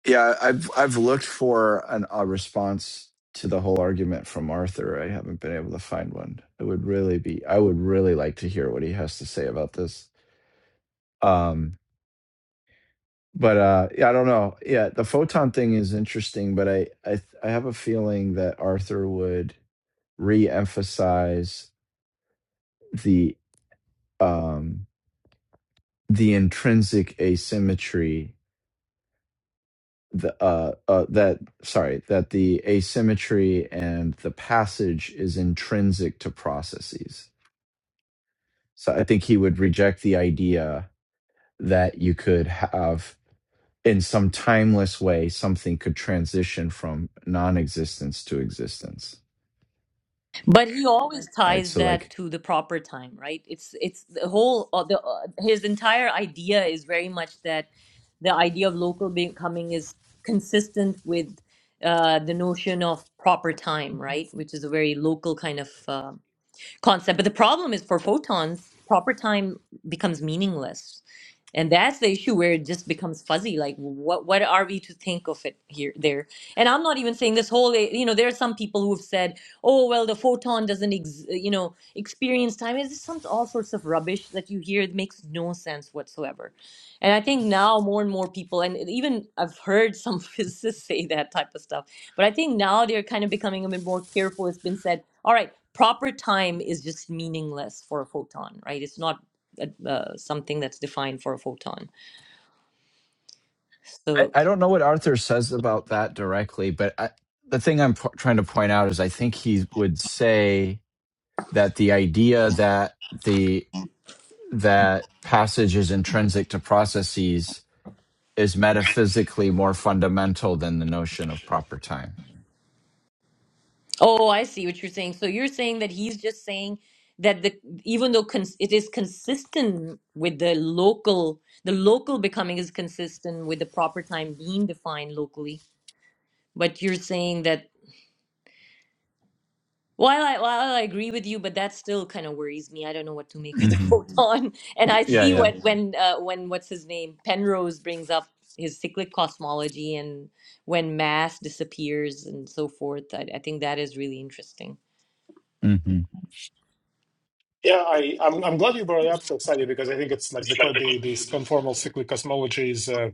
[SPEAKER 4] Yeah, I've I've looked for an, a response to the whole argument from Arthur. I haven't been able to find one. It would really be I would really like to hear what he has to say about this. Um but uh yeah, I don't know. Yeah, the photon thing is interesting, but I I I have a feeling that Arthur would re-emphasize the um the intrinsic asymmetry the uh, uh that sorry that the asymmetry and the passage is intrinsic to processes so i think he would reject the idea that you could have in some timeless way something could transition from non-existence to existence
[SPEAKER 2] But he always
[SPEAKER 4] right
[SPEAKER 2] ties
[SPEAKER 4] so
[SPEAKER 2] that
[SPEAKER 4] like
[SPEAKER 2] to the proper time, right? It's it's the whole uh, the uh, his entire idea is very much that the idea of local becoming is consistent with uh, the notion of proper time, right? Which is a very local kind of. uh, concept. But the problem is for photons, proper time becomes meaningless. And that's the issue where it just becomes fuzzy. Like, what what are we to think of it here, there? And I'm not even saying this whole. eh, You know, there are some people who have said, "Oh, well, the photon doesn't, ex- eh, you know, experience time." It's just some all sorts of rubbish that you hear. It makes no sense whatsoever. And I think now more and more people, and even I've heard some <laughs> physicists say that type of stuff. But I think now they're kind of becoming a bit more careful. It's been said all right, proper time is just meaningless for a photon, right? It's not uh, uh, something that's defined for a photon.
[SPEAKER 4] i,
[SPEAKER 2] So,
[SPEAKER 4] I don't know what arthur says about that directly but I, the thing i'm po- trying to point out is i think he would say that the idea that the that passage is intrinsic to processes is metaphysically more fundamental than the notion of proper time.
[SPEAKER 2] oh, I see what you're saying. So you're saying that he's just saying that the even though cons- it is consistent with the local, the local becoming is consistent with the proper time being defined locally. But you're saying that While I while I like, agree with you, but that still kind of worries me. I don't know what to make of the <laughs>
[SPEAKER 4] hmm
[SPEAKER 2] photon. And I <laughs>
[SPEAKER 4] Yeah,
[SPEAKER 2] see
[SPEAKER 4] yeah.
[SPEAKER 2] what when uh, when what's his name Penrose brings up his cyclic cosmology and when mass disappears and so forth. I, I think that is really interesting.
[SPEAKER 4] hmm
[SPEAKER 3] Yeah, I, I'm I'm glad you brought it up, Shastadi, because I think it's like the co- the this conformal cyclic cosmology is uh,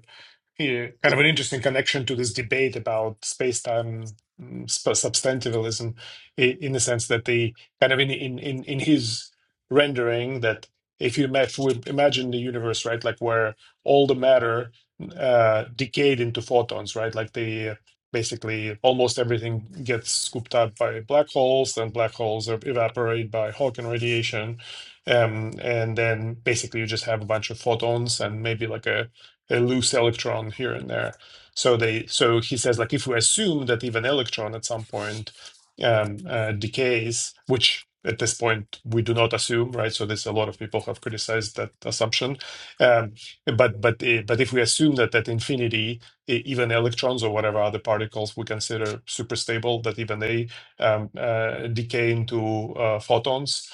[SPEAKER 3] here, kind of an interesting connection to this debate about space-time mm, sp- substantivalism, i- in the sense that the kind of in in in, in his rendering that if you ma- if we imagine the universe, right, like where all the matter uh, decayed into photons, right, like the uh, basically almost everything gets scooped up by black holes then black holes evaporate by hawking radiation um, and then basically you just have a bunch of photons and maybe like a, a loose electron here and there so they so he says like if we assume that even electron at some point um, uh, decays which at this point we do not assume right so there's a lot of people have criticized that assumption um, but but eh, but if we assume that at infinity e- even electrons or whatever other particles we consider super stable, that even they um, uh, decay into uh, photons.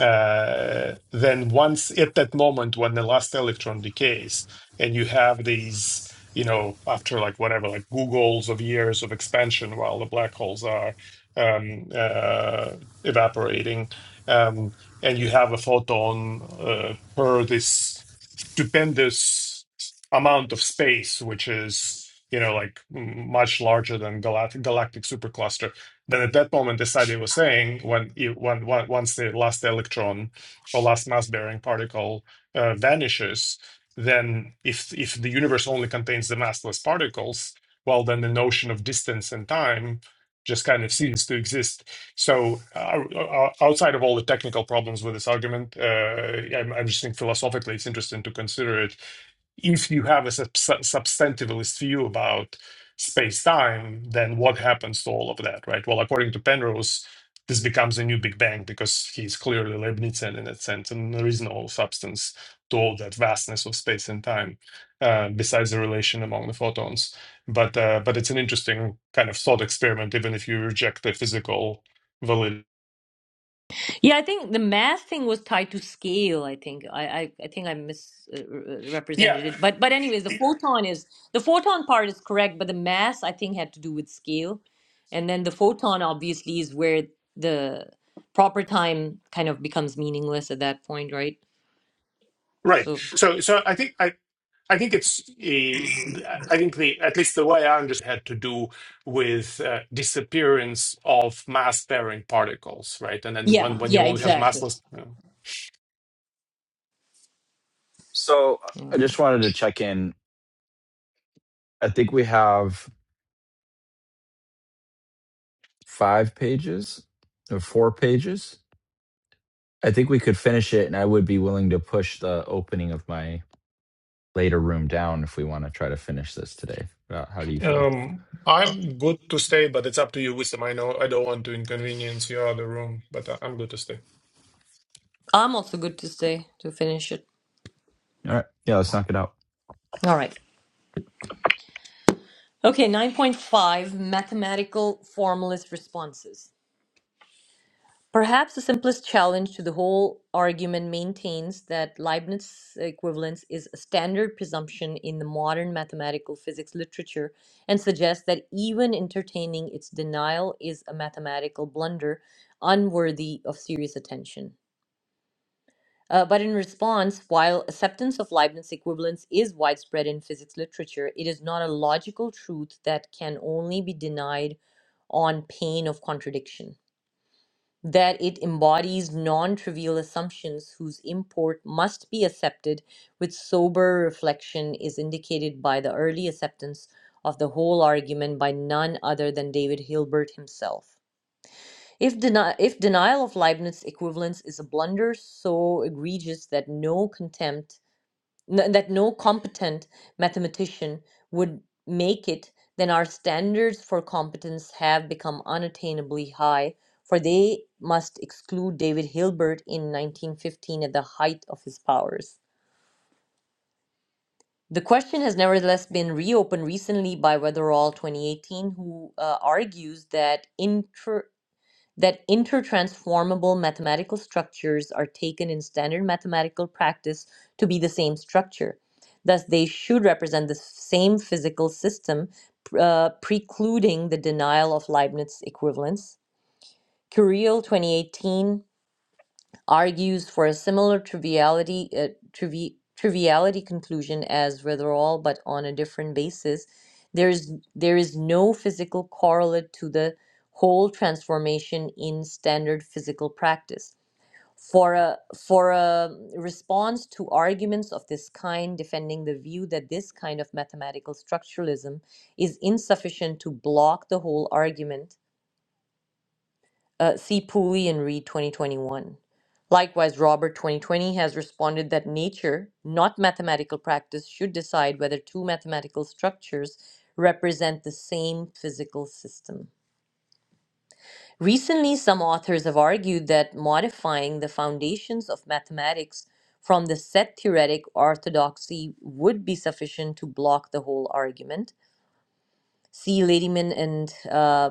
[SPEAKER 3] Uh, then once at that moment when the last electron decays, and you have these, you know, after like whatever, like Googles of years of expansion while the black holes are um, uh, evaporating, um, and you have a photon uh, per this stupendous amount of space, which is you know like m- much larger than galactic galactic supercluster. Then at that moment, as Sadi was saying, when you, when, when once the last electron or last mass bearing particle uh, vanishes, then if if the universe only contains the massless particles, well, then the notion of distance and time just kind of ceases to exist. So, uh, o- outside of all the technical problems with this argument, uh, I'm, I'm just think philosophically it's interesting to consider it if you have a sub- substantivalist view about space-time, then what happens to all of that, right? Well, according to Penrose, this becomes a new Big Bang because he's clearly Leibnizian in that sense, and there is no substance to all that vastness of space and time uh, besides the relation among the photons. But uh, but it's an interesting kind of thought experiment, even if you reject the physical validity.
[SPEAKER 2] Yeah, I think the math thing was tied to scale. I think I I, I think I misrepresented uh,
[SPEAKER 3] Yeah,
[SPEAKER 2] it. But but anyways, the photon is the photon part is correct, but the mass I think had to do with scale, and then the photon obviously is where the proper time kind of becomes meaningless at that point, right?
[SPEAKER 3] right.
[SPEAKER 2] So
[SPEAKER 3] So so I think I, I think it's. eh, I think the at least the way I understand had to do with uh, disappearance of mass-bearing particles, right? And then when
[SPEAKER 2] yeah,
[SPEAKER 3] when you
[SPEAKER 2] yeah,
[SPEAKER 3] only have
[SPEAKER 2] exactly.
[SPEAKER 3] massless,
[SPEAKER 4] So
[SPEAKER 2] All
[SPEAKER 4] I
[SPEAKER 2] right.
[SPEAKER 4] just wanted to check in. I think we have five pages or four pages. I think we could finish it, and I would be willing to push the opening of my later room down if we want to try to finish this today. Uh, How do you feel?
[SPEAKER 3] um, I'm good to stay, but it's up to you, Wisdom. I know I don't want to inconvenience your other room, but I- I'm good to stay.
[SPEAKER 2] I'm also good to stay to finish it.
[SPEAKER 4] All right. Yeah, let's knock it out.
[SPEAKER 2] All right. Okay, 9.5 mathematical formalist responses. Perhaps the simplest challenge to the whole argument maintains that Leibniz equivalence is a standard presumption in the modern mathematical physics literature and suggests that even entertaining its denial is a mathematical blunder unworthy of serious attention. Uh, but in response, while acceptance of Leibniz equivalence is widespread in physics literature, it is not a logical truth that can only be denied on pain of contradiction that it embodies non trivial assumptions whose import must be accepted with sober reflection is indicated by the early acceptance of the whole argument by none other than David Hilbert himself. If, deni- if denial of Leibniz equivalence is a blunder so egregious that no contempt n- that no competent mathematician would make it, then our standards for competence have become unattainably high, for they must exclude David Hilbert in 1915 at the height of his powers. The question has nevertheless been reopened recently by Weatherall 2018, who uh, argues that inter- that intertransformable mathematical structures are taken in standard mathematical practice to be the same structure. Thus, they should represent the same physical system, uh, precluding the denial of Leibniz equivalence. Curiel 2018 argues for a similar triviality uh, trivi- triviality conclusion as Ritherall, but on a different basis. There is there is no physical correlate to the whole transformation in standard physical practice. For a for a response to arguments of this kind, defending the view that this kind of mathematical structuralism is insufficient to block the whole argument uh, C. Pooley and Reed 2021. Likewise, Robert 2020 has responded that nature, not mathematical practice, should decide whether two mathematical structures represent the same physical system. Recently, some authors have argued that modifying the foundations of mathematics from the set theoretic orthodoxy would be sufficient to block the whole argument. See Ladyman and uh,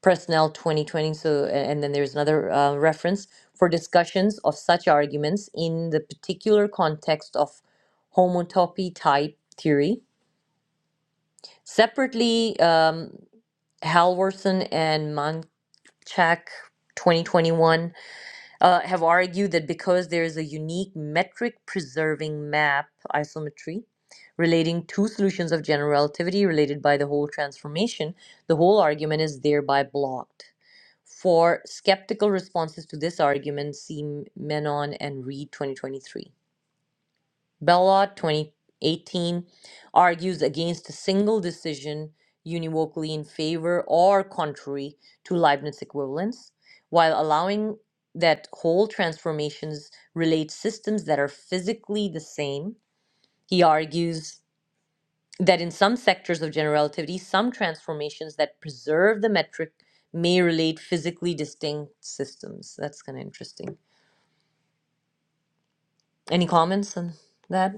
[SPEAKER 2] Personnel 2020. So, a- and then there's another uh, reference for discussions of such arguments in the particular context of homotopy type theory. Separately, um, Halvorson and Manchak 2021 uh, have argued that because there is a unique metric preserving map isometry relating two solutions of general relativity related by the whole transformation, the whole argument is thereby blocked. For skeptical responses to this argument, see Menon and Reed 2023. Bellot 2018 argues against a single decision univocally in favor or contrary to Leibniz equivalence, while allowing that whole transformations relate systems that are physically the same. He argues that in some sectors of general relativity, some transformations that preserve the metric may relate physically distinct systems. That's kind of interesting. Any comments on that?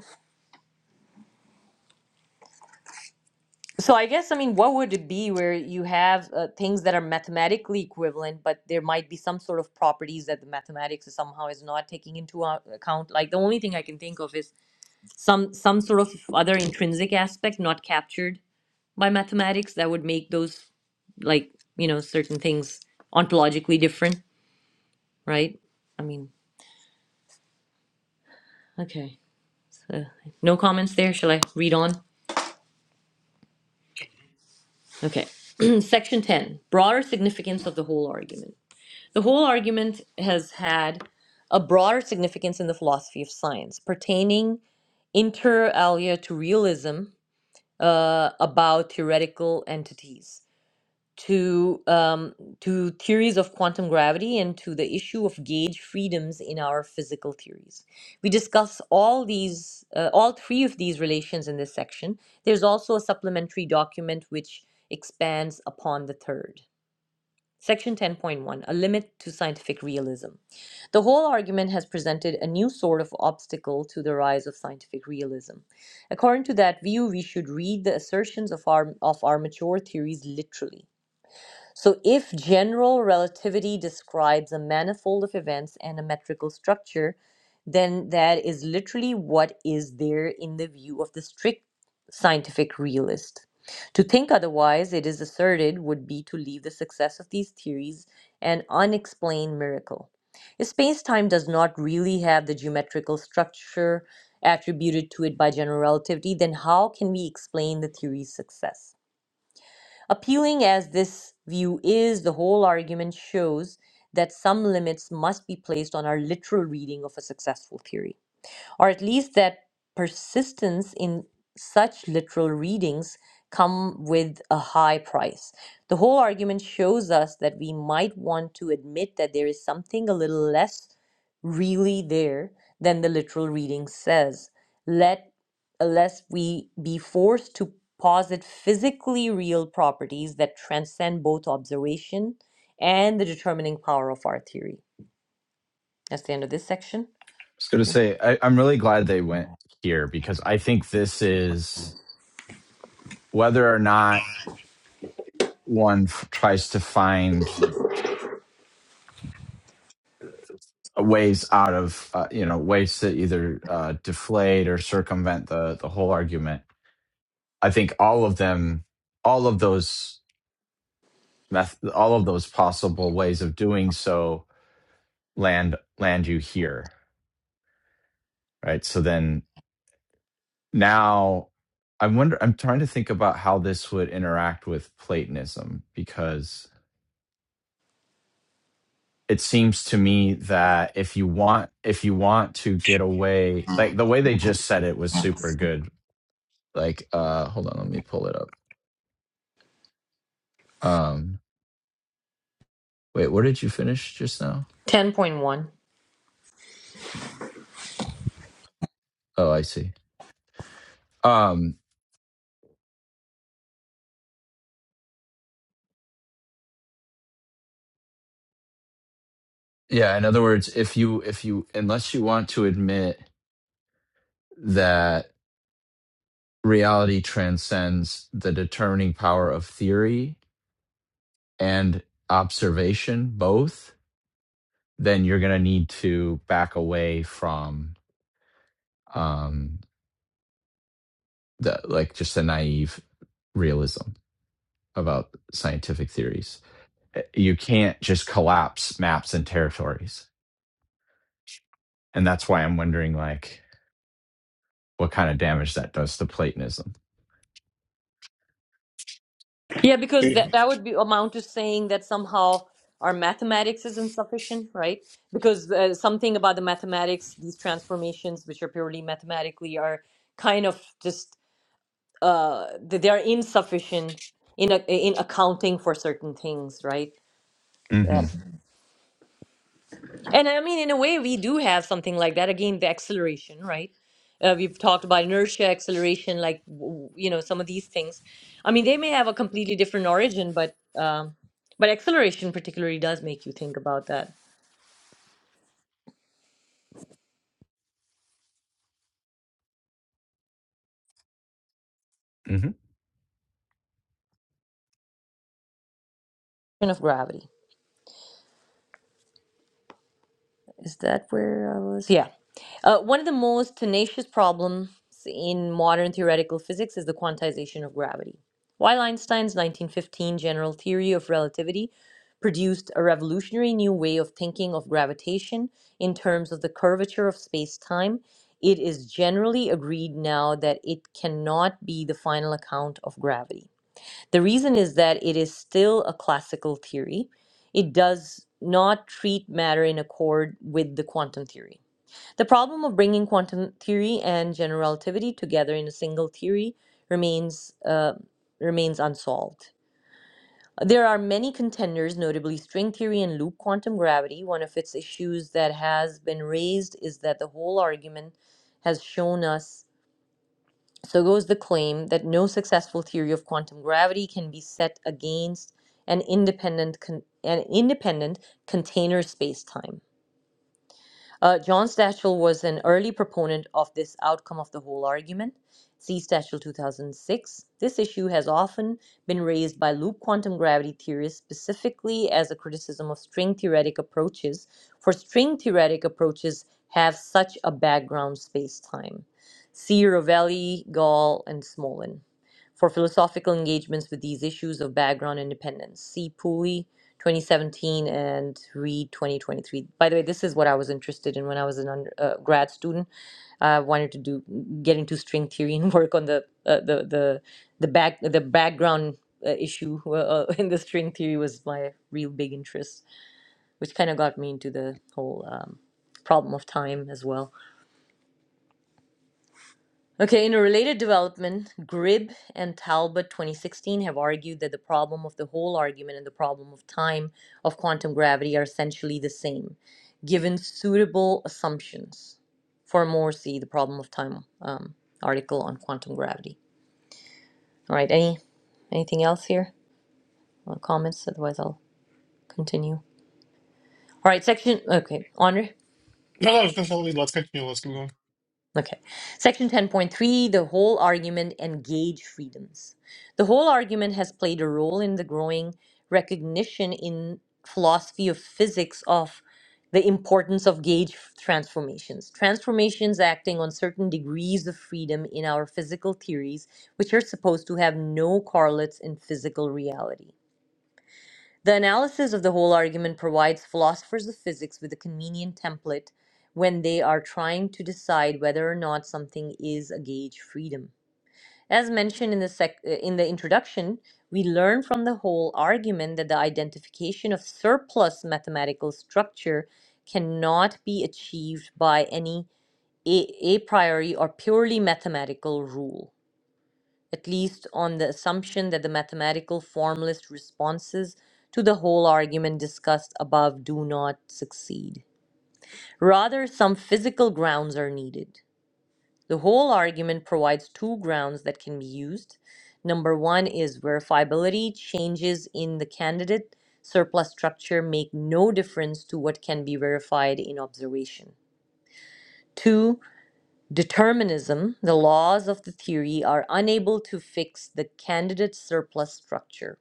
[SPEAKER 2] So I guess I mean, what would it be where you have uh, things that are mathematically equivalent, but there might be some sort of properties that the mathematics is somehow is not taking into a- account? Like the only thing I can think of is some some sort of other intrinsic aspect not captured by mathematics that would make those like you know certain things ontologically different right i mean okay so no comments there shall i read on okay <clears throat> section 10 broader significance of the whole argument the whole argument has had a broader significance in the philosophy of science pertaining inter alia to realism uh, about theoretical entities to um, to theories of quantum gravity and to the issue of gauge freedoms in our physical theories. We discuss all these, uh, all three of these relations in this section. There's also a supplementary document which expands upon the third. Section 10.1 A Limit to Scientific Realism. The whole argument has presented a new sort of obstacle to the rise of scientific realism. According to that view, we should read the assertions of our, of our mature theories literally. So, if general relativity describes a manifold of events and a metrical structure, then that is literally what is there in the view of the strict scientific realist. To think otherwise, it is asserted, would be to leave the success of these theories an unexplained miracle. If space time does not really have the geometrical structure attributed to it by general relativity, then how can we explain the theory's success? Appealing as this view is, the whole argument shows that some limits must be placed on our literal reading of a successful theory or at least that persistence in such literal readings come with a high price. The whole argument shows us that we might want to admit that there is something a little less really there than the literal reading says. Let unless we be forced to posit physically real properties that transcend both observation and the determining power of our theory. That's the end of this section.
[SPEAKER 4] was going to say, I, I'm really glad they went here because I think this is whether or not one f- tries to find ways out of, uh, you know, ways to either uh, deflate or circumvent the the whole argument. I think all of them, all of those, meth- all of those possible ways of doing so land land you here, right? So then now. I wonder. I'm trying to think about how this would interact with Platonism because it seems to me that if you want if you want to get away like the way they just said it was super good like uh hold on let me pull it up um wait where did you finish just now
[SPEAKER 2] 10.1
[SPEAKER 4] oh i see um yeah in other words if you if you unless you want to admit that reality transcends the determining power of theory and observation both then you're going to need to back away from um the like just the naive realism about scientific theories. Uh, You can't just collapse maps and territories. And that's why I'm wondering like what kind of damage that does to Platonism.
[SPEAKER 2] Yeah,
[SPEAKER 3] Do
[SPEAKER 2] because that,
[SPEAKER 3] you?
[SPEAKER 2] that would be amount to saying that somehow our mathematics is insufficient, right? Because uh, something about the mathematics, these transformations, which are purely mathematically, are kind of just uh, th- they are insufficient in a, in accounting for certain things, right? Yeah.
[SPEAKER 4] hmm
[SPEAKER 2] And I mean, in a way, we do have something like that. Again, the acceleration, right? Uh, we've talked about inertia, acceleration, like w- you know, some of these things. I mean, they may have a completely different origin, but um, but acceleration particularly does make you think about that.
[SPEAKER 4] hmm
[SPEAKER 2] Kind of gravity. Is that where I was? Yeah. Uh, one of the most tenacious problems in modern theoretical physics is the quantization of gravity. While Einstein's 1915 general theory of relativity produced a revolutionary new way of thinking of gravitation in terms of the curvature of space time, it is generally agreed now that it cannot be the final account of gravity. The reason is that it is still a classical theory, it does not treat matter in accord with the quantum theory. The problem of bringing quantum theory and general relativity together in a single theory remains uh, remains unsolved. There are many contenders, notably string theory and loop quantum gravity. One of its issues that has been raised is that the whole argument has shown us, so goes the claim, that no successful theory of quantum gravity can be set against an independent con- an independent container space-time. Uh, John Stachel was an early proponent of this outcome of the whole argument. See Stachel 2006. This issue has often been raised by loop quantum gravity theorists, specifically as a criticism of string theoretic approaches, for string theoretic approaches have such a background space time. See Rovelli, Gall, and Smolin for philosophical engagements with these issues of background independence. See Pui, 2017, and Reed, 2023. By the way, this is what I was interested in when I was an under, uh, grad student. I wanted to do get into string theory and <laughs> work on the uh, the the the back the background uh, issue well, uh, <laughs> in the string theory was my real big interest, which kind of got me into the whole um, problem of time as well. Okay, in a related development, Gribb and Talbot 2016 have argued that the problem of the whole argument and the problem of time of quantum gravity are essentially the same, given suitable assumptions. For Morrissey, the problem of time um, article on quantum gravity. All right, any anything else here? Uh, comments? Otherwise, I'll continue. All right, section. Okay, Andre.
[SPEAKER 3] No, no, it's all good. let's continue. Let's keep going.
[SPEAKER 2] Okay. Section 10.3 The whole argument and gauge freedoms. The whole argument has played a role in the growing recognition in philosophy of physics of the importance of gauge transformations. Transformations acting on certain degrees of freedom in our physical theories, which are supposed to have no correlates in physical reality. The analysis of the whole argument provides philosophers of physics with a convenient template when they are trying to decide whether or not something is a gauge freedom. As mentioned in the, sec- uh, in the introduction, we learn from the whole argument that the identification of surplus mathematical structure cannot be achieved by any a, a priori or purely mathematical rule at least on the assumption that the mathematical formalist responses to the whole argument discussed above do not succeed. Rather, some physical grounds are needed. The whole argument provides two grounds that can be used. Number one is verifiability. Changes in the candidate surplus structure make no difference to what can be verified in observation. Two, Determinism, the laws of the theory, are unable to fix the candidate surplus structure.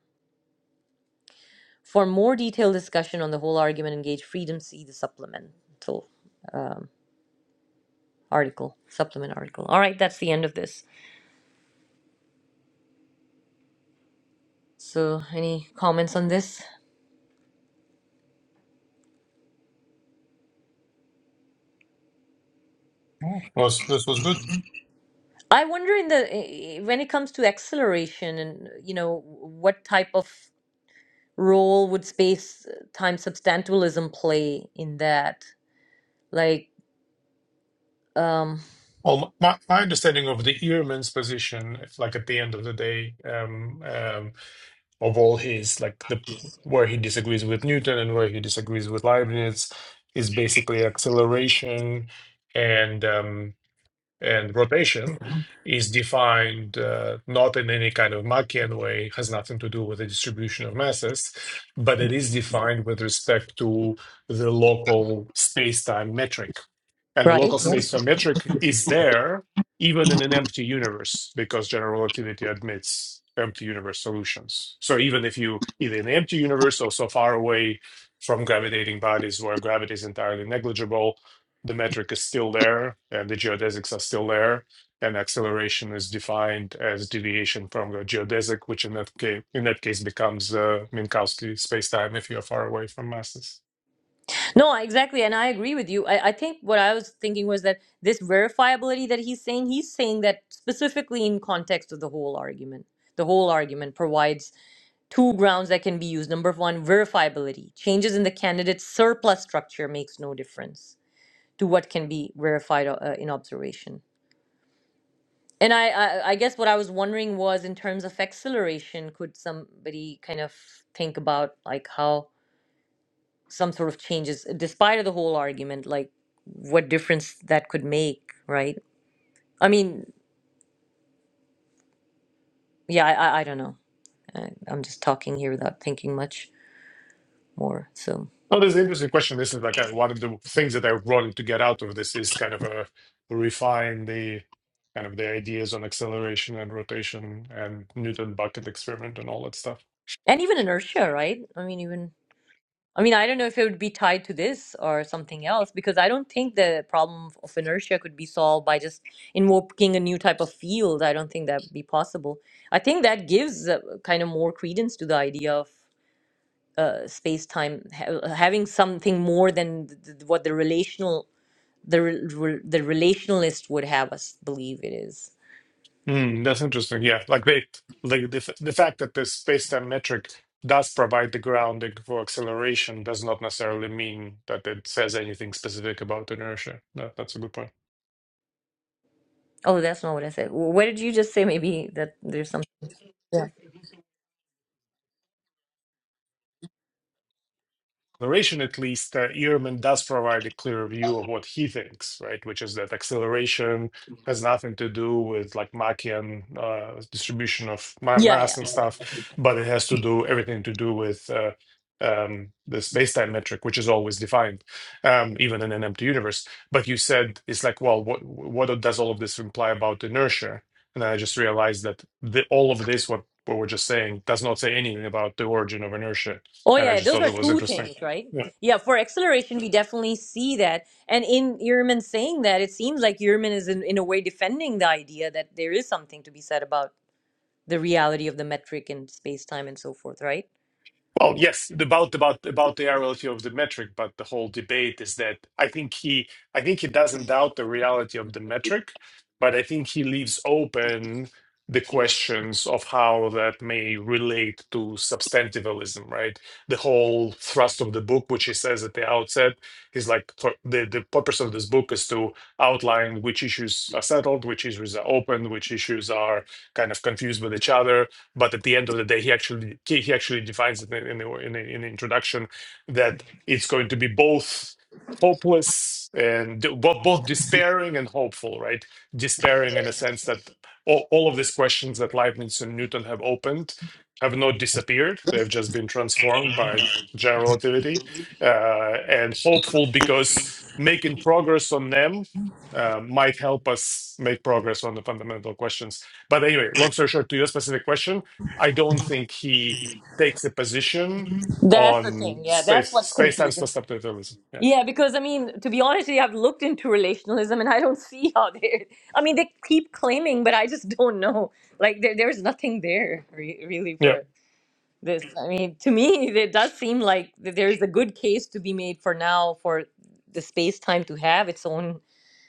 [SPEAKER 2] For more detailed discussion on the whole argument, engage freedom. See the supplemental um, article, supplement article. All right, that's the end of this. So, any comments on this?
[SPEAKER 3] Oh, was this was good.
[SPEAKER 2] I wonder in the eh, eh, when it comes to acceleration and you know what type of role would space time substantialism play in that? Like, um,
[SPEAKER 3] Well, my, my understanding of the earman's position, it's like at the end of the day, um. um, of all his like the where he disagrees with Newton and where he disagrees with Leibniz is basically acceleration and um, and rotation is defined uh, not in any kind of Machian way has nothing to do with the distribution of masses, but it is defined with respect to the local space-time metric and the
[SPEAKER 2] right?
[SPEAKER 3] local
[SPEAKER 2] Yes.
[SPEAKER 3] space time metric is there even in an empty universe because general relativity admits empty universe solutions so even if you either in the empty universe or so far away from gravitating bodies where gravity is entirely negligible the metric is still there and the geodesics are still there and acceleration is defined as deviation from the geodesic which in that case in that case becomes uh, minkowski spacetime if you're far away from masses
[SPEAKER 2] No, exactly. And I agree with you. I, I think what I was thinking was that this verifiability that he's saying, he's saying that specifically in context of the whole argument. The whole argument provides two grounds that can be used. Number one, verifiability. Changes in the candidate's surplus structure makes no difference to what can be verified uh, in observation. And I, I, I guess what I was wondering was in terms of acceleration, could somebody kind of think about like how some sort of changes despite of the whole argument like what difference that could make right i mean yeah i i, I don't know I, i'm just talking here without thinking much more so
[SPEAKER 3] No, there's an interesting question. This is like uh, one of the things that I wanted to get out of this is kind of a refine the kind of the ideas on acceleration and rotation and Newton bucket experiment and all that stuff.
[SPEAKER 2] and even inertia right i mean even i mean i don't know if it would be tied to this or something else because i don't think the problem of of inertia could be solved by just invoking a new type of field i don't think that would be possible i think that gives uh, kind of more credence to the idea of. uh, space time ha- uh, having something more than th- th- what the relational the re- re- the relationalist would have us believe it is
[SPEAKER 3] Mm, that's interesting. Yeah, like they like the f- the fact that the space-time metric does provide the grounding for acceleration does not necessarily mean that it says anything specific about inertia. That, that's a good point.
[SPEAKER 2] oh that's not what i said Wh- what did you just say maybe that there's some yeah
[SPEAKER 3] narration at least, uh, Ehrman does provide a clear view of what he thinks, right? Which is that acceleration has nothing to do with like Machian uh, distribution of ma-
[SPEAKER 2] yeah
[SPEAKER 3] mass and
[SPEAKER 2] yeah
[SPEAKER 3] stuff, but it has to do everything to do with uh, um, the space-time metric, which is always defined, um, even in an empty universe. But you said it's like, well, what what does all of this imply about inertia? And then I just realized that the, all of this, what, what we're just saying, does not say anything about the origin of inertia.
[SPEAKER 2] oh
[SPEAKER 3] And I
[SPEAKER 2] yeah
[SPEAKER 3] just
[SPEAKER 2] those
[SPEAKER 3] thought
[SPEAKER 2] are
[SPEAKER 3] it was
[SPEAKER 2] two
[SPEAKER 3] interesting.
[SPEAKER 2] things right
[SPEAKER 3] Yeah.
[SPEAKER 2] yeah for acceleration we definitely see that and in Ehrman saying that it seems like Ehrman is in, in a way defending the idea that there is something to be said about the reality of the metric and space time and so forth right
[SPEAKER 3] Well, yes, the- about about about the reality of the metric, but the whole debate is that I think he I think he doesn't doubt the reality of the metric, but I think he leaves open the questions of how that may relate to substantivalism, right? The whole thrust of the book, which he says at the outset, is like for the the purpose of this book is to outline which issues are settled, which issues are open, which issues are kind of confused with each other, But at the end of the day, he actually he he actually defines it in the, in the, in the introduction that it's going to be both hopeless and both, both despairing and hopeful, right? Despairing in a sense that all, all of these questions that Leibniz and Newton have opened have not disappeared; they've just been transformed by general relativity, uh, and hopeful because making progress on them uh, might help us make progress on the fundamental questions. But anyway, long story short, to your specific question, I don't think he takes a position
[SPEAKER 2] That's the
[SPEAKER 3] on
[SPEAKER 2] thing. Yeah, that's
[SPEAKER 3] space
[SPEAKER 2] what's
[SPEAKER 3] space time
[SPEAKER 2] confusing.
[SPEAKER 3] substitutalism. Yeah,
[SPEAKER 2] Yeah, because I mean, to be honest, I've looked into relationalism and I don't <laughs> see how they. I mean, they keep claiming, but I just don't know. Like, there, there's nothing there re- really
[SPEAKER 3] yeah.
[SPEAKER 2] for this. I mean, to me, it does seem like th- there's a good case to be made for now for the space time to have its own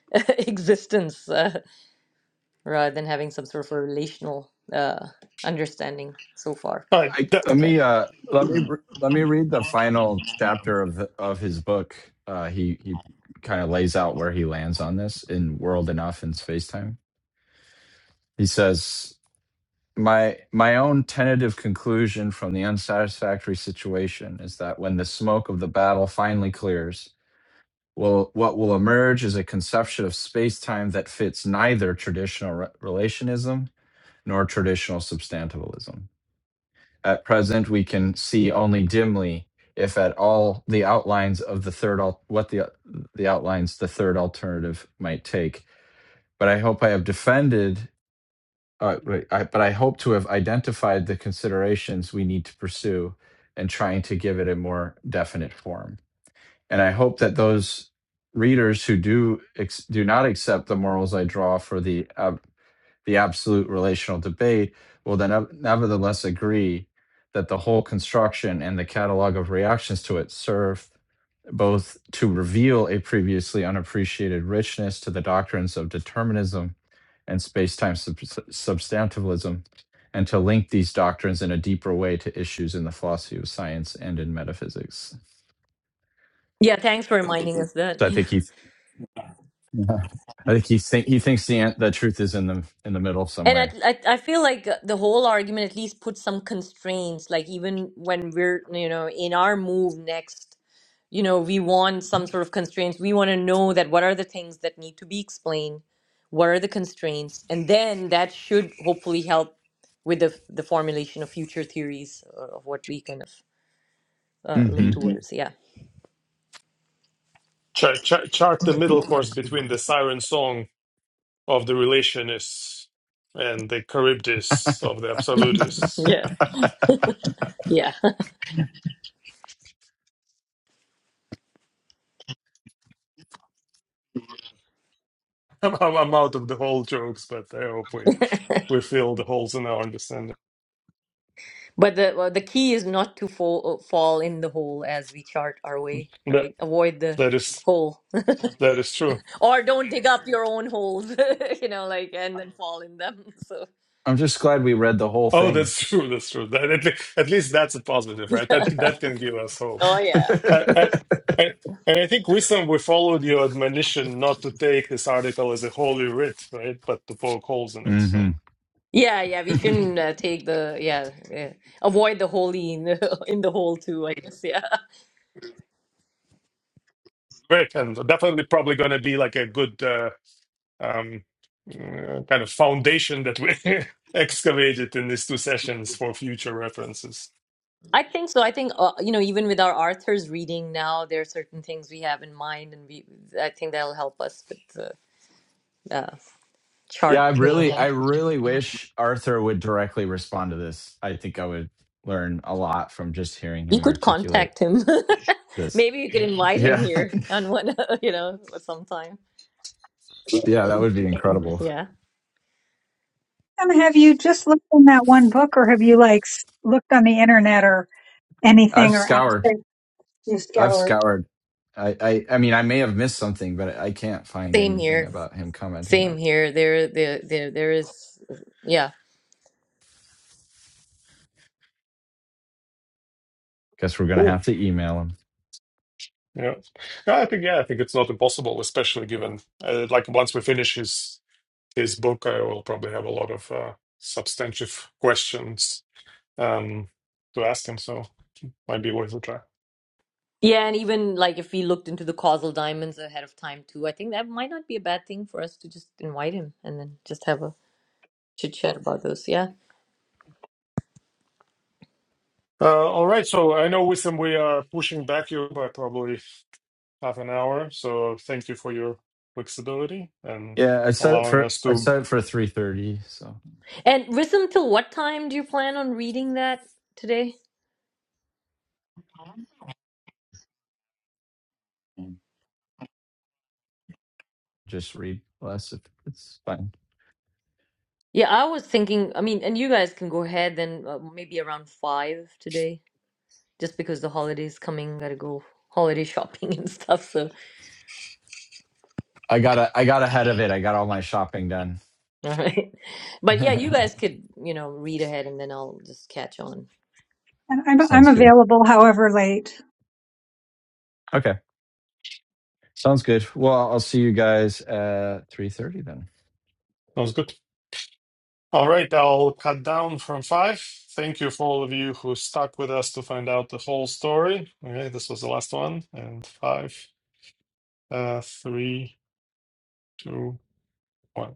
[SPEAKER 2] <laughs> existence uh, rather than having some sort of a relational uh, understanding so far.
[SPEAKER 3] All right.
[SPEAKER 4] I,
[SPEAKER 3] That,
[SPEAKER 4] let
[SPEAKER 2] Okay.
[SPEAKER 4] me uh, let me let me read the final chapter of of his book. Uh, he he kind of lays out where he lands on this in World Enough and Space Time. He says my my own tentative conclusion from the unsatisfactory situation is that when the smoke of the battle finally clears will what will emerge is a conception of space-time that fits neither traditional re- relationism nor traditional substantivalism at present we can see only dimly if at all the outlines of the third al- what the the outlines the third alternative might take but i hope i have defended all right, right. I, but I hope to have identified the considerations we need to pursue and trying to give it a more definite form. And I hope that those readers who do ex- do not accept the morals I draw for the ab- the absolute relational debate will then nevertheless agree that the whole construction and the catalog of reactions to it serve both to reveal a previously unappreciated richness to the doctrines of determinism and space-time sub- substantivalism and to link these doctrines in a deeper way to issues in the philosophy of science and in metaphysics
[SPEAKER 2] Yeah, thanks for reminding us that.
[SPEAKER 4] so i
[SPEAKER 2] <laughs>
[SPEAKER 4] think he <laughs> yeah. i think he, think, he thinks the, an- the truth is in the in the middle
[SPEAKER 2] And I,
[SPEAKER 4] somewhere
[SPEAKER 2] I, I feel like the whole argument at least puts some constraints. Like even when we're, you know, in our move next, you know, we want some sort of constraints. We want to know that what are the things that need to be explained, what are the constraints, and then that should hopefully help with the the formulation of future theories uh, of what we kind of uh, look Mhm.
[SPEAKER 4] hmm
[SPEAKER 2] towards. Yeah,
[SPEAKER 3] chart, chart, chart the middle course between the siren song of the relationists and the charybdis of the absolutists.
[SPEAKER 2] yeah, yeah.
[SPEAKER 3] <laughs> I'm, I'm, I'm out of the whole jokes, but I hope we,
[SPEAKER 2] <laughs>
[SPEAKER 3] we fill the holes in our understanding.
[SPEAKER 2] But the well, the key is not to fall uh, fall in the hole as we chart our way,
[SPEAKER 3] That
[SPEAKER 2] right? Avoid the
[SPEAKER 3] that is
[SPEAKER 2] hole.
[SPEAKER 3] that is true.
[SPEAKER 2] Or don't dig up your own holes, <laughs> you know, like, and then fall in them. <laughs> So,
[SPEAKER 4] i'm just glad we read the whole
[SPEAKER 3] Oh,
[SPEAKER 4] thing
[SPEAKER 3] that's <laughs> true. That's true. That, at, le- at least that's a positive, right? That that can give us hope.
[SPEAKER 2] oh, yeah.
[SPEAKER 3] I, I,
[SPEAKER 4] <laughs>
[SPEAKER 3] I- and I think wisdom, we followed your admonition not to take this article as a holy writ, right? But to poke holes in it.
[SPEAKER 4] hmm
[SPEAKER 3] So
[SPEAKER 2] Yeah, yeah, we
[SPEAKER 4] <laughs>
[SPEAKER 2] shouldn't uh, take the, yeah, yeah, avoid the holy in, the- <laughs> in the hole too, I guess. Yeah.
[SPEAKER 3] great, and definitely probably going to be like a good uh, um, uh, kind of foundation that we <laughs> excavated in these two sessions for future references.
[SPEAKER 2] I think so. I think, uh, you know, even with our Arthur's reading now, there are certain things we have in mind, and we, I think that'll help us with the uh,
[SPEAKER 4] Yeah,
[SPEAKER 2] chart.
[SPEAKER 4] I
[SPEAKER 2] You know,
[SPEAKER 4] really,
[SPEAKER 2] that-
[SPEAKER 4] I really wish Arthur would directly respond to this. I think I would learn a lot from just hearing
[SPEAKER 2] You
[SPEAKER 4] him
[SPEAKER 2] could
[SPEAKER 4] articulate
[SPEAKER 2] contact him. <laughs>
[SPEAKER 4] this.
[SPEAKER 2] Maybe you could invite him
[SPEAKER 4] Yeah, <laughs>
[SPEAKER 2] here on one, <laughs> you know, sometime.
[SPEAKER 4] yeah, that would be incredible.
[SPEAKER 2] Yeah.
[SPEAKER 1] And have you just looked in that one book, or have you like s- looked on the internet or
[SPEAKER 4] I've
[SPEAKER 1] anything, or apps
[SPEAKER 4] scoured,
[SPEAKER 1] that you
[SPEAKER 4] I've
[SPEAKER 1] scoured?
[SPEAKER 4] scoured. I, I, I mean, I may have missed something, but I can't find
[SPEAKER 2] Same
[SPEAKER 4] anything
[SPEAKER 2] here.
[SPEAKER 4] about him commenting
[SPEAKER 2] Same
[SPEAKER 4] on.
[SPEAKER 2] here. There, there, there, there is, yeah,
[SPEAKER 4] Guess we're gonna
[SPEAKER 3] Cool.
[SPEAKER 4] have to email him.
[SPEAKER 3] Yeah, Yeah, I think yeah, I think it's not impossible, especially given uh, like once we finish his his book, I will probably have a lot of uh, substantive questions um, to ask him. So might be worth a try.
[SPEAKER 2] yeah, and even like if we looked into the causal diamonds ahead of time too, I think that might not be a bad thing for us to just invite him and then just have a chit chat about those. Yeah,
[SPEAKER 3] Uh, all right. So I know, Wisdom, we are pushing back you by probably half an hour. So thank you for your flexibility and
[SPEAKER 4] Yeah, I set it
[SPEAKER 3] allowing
[SPEAKER 4] for,
[SPEAKER 3] us
[SPEAKER 4] I
[SPEAKER 3] to.
[SPEAKER 4] set it for three thirty. So
[SPEAKER 2] and Rissam, till what time do you plan on reading that today? Mm.
[SPEAKER 4] just read less if it's fine.
[SPEAKER 2] Yeah, I was thinking. I mean, and you guys can go ahead then, uh, maybe around five today, just because the holiday's coming. Gotta go holiday shopping <laughs> and stuff. So,
[SPEAKER 4] I got, a, I got ahead of it. I got all my shopping done.
[SPEAKER 2] <laughs> all right. But yeah,
[SPEAKER 4] <laughs>
[SPEAKER 2] you guys could, you know, read ahead and then I'll just catch on.
[SPEAKER 1] And I'm I'm
[SPEAKER 4] Sounds good.
[SPEAKER 1] available, however late.
[SPEAKER 4] Okay. Sounds good. Well, I'll see you guys at 3:30 then.
[SPEAKER 3] That was good. All right. I'll cut down from five. Thank you for all of you who stuck with us to find out the whole story. Okay. This was the last one. And five, uh, three, two, one.